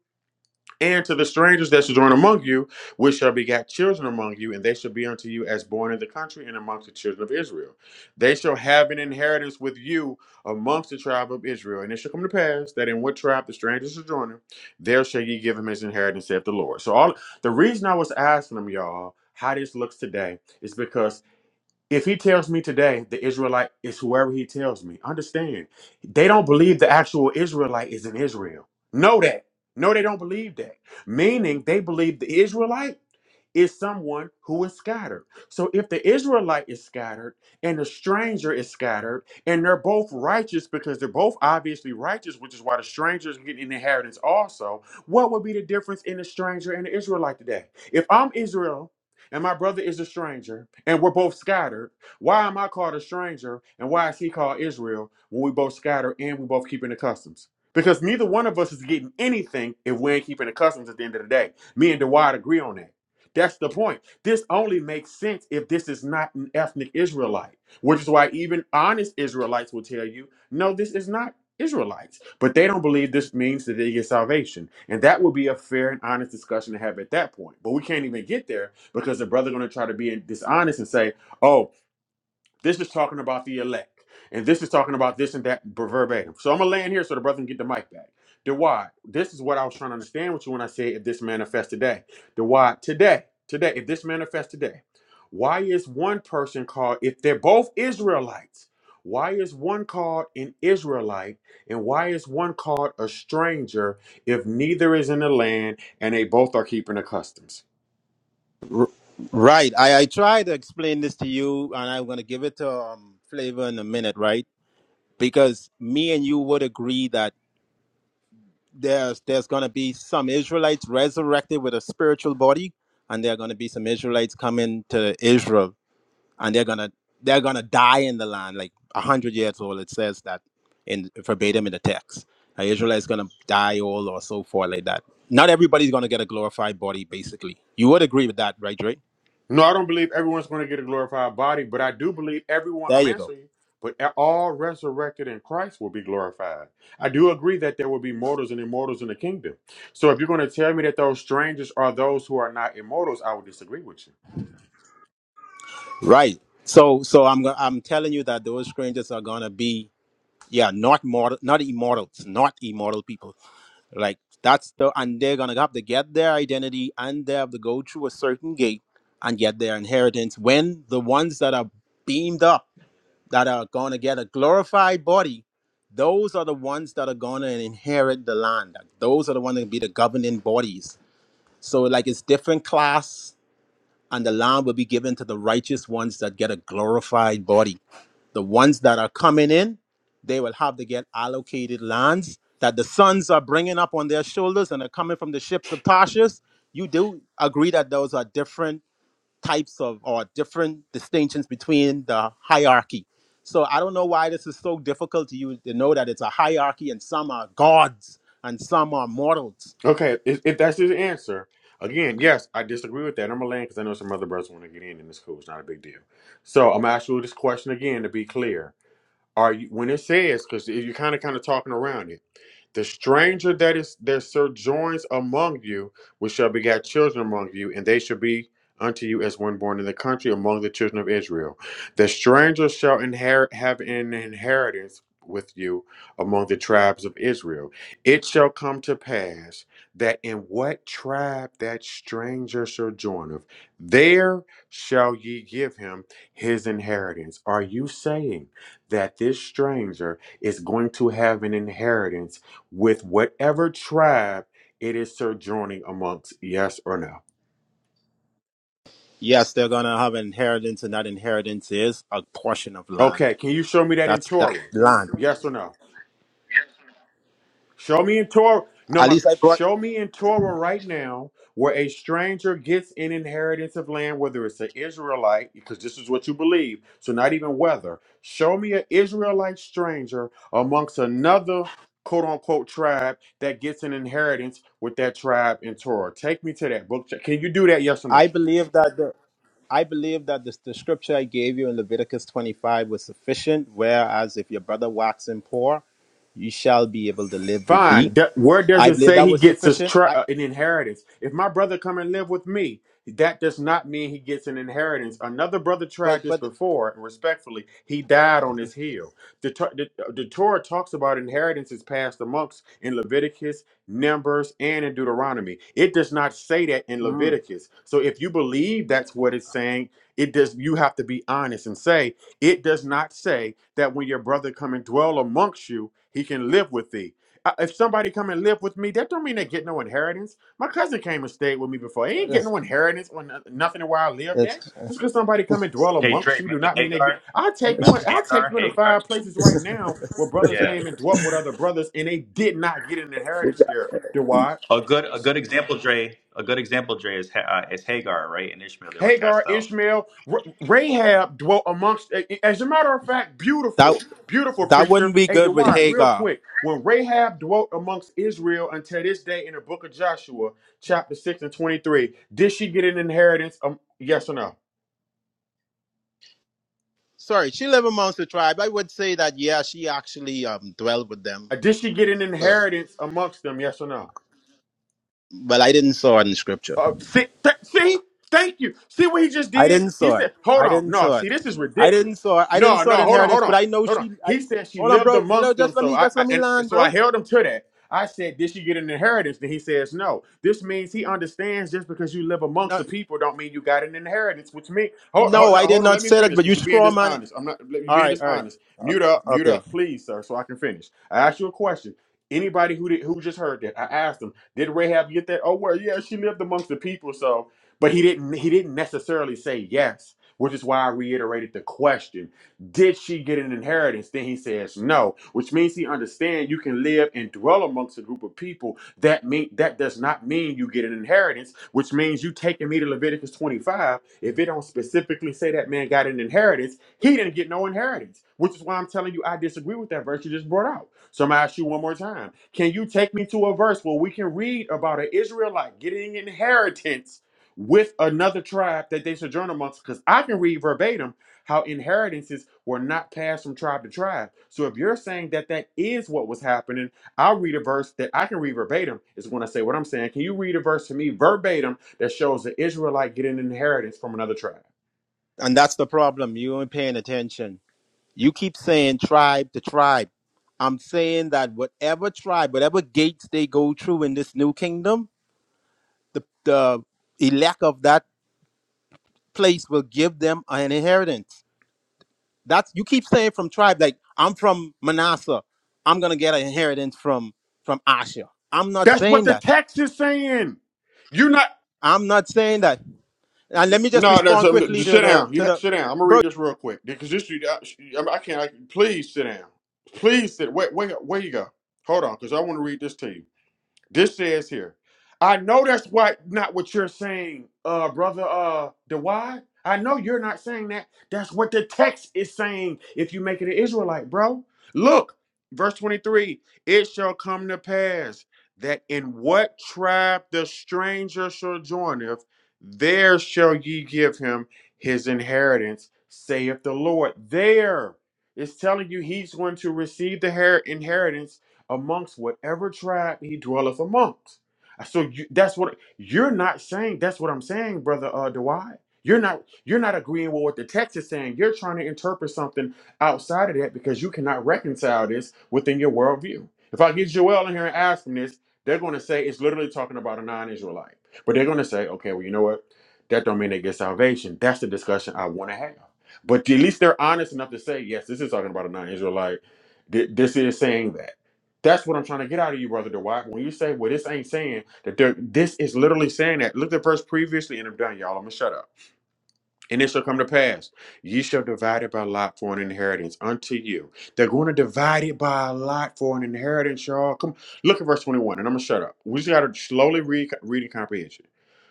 and to the strangers that sojourn among you, which shall begat children among you, and they shall be unto you as born in the country and amongst the children of Israel. They shall have an inheritance with you amongst the tribe of Israel. And it shall come to pass that in what tribe the stranger sojourner, there shall ye give him his inheritance, saith the Lord. So all the reason I was asking them, y'all, how this looks today is because if he tells me today the Israelite is whoever he tells me, understand. They don't believe the actual Israelite is in Israel. Know that. No, they don't believe that. Meaning they believe the Israelite is someone who is scattered. So if the Israelite is scattered and the stranger is scattered, and they're both righteous because they're both obviously righteous, which is why the strangers get an inheritance also, what would be the difference in the stranger and the Israelite today? If I'm Israel and my brother is a stranger and we're both scattered, why am I called a stranger and why is he called Israel when we both scatter and we both keeping the customs? Because neither one of us is getting anything if we ain't keeping the customs at the end of the day. Me and Dewad agree on that. That's the point. This only makes sense if this is not an ethnic Israelite, which is why even honest Israelites will tell you, no, this is not Israelites. But they don't believe this means that they get salvation. And that would be a fair and honest discussion to have at that point. But we can't even get there because the brother going to try to be dishonest and say, "Oh." This is talking about the elect. And this is talking about this and that verbatim. So I'm gonna land here so the brother can get the mic back. The why. This is what I was trying to understand with you when I said if this manifests today. The why today, today, if this manifests today, why is one person called if they're both Israelites? Why is one called an Israelite and why is one called a stranger if neither is in the land and they both are keeping the customs? Right. I, I try to explain this to you, and I'm going to give it to um, Flavor in a minute, right? Because me and you would agree that there's there's going to be some Israelites resurrected with a spiritual body, and there are going to be some Israelites coming to Israel and they're gonna they're gonna die in the land like a hundred years old. It says that in verbatim in the text. Uh, Israel is gonna die old or so forth like that. Not everybody's gonna get a glorified body. Basically, you would agree with that, right, Dre? No, I don't believe everyone's going to get a glorified body, but I do believe everyone, There I'm you go. answering you, but all resurrected in Christ will be glorified. I do agree that there will be mortals and immortals in the kingdom. So if you're going to tell me that those strangers are those who are not immortals, I would disagree with you. Right. So so I'm go- I'm telling you that those strangers are gonna be yeah not mortal not immortals not immortal people like that's the and they're gonna have to get their identity and they have to go through a certain gate and get their inheritance when the ones that are beamed up that are going to get a glorified body, those are the ones that are going to inherit the land. Like, Those are the ones that be the governing bodies. So like it's different class, and the land will be given to the righteous ones that get a glorified body. The ones that are coming in, they will have to get allocated lands that the sons are bringing up on their shoulders and are coming from the ships of Tarshish. You do agree that those are different types of or different distinctions between the hierarchy. So I don't know why this is so difficult to you to know that it's a hierarchy and some are gods and some are mortals. Okay, if, if that's the answer, again, yes, I disagree with that. I'm going to land because I know some other brothers want to get in, and it's cool. It's not a big deal. So I'm going to ask you this question again to be clear. Are you when it says because you're kind of kind of talking around it. The stranger that is that sojourns among you, which shall begat children among you, and they shall be unto you as one born in the country among the children of Israel. The stranger shall inherit have an inheritance with you among the tribes of Israel. It shall come to pass that in what tribe that stranger sojourneth, there shall ye give him his inheritance. Are you saying? that this stranger is going to have an inheritance with whatever tribe it is sojourning amongst. Yes or no? Yes, they're gonna have inheritance, and that inheritance is a portion of land. Okay, can you show me that in That's that Torah? land. Yes or no? Show me in Torah. No, At my, least I brought. show me in Torah right now where a stranger gets an inheritance of land, whether it's an Israelite, because this is what you believe. So not even whether. Show me an Israelite stranger amongst another quote unquote tribe that gets an inheritance with that tribe in Torah. Take me to that book. Can you do that? Yes or no? I believe that the I believe that this, the scripture I gave you in Leviticus 25 was sufficient, whereas if your brother waxen poor, you shall be able to live with thee. Fine. D- where does I it believe say that he was gets his sufficient. tr- I. uh, an inheritance? If my brother come and live with me, that does not mean he gets an inheritance. Another brother but tried this but before, and respectfully, he died on his heel. The, Tor- the, the Torah talks about inheritances passed amongst in Leviticus, Numbers, and in Deuteronomy. It does not say that in mm, Leviticus. So if you believe that's what it's saying, it does. You have to be honest and say it does not say that when your brother come and dwell amongst you, he can live with thee. I- If somebody come and live with me, that don't mean they get no inheritance. My cousin came and stayed with me before. He ain't [SIGHS] get no inheritance or no- nothing where I lived at. it's, Just because somebody come and dwell Hey amongst Dre, you, do remember not mean they get. Hagar? I'll take you Remember in. I'll take Hagar? you into Hagar. five places right now where brothers Yeah. came and dwelt with other brothers, and they did not get an inheritance there. A good a good example, Dre. A good example, Dre, is Ha- uh, is Hagar, right? And Ishmael, they were Hagar, cast out. Ishmael, Ra- Rahab dwelt amongst. As a matter of fact, that beautiful, beautiful that preacher. wouldn't be Hey, good with why? real Hagar. quick. When Rahab dwelt amongst Israel until this day in the book of Joshua, chapter 6 and 23, did she get an inheritance? Um, yes or no? Sorry, she lived amongst the tribe. I would say that yeah, she actually um dwelled with them. Uh, Did she get an So- inheritance amongst them? Yes or no? But I didn't saw it in scripture. Uh, see, th- see, thank you. See what he just I did? didn't He saw it. said, "Hold I on, didn't no. saw it. See, this is I ridiculous. didn't saw it. I didn't No, saw it no, in hold on, hold inheritance, but on, I know hold on." she I, He said she hold on, lived bro. Well, amongst them, Just let so me I, just I let me and land, so I bro. held him to that. I said, "Did she get an inheritance?" Then he says, "No." This means he understands just because you live amongst No, the people don't mean you got an inheritance. Which means, hold, no, hold, no, I did hold on, not let me say that, finish but you because you're being scroll man it. dishonest. I'm not. You're All being right, all right. dishonest. O- Mute up, o- mute Okay. up, please, sir, so I can finish. I asked you a question. Anybody who did, who just heard that, I asked them. Did Rahab get that? Oh well, yeah, she lived amongst the people, so but he didn't he didn't necessarily say yes, which is why I reiterated the question. Did she get an inheritance? Then he says no, which means he understands you can live and dwell amongst a group of people. That mean that does not mean you get an inheritance, which means you taking me to Leviticus 25. If it don't specifically say that man got an inheritance, he didn't get no inheritance, which is why I'm telling you I disagree with that verse you just brought out. So I'm gonna ask you one more time can you take me to a verse where we can read about an Israelite getting inheritance with another tribe that they sojourn amongst? Because I can read verbatim how inheritances were not passed from tribe to tribe. So if you're saying that that is what was happening, I'll read a verse that I can read verbatim is when I say what I'm saying. Can you read a verse to me verbatim that shows the Israelite getting inheritance from another tribe? And that's the problem. You ain't paying attention. You keep saying tribe to tribe. I'm saying that whatever tribe, whatever gates they go through in this new kingdom, the, the elect of that place will give them an inheritance. That's you keep saying from tribe, like I'm from Manasseh, I'm gonna get an inheritance from from Asher. I'm not That's what saying the that. text is saying. You're not. I'm not saying that. And let me just No, no. respond So I'm, quickly just to sit the down. You to ha- the sit down. I'm gonna bro. read this real quick because this. you- I, I can't. I, please sit down. Please sit. Wait, wait, where you go? Hold on, because I want to read this to you. This says here, I know that's what not what you're saying, uh, brother uh the I know you're not saying that. That's what the text is saying if you make it an Israelite, bro. Look, verse 23, it shall come to pass that in what tribe the stranger shall joineth, there shall ye give him his inheritance, saith the Lord. There is telling you he's going to receive the her- inheritance amongst whatever tribe he dwelleth amongst. Uh, So you, that's what you're not saying. That's what I'm saying, brother uh, Dwight. You're not you're not agreeing with what the text is saying. You're trying to interpret something outside of that because you cannot reconcile this within your worldview. If I get Joel in here and ask him this, they're going to say it's literally talking about a non-Israelite. But they're going to say, okay, well, you know what? That don't mean they get salvation. That's the discussion I want to have. But at least they're honest enough to say, yes, this is talking about a non-Israelite. Th- This is saying that. That's what I'm trying to get out of you, brother Dwight. When you say, "Well, this ain't saying that," there, this is literally saying that. Look at the verse previously, and I'm done, y'all. I'm gonna shut up. And it shall come to pass, ye shall divide it by lot for an inheritance unto you. They're going to divide it by a lot for an inheritance, y'all. Come look at verse 21, and I'm gonna shut up. We just gotta slowly read reading comprehension.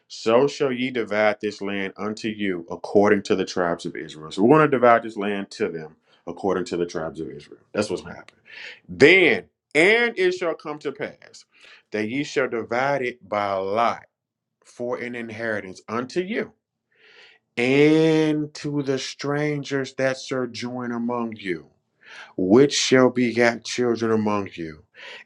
So shall ye divide this land unto you according to the tribes of Israel. So we're gonna divide this land to them according to the tribes of Israel. That's what's gonna happen. Then, and it shall come to pass that ye shall divide it by a lot for an inheritance unto you and to the strangers that sojourn among you, which shall be begat children among you,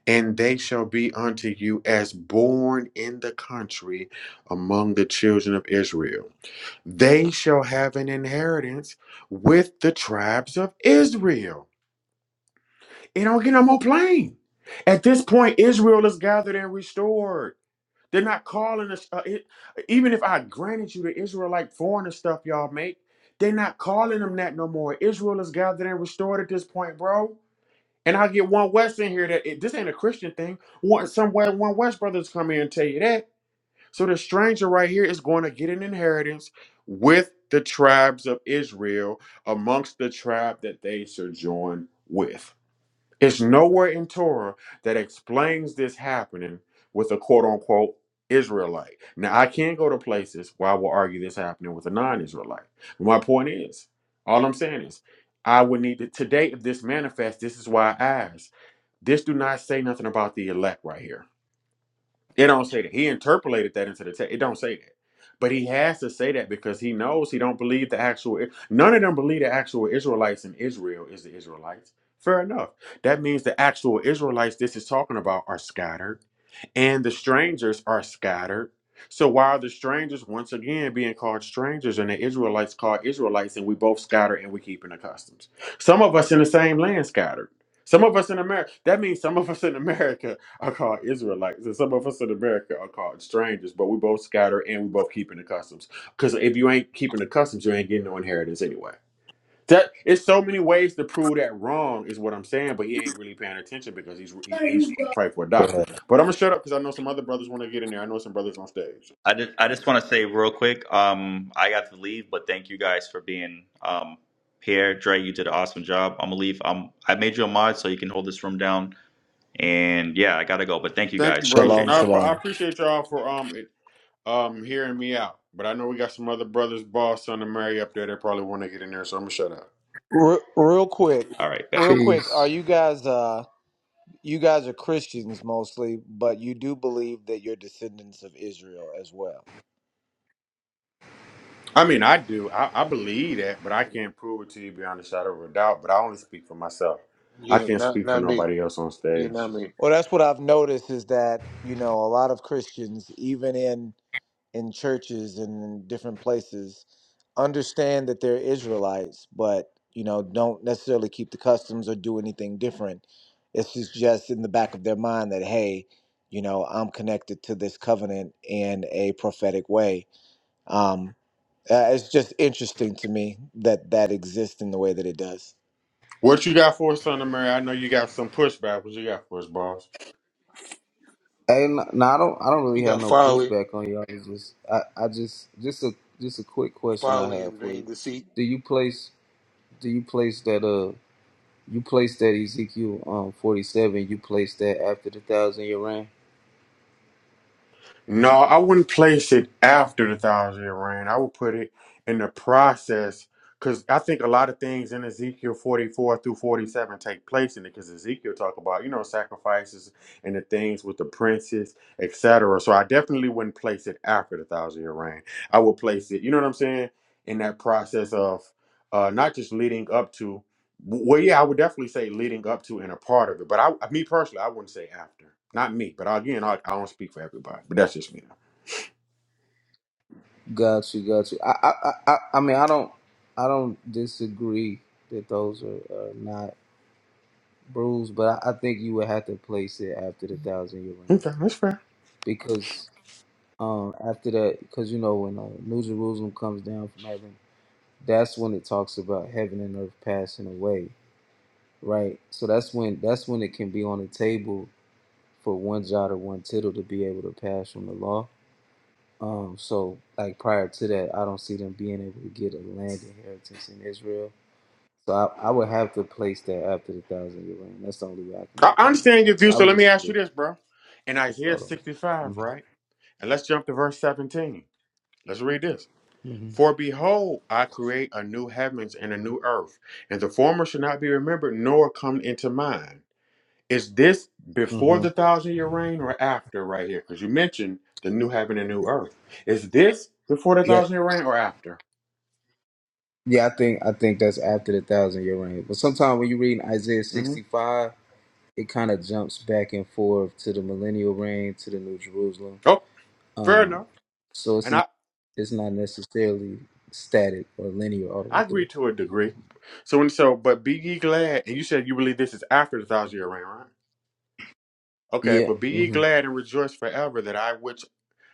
and they shall be unto you as born in the country among the children of Israel. They shall have an inheritance with the tribes of Israel. It don't get no more plain. At this point, Israel is gathered and restored. They're not calling us. Uh, it, even if I granted you the Israelite foreigner stuff y'all make, they're not calling them that no more. Israel is gathered and restored at this point, bro. And I get one West in here that it, this ain't a Christian thing. One somewhere one West brothers come in and tell you that. So the stranger right here is going to get an inheritance with the tribes of Israel amongst the tribe that they sojourn with. It's nowhere in Torah that explains this happening with a quote unquote Israelite. Now, I can go to places where I will argue this happening with a non Israelite. My point is, all I'm saying is, I would need to, today, if this manifests, this is why I ask. This do not say nothing about the elect right here. It don't say that. He interpolated that into the text. It don't say that. But he has to say that because he knows he don't believe the actual none of them believe the actual Israelites in Israel is the Israelites. Fair enough. That means the actual Israelites this is talking about are scattered and the strangers are scattered. So why are the strangers once again being called strangers and the Israelites called Israelites and we both scatter and we keeping the customs? Some of us in the same land scattered. Some of us in America, that means some of us in America are called Israelites and some of us in America are called strangers, but we both scatter and we both keeping the customs. Because if you ain't keeping the customs, you ain't getting no inheritance anyway. That it's so many ways to prove that wrong is what I'm saying, but he ain't really paying attention because he's he, he's fighting for a Go doctrine. ahead. But I'm gonna shut up because I know some other brothers want to get in there. I know some brothers on stage. I just I just want to say real quick. Um, I got to leave, but thank you guys for being um here. Dre, you did an awesome job. I'm gonna leave. Um, I made you a mod so you can hold this room down. And yeah, I gotta go, but thank you Thank you, guys. brothers, and Shalom, Appreciate I, y'all. appre- I shalom. appreciate y'all for um it, um hearing me out. But I know we got some other brothers, boss, son, and Mary up there that probably want to get in there, so I'm gonna shut up. Re- real quick, All right, bet. real quick. Are Peace. you guys? Uh, you guys are Christians mostly, but you do believe that you're descendants of Israel as well. I mean, I do. I, I believe that, but I can't prove it to you beyond a shadow of a doubt. But I only speak for myself. I Yeah, can't not speak for not me. nobody else on Yeah, stage. not me. Well, that's what I've noticed is that you know a lot of Christians, even in in churches and in different places understand that they're Israelites, but you know, don't necessarily keep the customs or do anything different. It's just just in the back of their mind that hey, you know, I'm connected to this covenant in a prophetic way. Um, uh, it's just interesting to me that that exists in the way that it does. What you got for us, Son of Mary? I know you got some pushback. What you got for us, boss? Hey, no, no, I don't. I don't really You have got no folly, pushback on y'all. It's just, I, I just, just a, just a quick question I folly have and for you. vain deceit. Do you place, do you place that, uh, you place that Ezekiel, um, forty-seven. You place that after the thousand year reign. No, I wouldn't place it after the thousand year reign. I would put it in the process because I think a lot of things in Ezekiel 44 through 47 take place in it because Ezekiel talk about, you know, sacrifices and the things with the princes, etc. So I definitely wouldn't place it after the thousand year reign. I would place it, you know what I'm saying, in that process of uh, not just leading up to. Well, yeah, I would definitely say leading up to and a part of it, but I, me personally, I wouldn't say after. Not me, but again, I, I don't speak for everybody, but that's just me. Got you, got you. I, I, I, I I mean, I don't, I don't disagree that those are, are not bruised, but I, I think you would have to place it after the thousand year reign Okay, that's fair. because um after that because you know when uh, new jerusalem comes down from heaven that's when it talks about heaven and earth passing away right so that's when that's when it can be on the table for one jot or one tittle to be able to pass from the law um so like prior to that i don't see them being able to get a land inheritance in israel so i, I would have to place that after the thousand year reign that's the only way i can I, make I that make understand sense your view, But i so was let me just ask you curious this, bro. In Isaiah about them 65, mm-hmm. right? And let's jump to verse 17. Let's read this. Mm-hmm. For behold, I create a new heavens and a new earth, and the former shall not be remembered nor come into mind. Is this before Mm-hmm. the thousand year reign or after right here? Because you mentioned the new heaven and new earth. Is this before the Yeah, thousand year reign or after? Yeah, I think I think that's after the thousand year reign. But sometimes when you're reading Isaiah hmm 65, it kind of jumps back and forth to the millennial reign to the New Jerusalem. Oh, fair Um, enough. so it's And not I, it's not necessarily static or linear all the I way agree through. to a degree. So and so, but be ye glad. And you said you believe this is after the thousand year reign, right? Okay, Yeah. but be ye hmm glad and rejoice forever that I which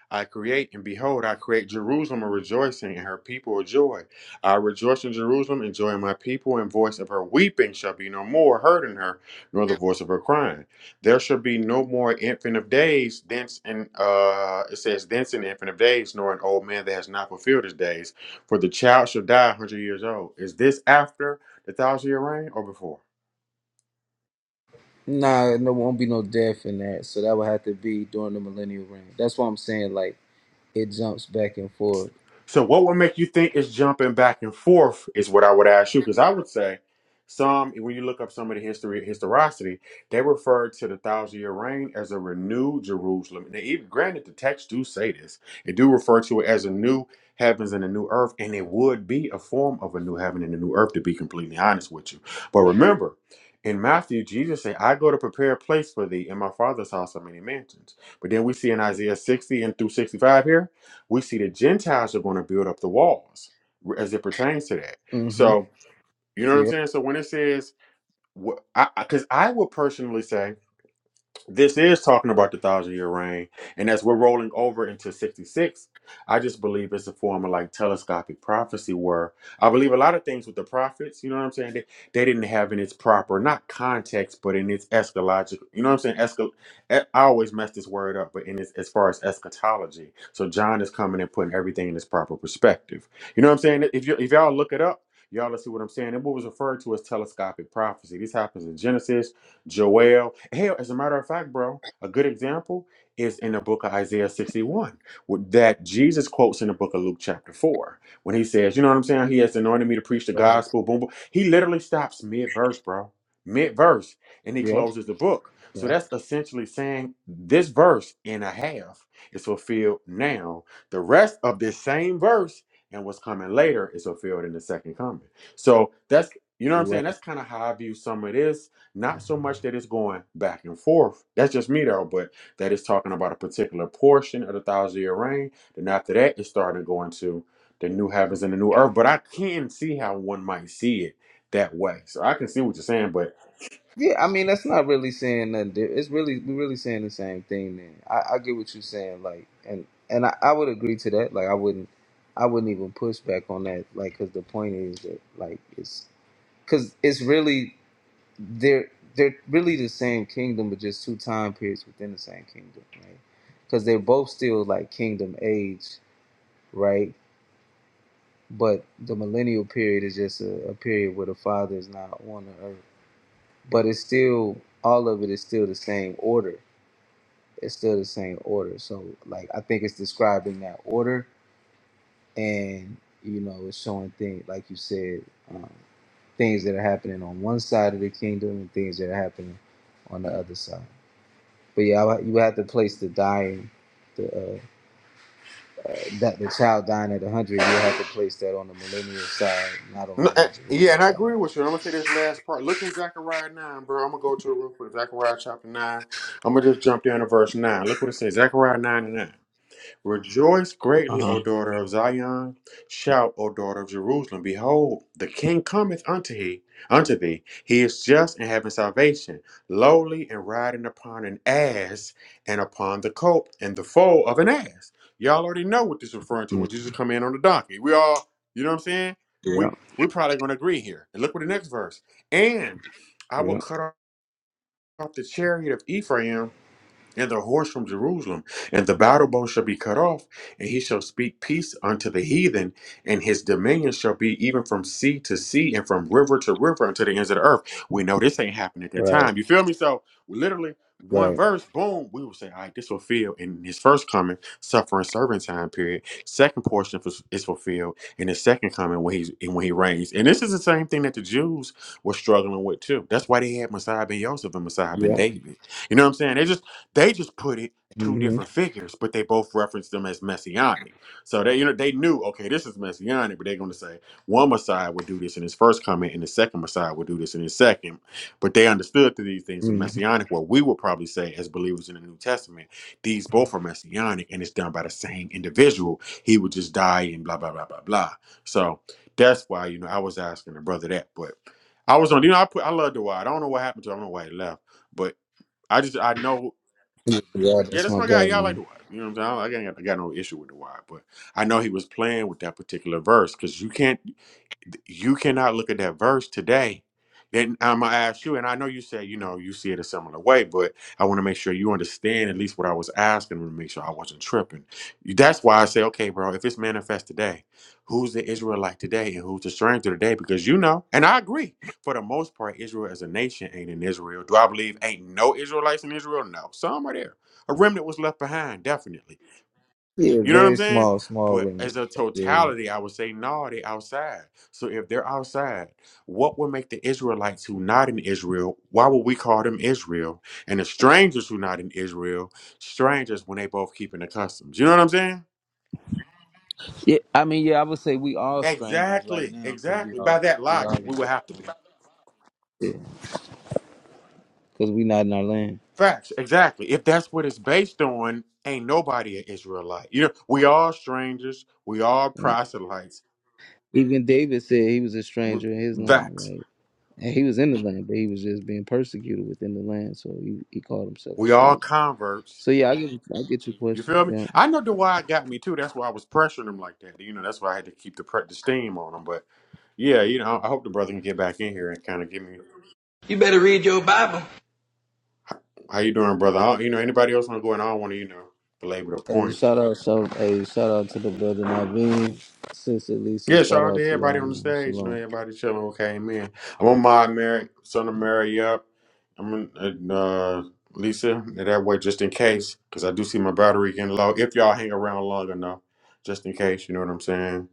I create, and behold, I create Jerusalem a rejoicing, and her people a joy. I rejoice in Jerusalem, and joy in my people, and voice of her weeping shall be no more heard in her, nor the voice of her crying. There shall be no more infant of days, thence and uh, it says, thence an infant of days, nor an old man that has not fulfilled his days, for the child shall die a hundred years old. Is this after the thousand year reign or before? Nah, no, there won't be no death in that. So that would have to be during the millennial reign. That's what I'm saying. Like it jumps back and forth. So, what would make you think it's jumping back and forth is what I would ask you, because I would say some, when you look up some of the history, historicity, they refer to the thousand year reign as a renewed Jerusalem. And even granted, the text do say this, it do refer to it as a new heavens and a new earth, and it would be a form of a new heaven and a new earth, to be completely honest with you. But remember, in Matthew, Jesus said, I go to prepare a place for thee in my father's house are many mansions. But then we see in Isaiah 60 and through 65 here, we see the Gentiles are going to build up the walls as it pertains to that. Mm-hmm. So, you know what I'm Yep. saying? So, when it says, because I, I 'cause I would personally say, this is talking about the thousand year reign. And as we're rolling over into 66, I just believe it's a form of like telescopic prophecy where I believe a lot of things with the prophets, you know what I'm saying? They, they didn't have in its proper, not context, but in its eschatological, you know what I'm saying? Escal, e- I always mess this word up, but in its, as far as eschatology. So John is coming and putting everything in its proper perspective. You know what I'm saying? If, you, if y'all look it up, y'all will see what I'm saying. It was referred to as telescopic prophecy. This happens in Genesis. Joel. Hell, as a matter of fact, bro, a good example is in the book of Isaiah 61, with- that Jesus quotes in the book of Luke chapter 4, when he says, You know what I'm saying? He has anointed me to preach the gospel, boom, boom. He literally stops mid verse, bro, mid verse, and he Yep. closes the book. So Yeah. that's essentially saying this verse and a half is fulfilled now. The rest of this same verse and what's coming later is fulfilled in the second coming. So that's, you know what I'm Right. saying? That's kind of how I view some of this not so much that it's going back and forth. That's just me though, but that is talking about a particular portion of the thousand year reign. Then after that, it started going to the new heavens and the new earth. But I can see how one might see it that way. So I can see what you're saying, but Yeah, I mean that's not really saying nothing. Different. It's really we're really saying the same thing. Then I, I get what you're saying, like, and and I, I would agree to that. Like, I wouldn't, I wouldn't even push back on that. Like, because the point is that like it's because it's really they're they're really the same kingdom, but just two time periods within the same kingdom, right? Because they're both still like kingdom age, right? But the millennial period is just a, a period where the father is not on the earth but it's still all of it is still the same order. It's still the same order. So like I think it's describing that order, and you know it's showing things like you said, um, things that are happening on one side of the kingdom and things that are happening on the other side. But yeah, I- you have to place the dying, the uh, that the child dying at a hundred. You have to place that on the millennial side, not on the no, uh, New yeah, Jerusalem and I side. agree with you. I'm gonna say this last part. Look at Zechariah nine, bro. I'm gonna go to it real quick. Zechariah chapter nine. I'm gonna just jump down to verse nine. Look what it says. Zechariah nine and nine. Rejoice Uh greatly, huh. O daughter of Zion. Shout, O daughter of Jerusalem. Behold, the king cometh unto he unto thee. He is just and having salvation, lowly and riding upon an ass and upon the colt and the foal of an ass. Y'all already know what this is referring to when Jesus come in on the donkey. We all, you know what I'm saying? We we're probably gonna agree here. And look what the next verse. And I will cut off the chariot of Ephraim and the horse from Jerusalem, and the battle bow shall be cut off, and he shall speak peace unto the heathen, and his dominion shall be even from sea to sea and from river to river unto the ends of the earth. We know this ain't happening at that Right. time. You feel me? So literally one Right. verse, boom, we will say, all right, this fulfilled in his first coming, suffering servant time period. Second portion fus- is fulfilled in his second coming when he's and when he reigns. And this is the same thing that the Jews were struggling with too. That's why they had Messiah ben Joseph and Messiah ben Yeah. David. You know what I'm saying? They just put it two different figures, but they both referenced them as messianic. So they you know they knew, okay, this is messianic, but they're gonna say one Messiah would do this in his first coming and the second Messiah would do this in his second. But they understood that these things are Mm. messianic, what we would probably say as believers in the New Testament, these both are messianic and it's done by the same individual. He would just die and blah blah blah blah blah. So that's why, you know, I was asking the brother that, but I was on, you know, I put I love the why I don't know what happened to him. I don't know why he left. But I just I know Yeah. yeah, That's that's my my guy. God, Y'all man. like the wide. You know what I'm saying? I, do got, I got no issue with the wide, but I know he was playing with that particular verse because you can't you cannot look at that verse today. Then I'm gonna ask you, and I know you say you know you see it a similar way, but I want to make sure you understand at least what I was asking to make sure I wasn't tripping. That's why I say, okay, bro, if it's manifest today, who's the Israelite today and who's the stranger today? Because you know, and I agree, for the most part, Israel as a nation ain't in Israel. Do I believe ain't no Israelites in Israel? No, some are there. A remnant was left behind, definitely. Yeah, You know what I'm very saying? small, small But remnant. as a Yeah. Yeah, totality, I would say no, they outside. So if they're outside, what would make the Israelites who not in Israel? Why would we call them Israel? And the strangers who not in Israel, strangers when they both keeping the customs. You know what I'm saying? Yeah, I mean, yeah, I would say we all strangers right Exactly, now because we exactly. all By that we all logic, we would have to be because we not in our land. facts. Exactly. If that's what it's based on, ain't nobody an Israelite. You know, we all strangers. We all right? proselytes. Even David said he was a W- stranger in his land, Facts. right? And he was in the land, but he was just being persecuted within the land, so he, he called himself a We all stranger. converts So yeah, I get I get your You question. feel me? Yeah. I know Dwight got me too. That's why I was pressuring him like that. You know, that's why I had to keep the pre- the steam on him. But yeah, you know, I hope the brother can get back in here and kind of give me You better read your Bible. how you doing, brother. I don't- you know, anybody else want to go? And I don't want to, you know, belabor the Hey, point. shout out, so hey, shout out to the brother Naveen, sister Lisa. Yeah, shout Shout out out to to everybody y'all, on the man. stage. You know, Shalom. everybody chilling who came in. I'm on my Mary, son of Mary up. I'm in, uh, Lisa that way just in case, because I do see my battery getting low. If y'all hang around long enough, just in case, you know what I'm saying.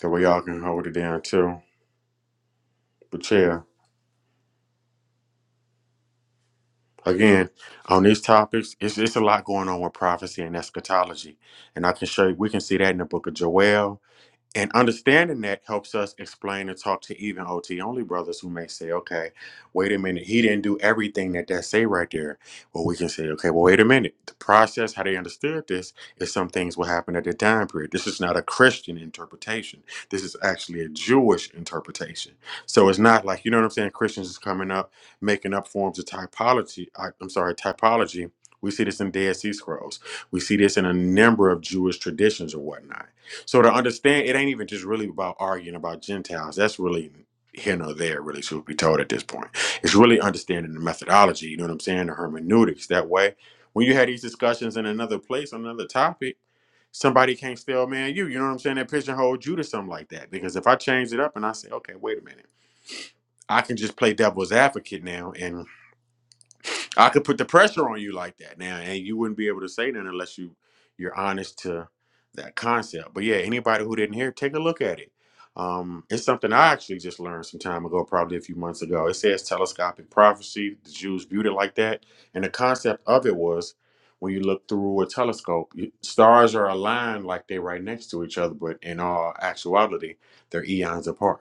That way y'all can hold it down too. But yeah, again, on these topics, it's, it's a lot going on with prophecy and eschatology. And I can show you, we can see that in the book of Joel. And understanding that helps us explain and talk to even OT only brothers who may say, okay, wait a minute, he didn't do everything that that say right there. Well, we can say, okay, well, wait a minute. The process, how they understood this, is some things will happen at the time period. This is not a Christian interpretation. This is actually a Jewish interpretation. So it's not like, you know what I'm saying? Christians is coming up, making up forms of typology. I, I'm sorry, typology. We see this in Dead Sea Scrolls. We see this in a number of Jewish traditions or whatnot so to understand, it ain't even just really about arguing about Gentiles. That's really here nor there, really, should be told at this point. It's really understanding the methodology, you know what I'm saying, the hermeneutics. That way, when you had these discussions in another place, on another topic, somebody can't still man you, you know what I'm saying, that pigeonhole you to something like that. Because if I change it up and I say, okay, wait a minute, I can just play devil's advocate now and. I could put the pressure on you like that now, and you wouldn't be able to say that unless you you're honest to that concept. But yeah, anybody who didn't hear, take a look at it. Um, it's something I actually just learned some time ago, probably a few months ago. It says telescopic prophecy. The Jews viewed it like that, and the concept of it was when you look through a telescope, you- stars are aligned like they're right next to each other, but in all actuality, they're eons apart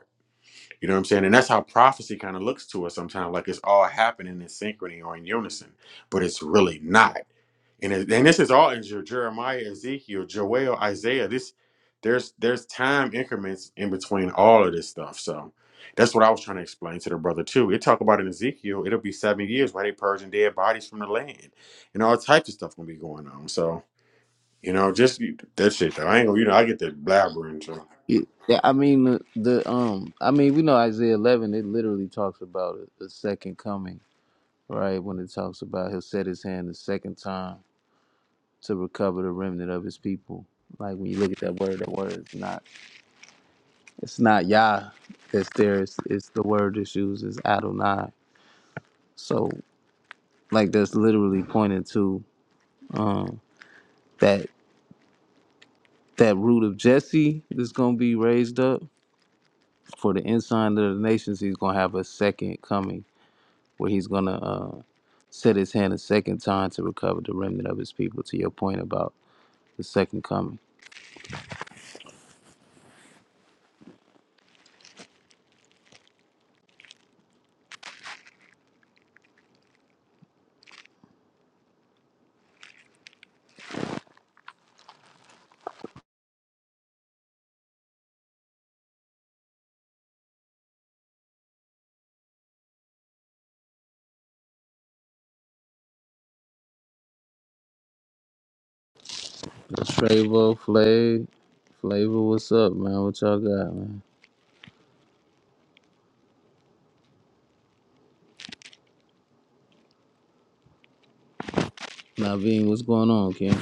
you know what I'm saying? And that's how prophecy kind of looks to us sometimes, like it's all happening in synchrony or in unison, but it's really not. And it, and this is all in Jer- Jeremiah, Ezekiel, Joel, Isaiah. This there's there's time increments in between all of this stuff. So that's what I was trying to explain to the brother too. It talk about in Ezekiel, it'll be seven years where they purging dead bodies from the land, and all types of stuff gonna be going on. So you know, just that shit. Though. I ain't gonna, you know, I get that blabbering. So. Yeah, yeah, I mean the, the um I mean we know Isaiah 11 it literally talks about a, a second coming right when it talks about he'll set his hand the second time to recover the remnant of his people like when you look at that word that word is not it's not Yah that's there it's, it's the word that's used is Adonai so like that's literally pointing to um that that root of Jesse that's gonna be raised up for the ensign of the nations he's gonna have a second coming where he's going to uh, set his hand a second time to recover the remnant of his people. To your point about the second coming, Travo, Flav, Flavor, what's up, man? What y'all got, man? Naveen, what's going on, King?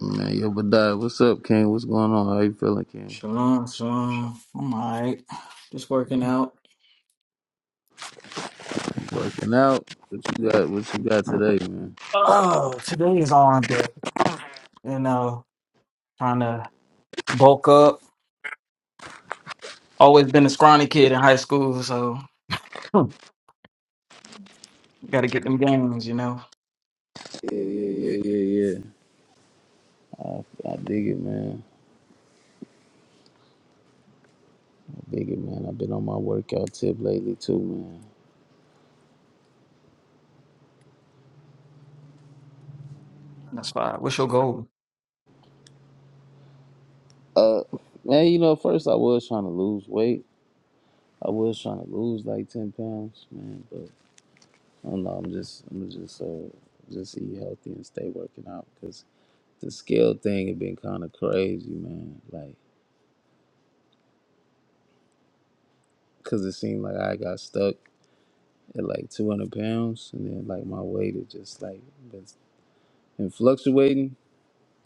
Man, yo, Badai, what's up, King? What's going on? How you feeling, King? Shalom, shalom. I'm alright. Just working out. Working out? What you got? What you got today, man? Oh, today is arm day. You know, trying to bulk up. Always been a scrawny kid in high school, so hmm, gotta get them gains, you know. Yeah, yeah, yeah, yeah, yeah. I, I dig it, man. I dig it, man. I've been on my workout tip lately too, man. That's why. What's your goal? Uh, man, you know, at first I was trying to lose weight, I was trying to lose like ten pounds, man, but I don't know. I'm just I'm just uh just eat healthy and stay working out because the scale thing had been kind of crazy, man. Like, cause it seemed like I got stuck at like 200 pounds, and then like my weight had just like been been fluctuating.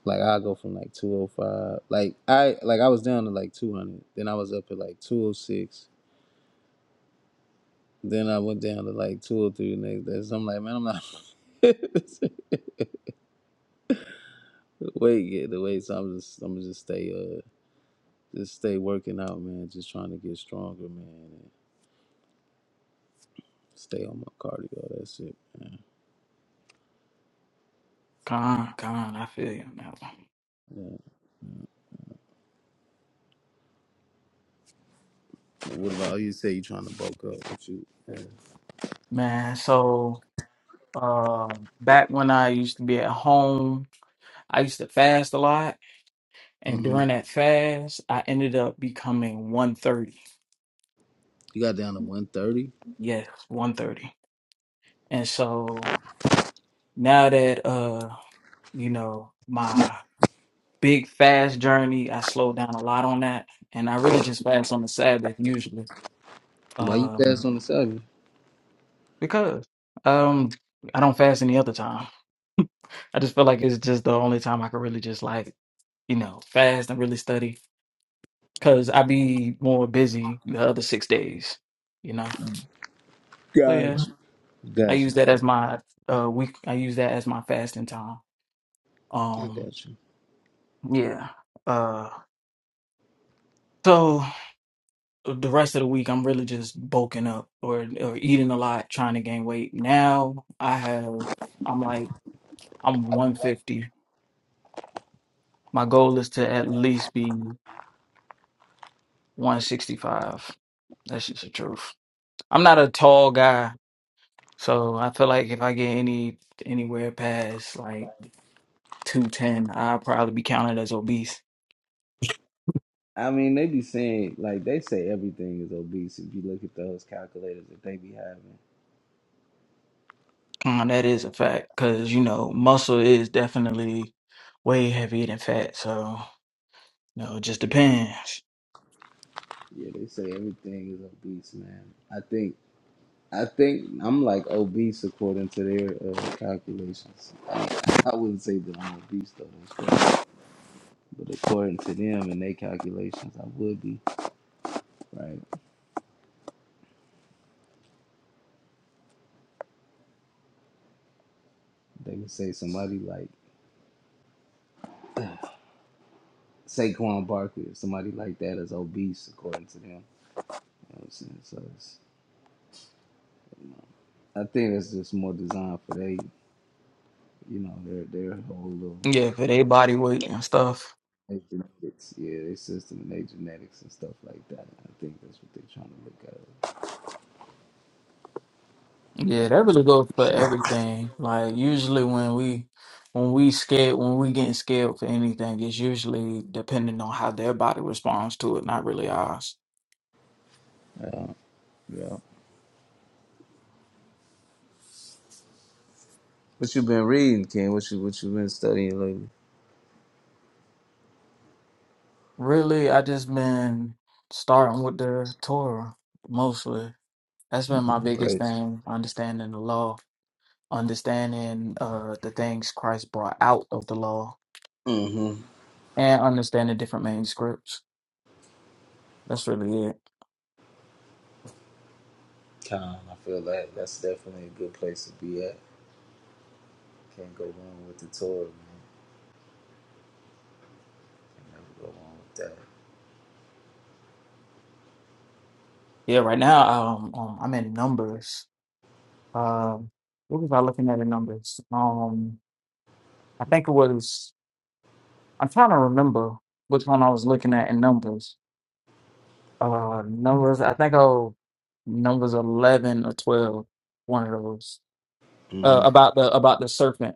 Like I go from like 205, like I like I was down to like 200, then I was up at like 206, then I went down to like 203 the next day. So I'm like, man, I'm not. [LAUGHS] Weight, yeah, the weights. I'm just, I'm just stay, uh, just stay working out, man. Just trying to get stronger, man. And stay on my cardio. That's it, man. Con, con, I feel you on that one. What about you? Say you trying to bulk up? What you? Man, so uh back when I used to be at home, I used to fast a lot. And hmm during that fast, I ended up becoming 130. You got down to 130. Yes, 130. And so now that uh you know my big fast journey i slowed down a lot on that and i really just fast on the sabbath usually Why you fast um on the seven? because um i don't fast any other time i just feel like it's just the only time i can really just like you know fast and really study because i be more busy the other six days you know so yeah i Gotcha. use that as my uh week i use that as my fasting time um yeah uh so the rest of the week I'm really just bulking up or or eating a lot, trying to gain weight. Now I have I'm like I'm 150. My goal is to at least be 165. That's just the truth. I'm not a tall guy, so I feel like if I get any anywhere past like 210, I'll probably be counted as obese. I mean, they be saying like they say everything is obese. If you look at those calculators that they be having, Um, that is a fact because you know muscle is definitely way heavier than fat. So you know, it just depends. yeah, they say everything is obese, man. I think. I think I'm like obese according to their uh, calculations. I, I wouldn't say that I'm obese though, that's right. but according to them and their calculations, I would be right. They would say somebody like Saquon Barkley, or somebody like that is obese according to them. You know what I'm saying? So it's, I think that's just more designed for they, you know, their their whole little Yeah, for their body weight and stuff. their genetics, yeah, their system and their genetics and stuff like that. I think that's what they're trying to look Yeah, that really goes at. for everything. Like usually when we when we scared when we getting scared for anything, it's usually depending on how their body responds to it, not really ours. So yeah. What you been reading, King? What you what you been studying lately? Really, I just been starting with the Torah mostly. That's been my Oh, biggest praise. thing, understanding the law, understanding uh the things Christ brought out of the law, Mm-hmm. and understanding different manuscripts. That's really it. Con, I feel that that's definitely a good place to be at. Can't go wrong with the Torah, man. Can never go wrong with that. Yeah, right now um, um I'm in numbers. Um what was I looking at in numbers? Um I think it was I'm trying to remember which one I was looking at in numbers. Uh numbers I think oh numbers eleven or twelve, one of those. Uh Mm-hmm. about the about the serpent.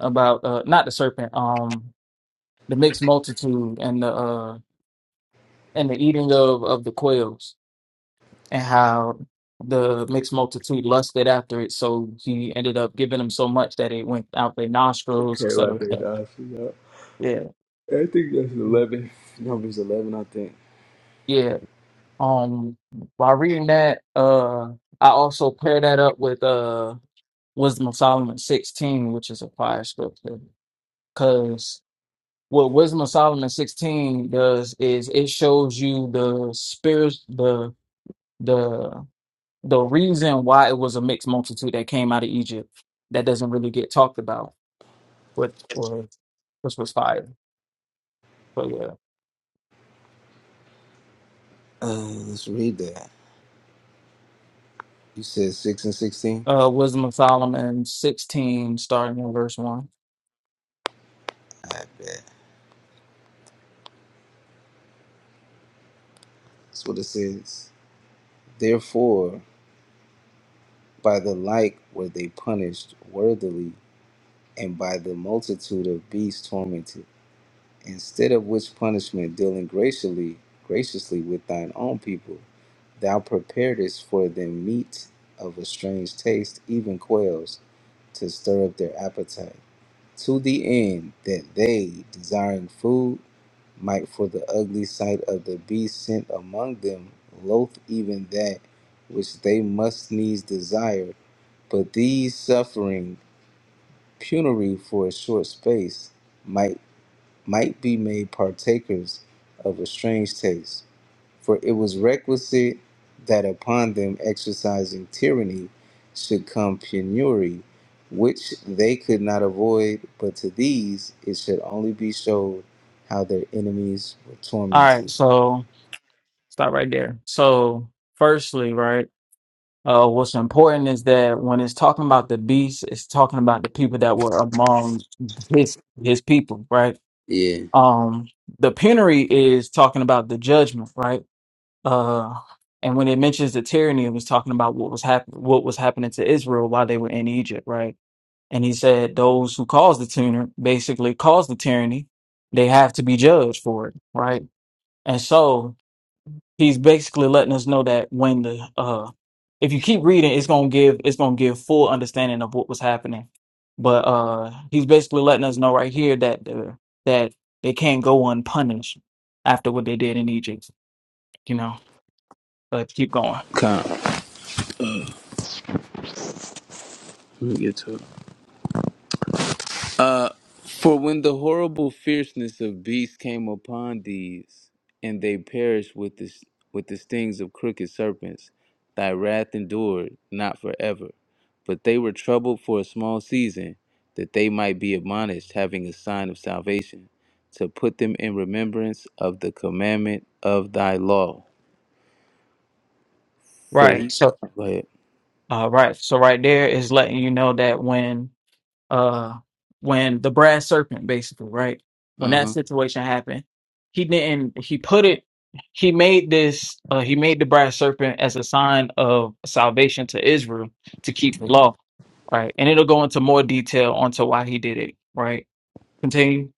About uh not the serpent, um the mixed multitude and the uh and the eating of of the quails and how the mixed multitude lusted after it so he ended up giving them so much that it went out their nostrils et Okay, right cetera. there, guys. Yeah. yeah I think that's 11. Numbers 11, I think. yeah um while reading that uh i also pair that up with uh wisdom of solomon 16 which is a fire scripture because what wisdom of solomon 16 does is it shows you the spirit, the the the reason why it was a mixed multitude that came out of Egypt that doesn't really get talked about, which or which was fire. But yeah. Uh, let's read that. You said six and sixteen. Uh Wisdom of Solomon sixteen, starting in verse one. I bet that's what it says. Therefore, by the like were they punished worthily, and by the multitude of beasts tormented. instead of which punishment dealing graciously graciously with thine own people thou preparedst for them meat of a strange taste even quails to stir up their appetite to the end that they desiring food might for the ugly sight of the beast sent among them loath even that which they must needs desire but these suffering penury for a short space might might be made partakers of a strange taste. For it was requisite that upon them exercising tyranny should come penury, which they could not avoid, but to these it should only be showed how their enemies were All tormented. right, so stop right there. So firstly, right, uh what's important is that when it's talking about the beast, it's talking about the people that were among his his people, right? Yeah, Um the penury is talking about the judgment, right? Uh, and when it mentions the tyranny, it was talking about what was happening, what was happening to Israel while they were in Egypt, right? And he said those who caused the tyranny, basically caused the tyranny, they have to be judged for it, right? And so he's basically letting us know that when the uh, if you keep reading, it's gonna give it's gonna give full understanding of what was happening. But uh, he's basically letting us know right here that the, that they can't go unpunished after what they did in Egypt. You know, let's keep going. come. Let me get to it. Uh, for when the horrible fierceness of beasts came upon these, and they perished with the with the stings of crooked serpents, thy wrath endured not forever. But they were troubled for a small season, that they might be admonished, having a sign of salvation, to put them in remembrance of the commandment of thy law. For Right. he, So, go ahead. uh, right. So right there is letting you know that when, uh, when the brass serpent, basically, right, when Uh that huh. situation happened, he didn't. He put it. He made this. Uh, he made the brass serpent as a sign of salvation to Israel to keep the law. Right. And it'll go into more detail onto why he did it. Right. Continue.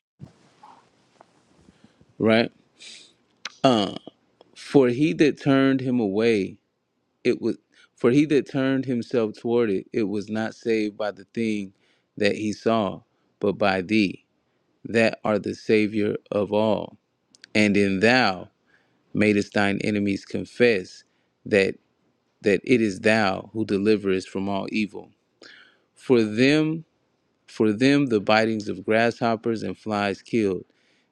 Right. Uh, for he that turned him away. it was for he that turned himself toward it it was not saved by the thing that he saw but by thee that art the savior of all and in thou madest thine enemies confess that that it is thou who deliverest from all evil for them for them the bitings of grasshoppers and flies killed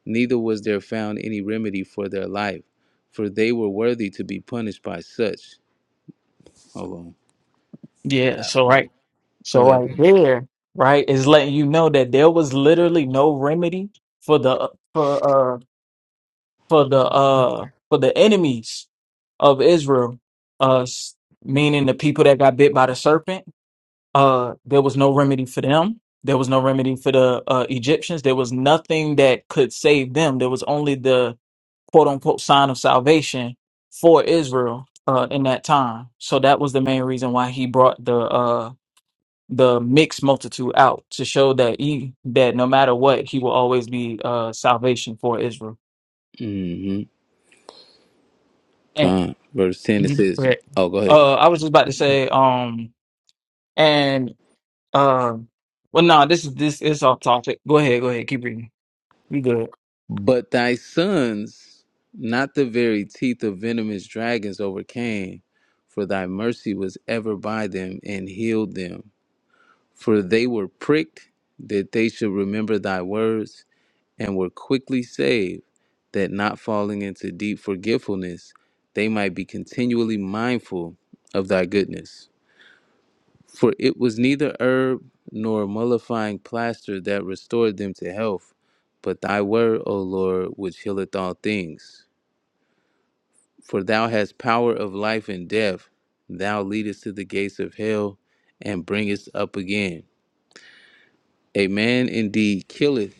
neither was there found any remedy for their life for they were worthy to be punished by such hold Yeah. So on right. go So ahead right there, right, is letting you know that there was literally no remedy for the for uh, for the uh for the enemies of Israel, uh s- meaning the people that got bit by the serpent, uh there was no remedy for them. There was no remedy for the uh, Egyptians. There was nothing that could save them. There was only the quote unquote sign of salvation for Israel uh, in that time. So that was the main reason why he brought the uh, the mixed multitude out to show that he that no matter what, he will always be uh, salvation for Israel. Con. Verse 10 it Mhm, says, Correct. Oh, go ahead. Uh, I was just about to say, um, and um, well, no, this is this is off topic. Go ahead, go ahead, keep reading. We good. But thy sons, not the very teeth of venomous dragons, overcame, for thy mercy was ever by them and healed them. For they were pricked that they should remember thy words and were quickly saved, that not falling into deep forgetfulness, they might be continually mindful of thy goodness. For it was neither herb nor mollifying plaster that restored them to health, but thy word, O Lord, which healeth all things. For thou hast power of life and death. Thou leadest to the gates of hell and bringest up again. A man indeed killeth,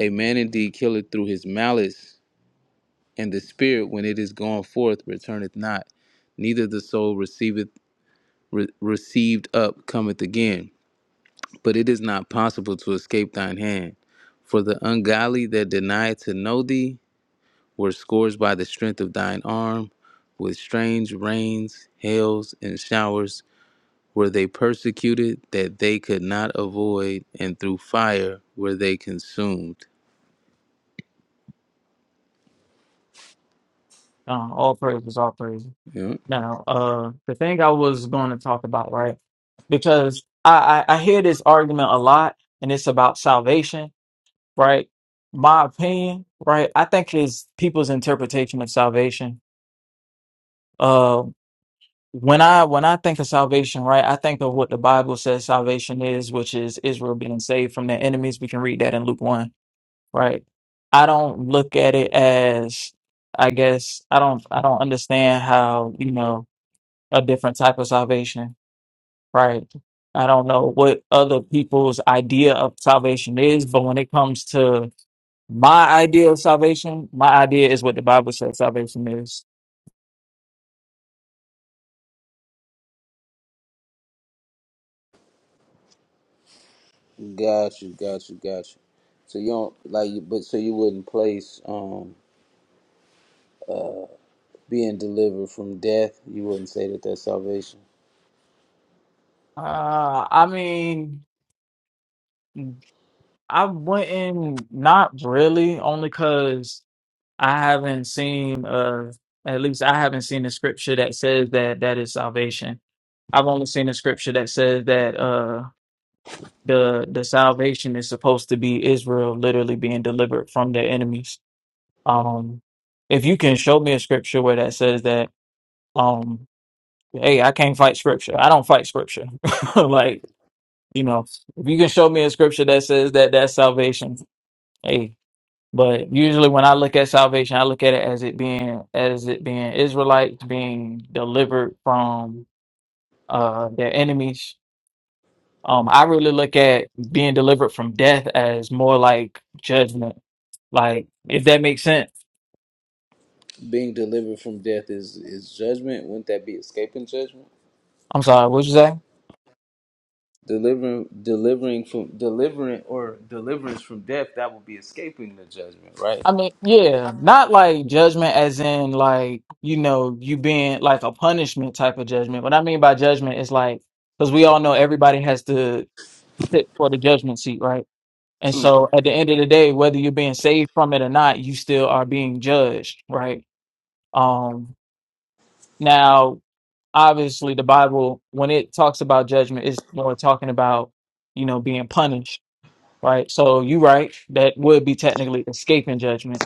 a man indeed killeth through his malice, and the spirit, when it is gone forth, returneth not, neither the soul receiveth re- received up cometh again. but it is not possible to escape thine hand. For the ungodly that denied to know thee were scourged by the strength of thine arm, with strange rains, hails, and showers were they persecuted that they could not avoid, and through fire were they consumed. Uh, all praises, all praises. Yeah. Now, uh, the thing I was going to talk about, right? Because I, I I hear this argument a lot, and it's about salvation, right? My opinion, right? I think is people's interpretation of salvation. uh, when I when I think of salvation, right, I think of what the Bible says salvation is, which is Israel being saved from their enemies. We can read that in Luke one, right? I don't look at it as I guess I don't I don't understand how, you know, a different type of salvation, right? I don't know what other people's idea of salvation is, but when it comes to my idea of salvation, my idea is what the Bible says salvation is. Got you, got you, got you. So you don't like, but so you wouldn't place um being delivered from death. You wouldn't say that that's salvation. Uh I mean I wouldn't, not really, only because I haven't seen, uh, at least I haven't seen a scripture that says that that is salvation. I've only seen a scripture that says that uh, the the salvation is supposed to be Israel literally being delivered from their enemies. Um, if you can show me a scripture where that says that, um, hey, I can't fight scripture. I don't fight scripture. [LAUGHS] Like, you know, if you can show me a scripture that says that that's salvation, hey. But usually when I look at salvation, I look at it as it being as it being Israelites being delivered from uh their enemies. Um I really look at being delivered from death as more like judgment. Like if that makes sense. Being delivered from death is is judgment. Wouldn't that be escaping judgment? I'm sorry, what you say? Delivering, delivering from delivering or deliverance from death. That would be escaping the judgment, right? I mean, yeah, not like judgment as in like, you know, you being like a punishment type of judgment. What I mean by judgment is like because we all know everybody has to sit for the judgment seat, right? And so at the end of the day, whether you're being saved from it or not, you still are being judged, right? Um now obviously the Bible when it talks about judgment it's more talking about, you know, being punished, right? So you are right, that would be technically escaping judgment.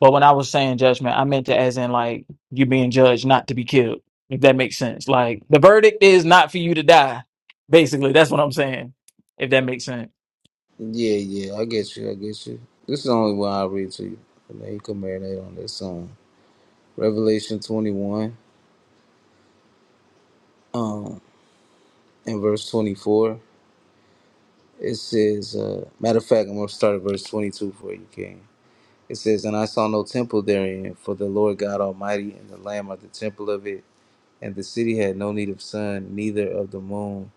But when I was saying judgment, I meant it as in like you being judged not to be killed, if that makes sense. Like the verdict is not for you to die. Basically, that's what I'm saying. If that makes sense. Yeah, yeah. I get you. I get you. This is the only one I read to you. And then you can marinate on this song. Revelation twenty one, um, in verse twenty four. It says, uh, matter of fact, I'm gonna start at verse twenty two for you, King. It says, And I saw no temple therein, for the Lord God Almighty and the Lamb are the temple of it, And the city had no need of sun, neither of the moon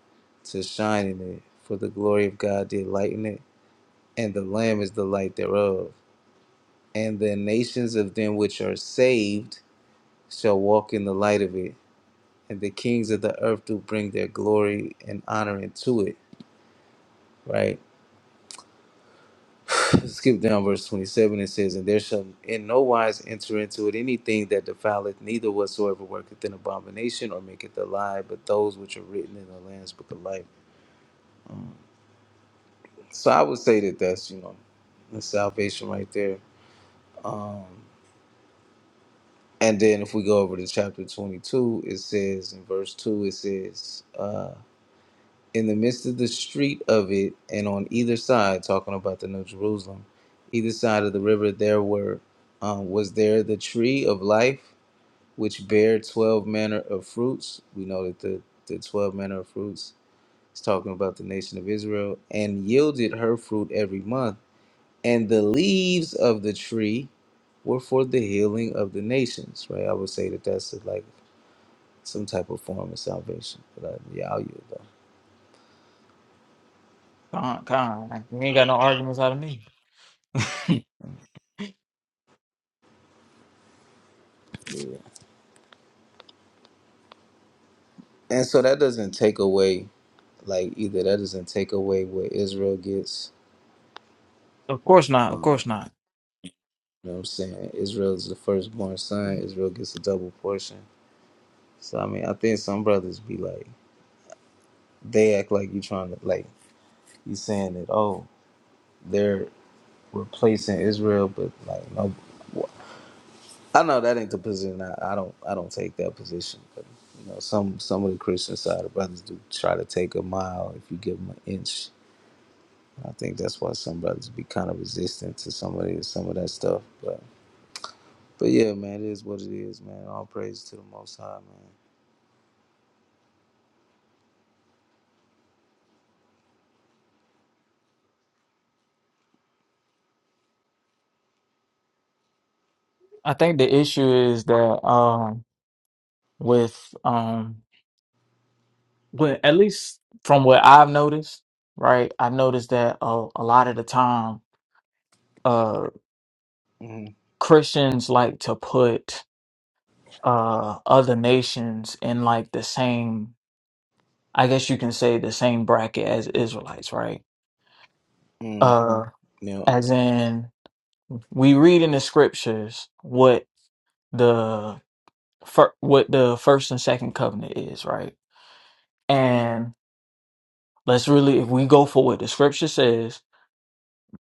to shine in it, for the glory of God did lighten it, and the Lamb is the light thereof. And the nations of them which are saved shall walk in the light of it, and the kings of the earth do bring their glory and honor into it. Right? [LAUGHS] [CLEARS THROAT] Skip down verse 27, it says, And there shall in no wise enter into it anything that defileth, neither whatsoever worketh an abomination or maketh a lie, but those which are written in the Lamb's book of life. So I would say that that's you know the salvation right there. Um, and then if we go over to chapter twenty-two, it says in verse two, it says, uh, "In the midst of the street of it, and on either side, talking about the New Jerusalem, either side of the river, there were um, was there the tree of life, which bare twelve manner of fruits. We know that the the twelve manner of fruits is talking about the nation of Israel, and yielded her fruit every month." and the leaves of the tree were for the healing of the nations. Right? I would say that that's like some type of form of salvation. But I, yeah, I'll use that. Con, con. You ain't got no arguments out of me. Yeah. And so that doesn't take away like either that doesn't take away what Israel gets. Of course not. Of Um, course not. you know what I'm saying? Israel is the firstborn son. Israel gets a double portion. So I mean, I think some brothers be like they act like you trying to like you saying that oh they're replacing Israel, but like no. I know that ain't the position. I, I don't. I don't take that position. But you know, some some of the Christian side of brothers do try to take a mile if you give them an inch. I think that's why some brothers be kind of resistant to some of the, some of that stuff. But but yeah, man, it is what it is, man. All praise to the Most High, I think the issue is that um with um with at least from what I've noticed, right? I've noticed that uh, a lot of the time uh man. mm Christians like to put uh other nations in like the same I guess you can say the same bracket as Israelites, right? mm Uh You know, as in we read in the scriptures what the fir- what the first and second covenant is, right? And Let's really, if we go for what the scripture says,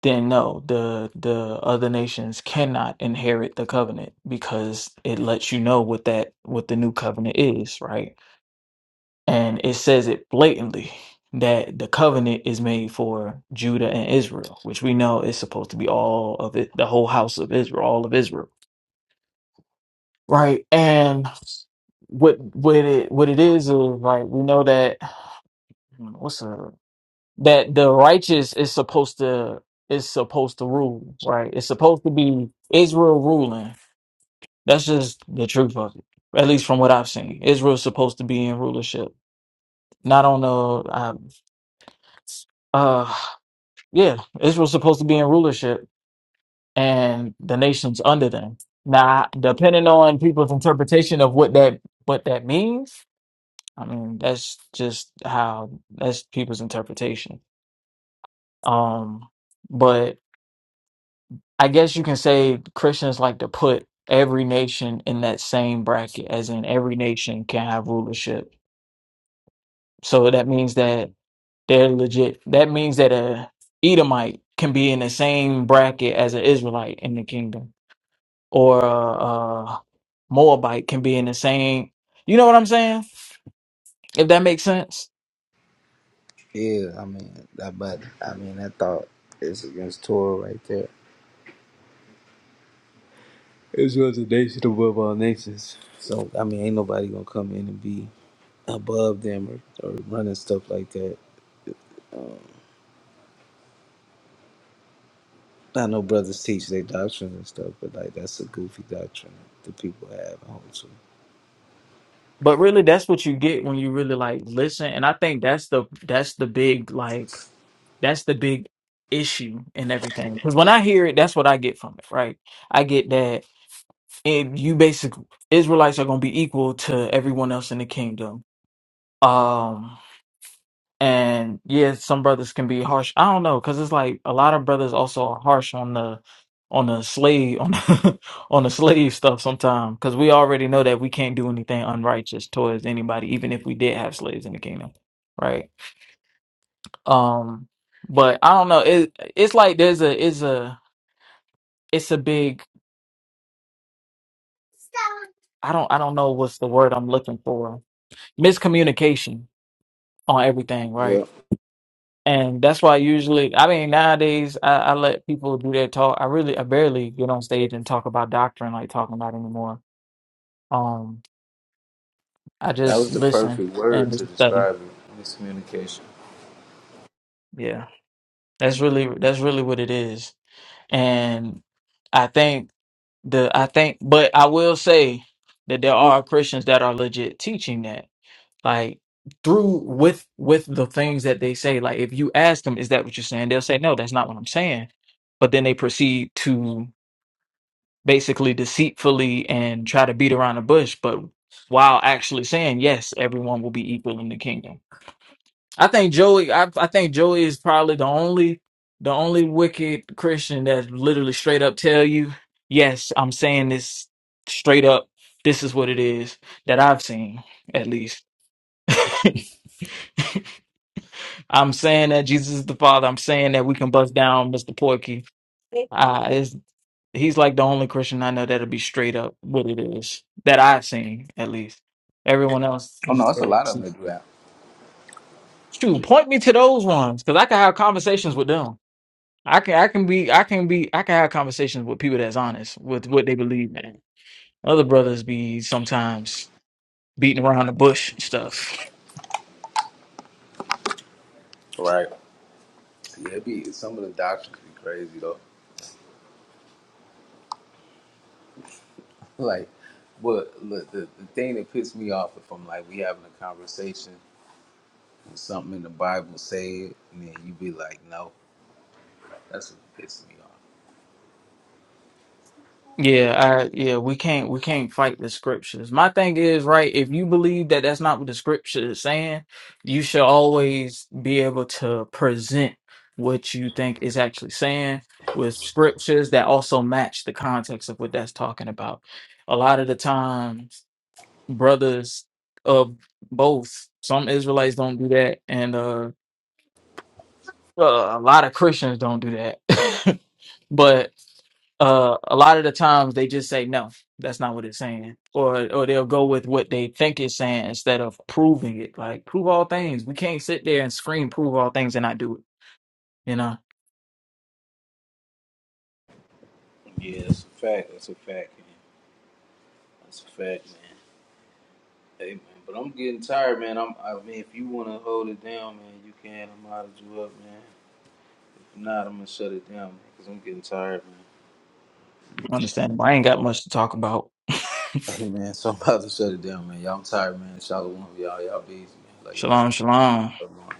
then no, the the other nations cannot inherit the covenant because it lets you know what that what the new covenant is, right? And it says it blatantly that the covenant is made for Judah and Israel, which we know is supposed to be all of it, the whole house of Israel, all of Israel, right? And what what it what it is is like we know that hmm, what's up? that the righteous is supposed to is supposed to rule, right? It's supposed to be Israel ruling. That's just the truth of it. At least from what I've seen, Israel's supposed to be in rulership, not on the. Um, uh, yeah, Israel's supposed to be in rulership, and the nations under them. Now, depending on people's interpretation of what that what that means, I mean, that's just how that's people's interpretation. Um, but I guess you can say Christians like to put every nation in that same bracket, as in every nation can have rulership. So that means that they're legit. That means that a Edomite can be in the same bracket as an Israelite in the kingdom, or a, a Moabite can be in the same. You know what I'm saying? If that makes sense. yeah. I mean that, but I mean that thought is against Torah right there. Israel's a nation above all nations. So I mean, ain't nobody gonna come in and be above them or, or running stuff like that. I know brothers teach their doctrines and stuff, but like that's a goofy doctrine that people have. I hope so. But really that's what you get when you really like listen. And I think that's the that's the big like that's the big issue and everything. Because when I hear it, that's what I get from it, right? I get that and you basically Israelites are gonna be equal to everyone else in the kingdom. Um And yeah, some brothers can be harsh. I don't know, because it's like a lot of brothers also are harsh on the on the slave on the, [LAUGHS] on the slave stuff sometimes, because we already know that we can't do anything unrighteous towards anybody, even if we did have slaves in the kingdom, right? Um, but I don't know. It it's like there's a is a it's a big I don't I don't know what's the word I'm looking for miscommunication on everything, right? Yeah, And that's why usually, I mean, nowadays I, I let people do their talk. I really, I barely get on stage and talk about doctrine, like talking about anymore. Um, I that just was the listen perfect word and to study. describe it. Miscommunication. Yeah, that's really, that's really what it is. And I think the, I think, but I will say that there are Christians that are legit teaching that, like through with with the things that they say. Like if you ask them, is that what you're saying? They'll say, no, that's not what I'm saying. But then they proceed to basically deceitfully and try to beat around the bush, but while actually saying yes, everyone will be equal in the kingdom. I think Joey. I, I think Joey is probably the only the only wicked Christian that literally straight up tell you, yes, I'm saying this straight up. This is what it is that I've seen, at least. [LAUGHS] I'm saying that Jesus is the Father. I'm saying that we can bust down Mr. Porky. he's like the only Christian I know that'll be straight up what it is that I've seen at least. Everyone else Oh no, is it's a there. lot of them that do that. Shoot, point me to those ones because I can have conversations with them. I can, I can be, I can be, I can have conversations with people that's honest with what they believe in. Other brothers be sometimes beating around the bush and stuff. Right? Yeah, it be some of the doctors though. Like, but look, the the thing that pissed me off if I'm like we having a conversation and something in the Bible say it, and then you be like, no, that's what pisses me off. Yeah, I yeah, we can't we can't fight the scriptures. My thing is, right, if you believe that that's not what the scripture is saying, you should always be able to present what you think is actually saying with scriptures that also match the context of what that's talking about. A lot of the times, brothers of both, some Israelites don't do that, and uh, uh, a lot of Christians don't do that. [LAUGHS] but uh a lot of the times they just say no that's not what it's saying or or they'll go with what they think it's saying instead of proving it like prove all things we can't sit there and scream prove all things and not do it you know Yeah, that's a fact. That's a fact, man. That's a fact, man. Hey man, but I'm getting tired, man. I'm. I mean, if you wanna hold it down, man, you can. I'm out of you up, man. If not, I'm gonna shut it down, man, cause I'm getting tired, man. understandable i ain't got much to talk about Hey man, so I'm about to shut it down, man. Y'all, I'm tired, man. Shout out to one of y'all. Y'all busy, man. [LAUGHS] Like shalom shalom y'all.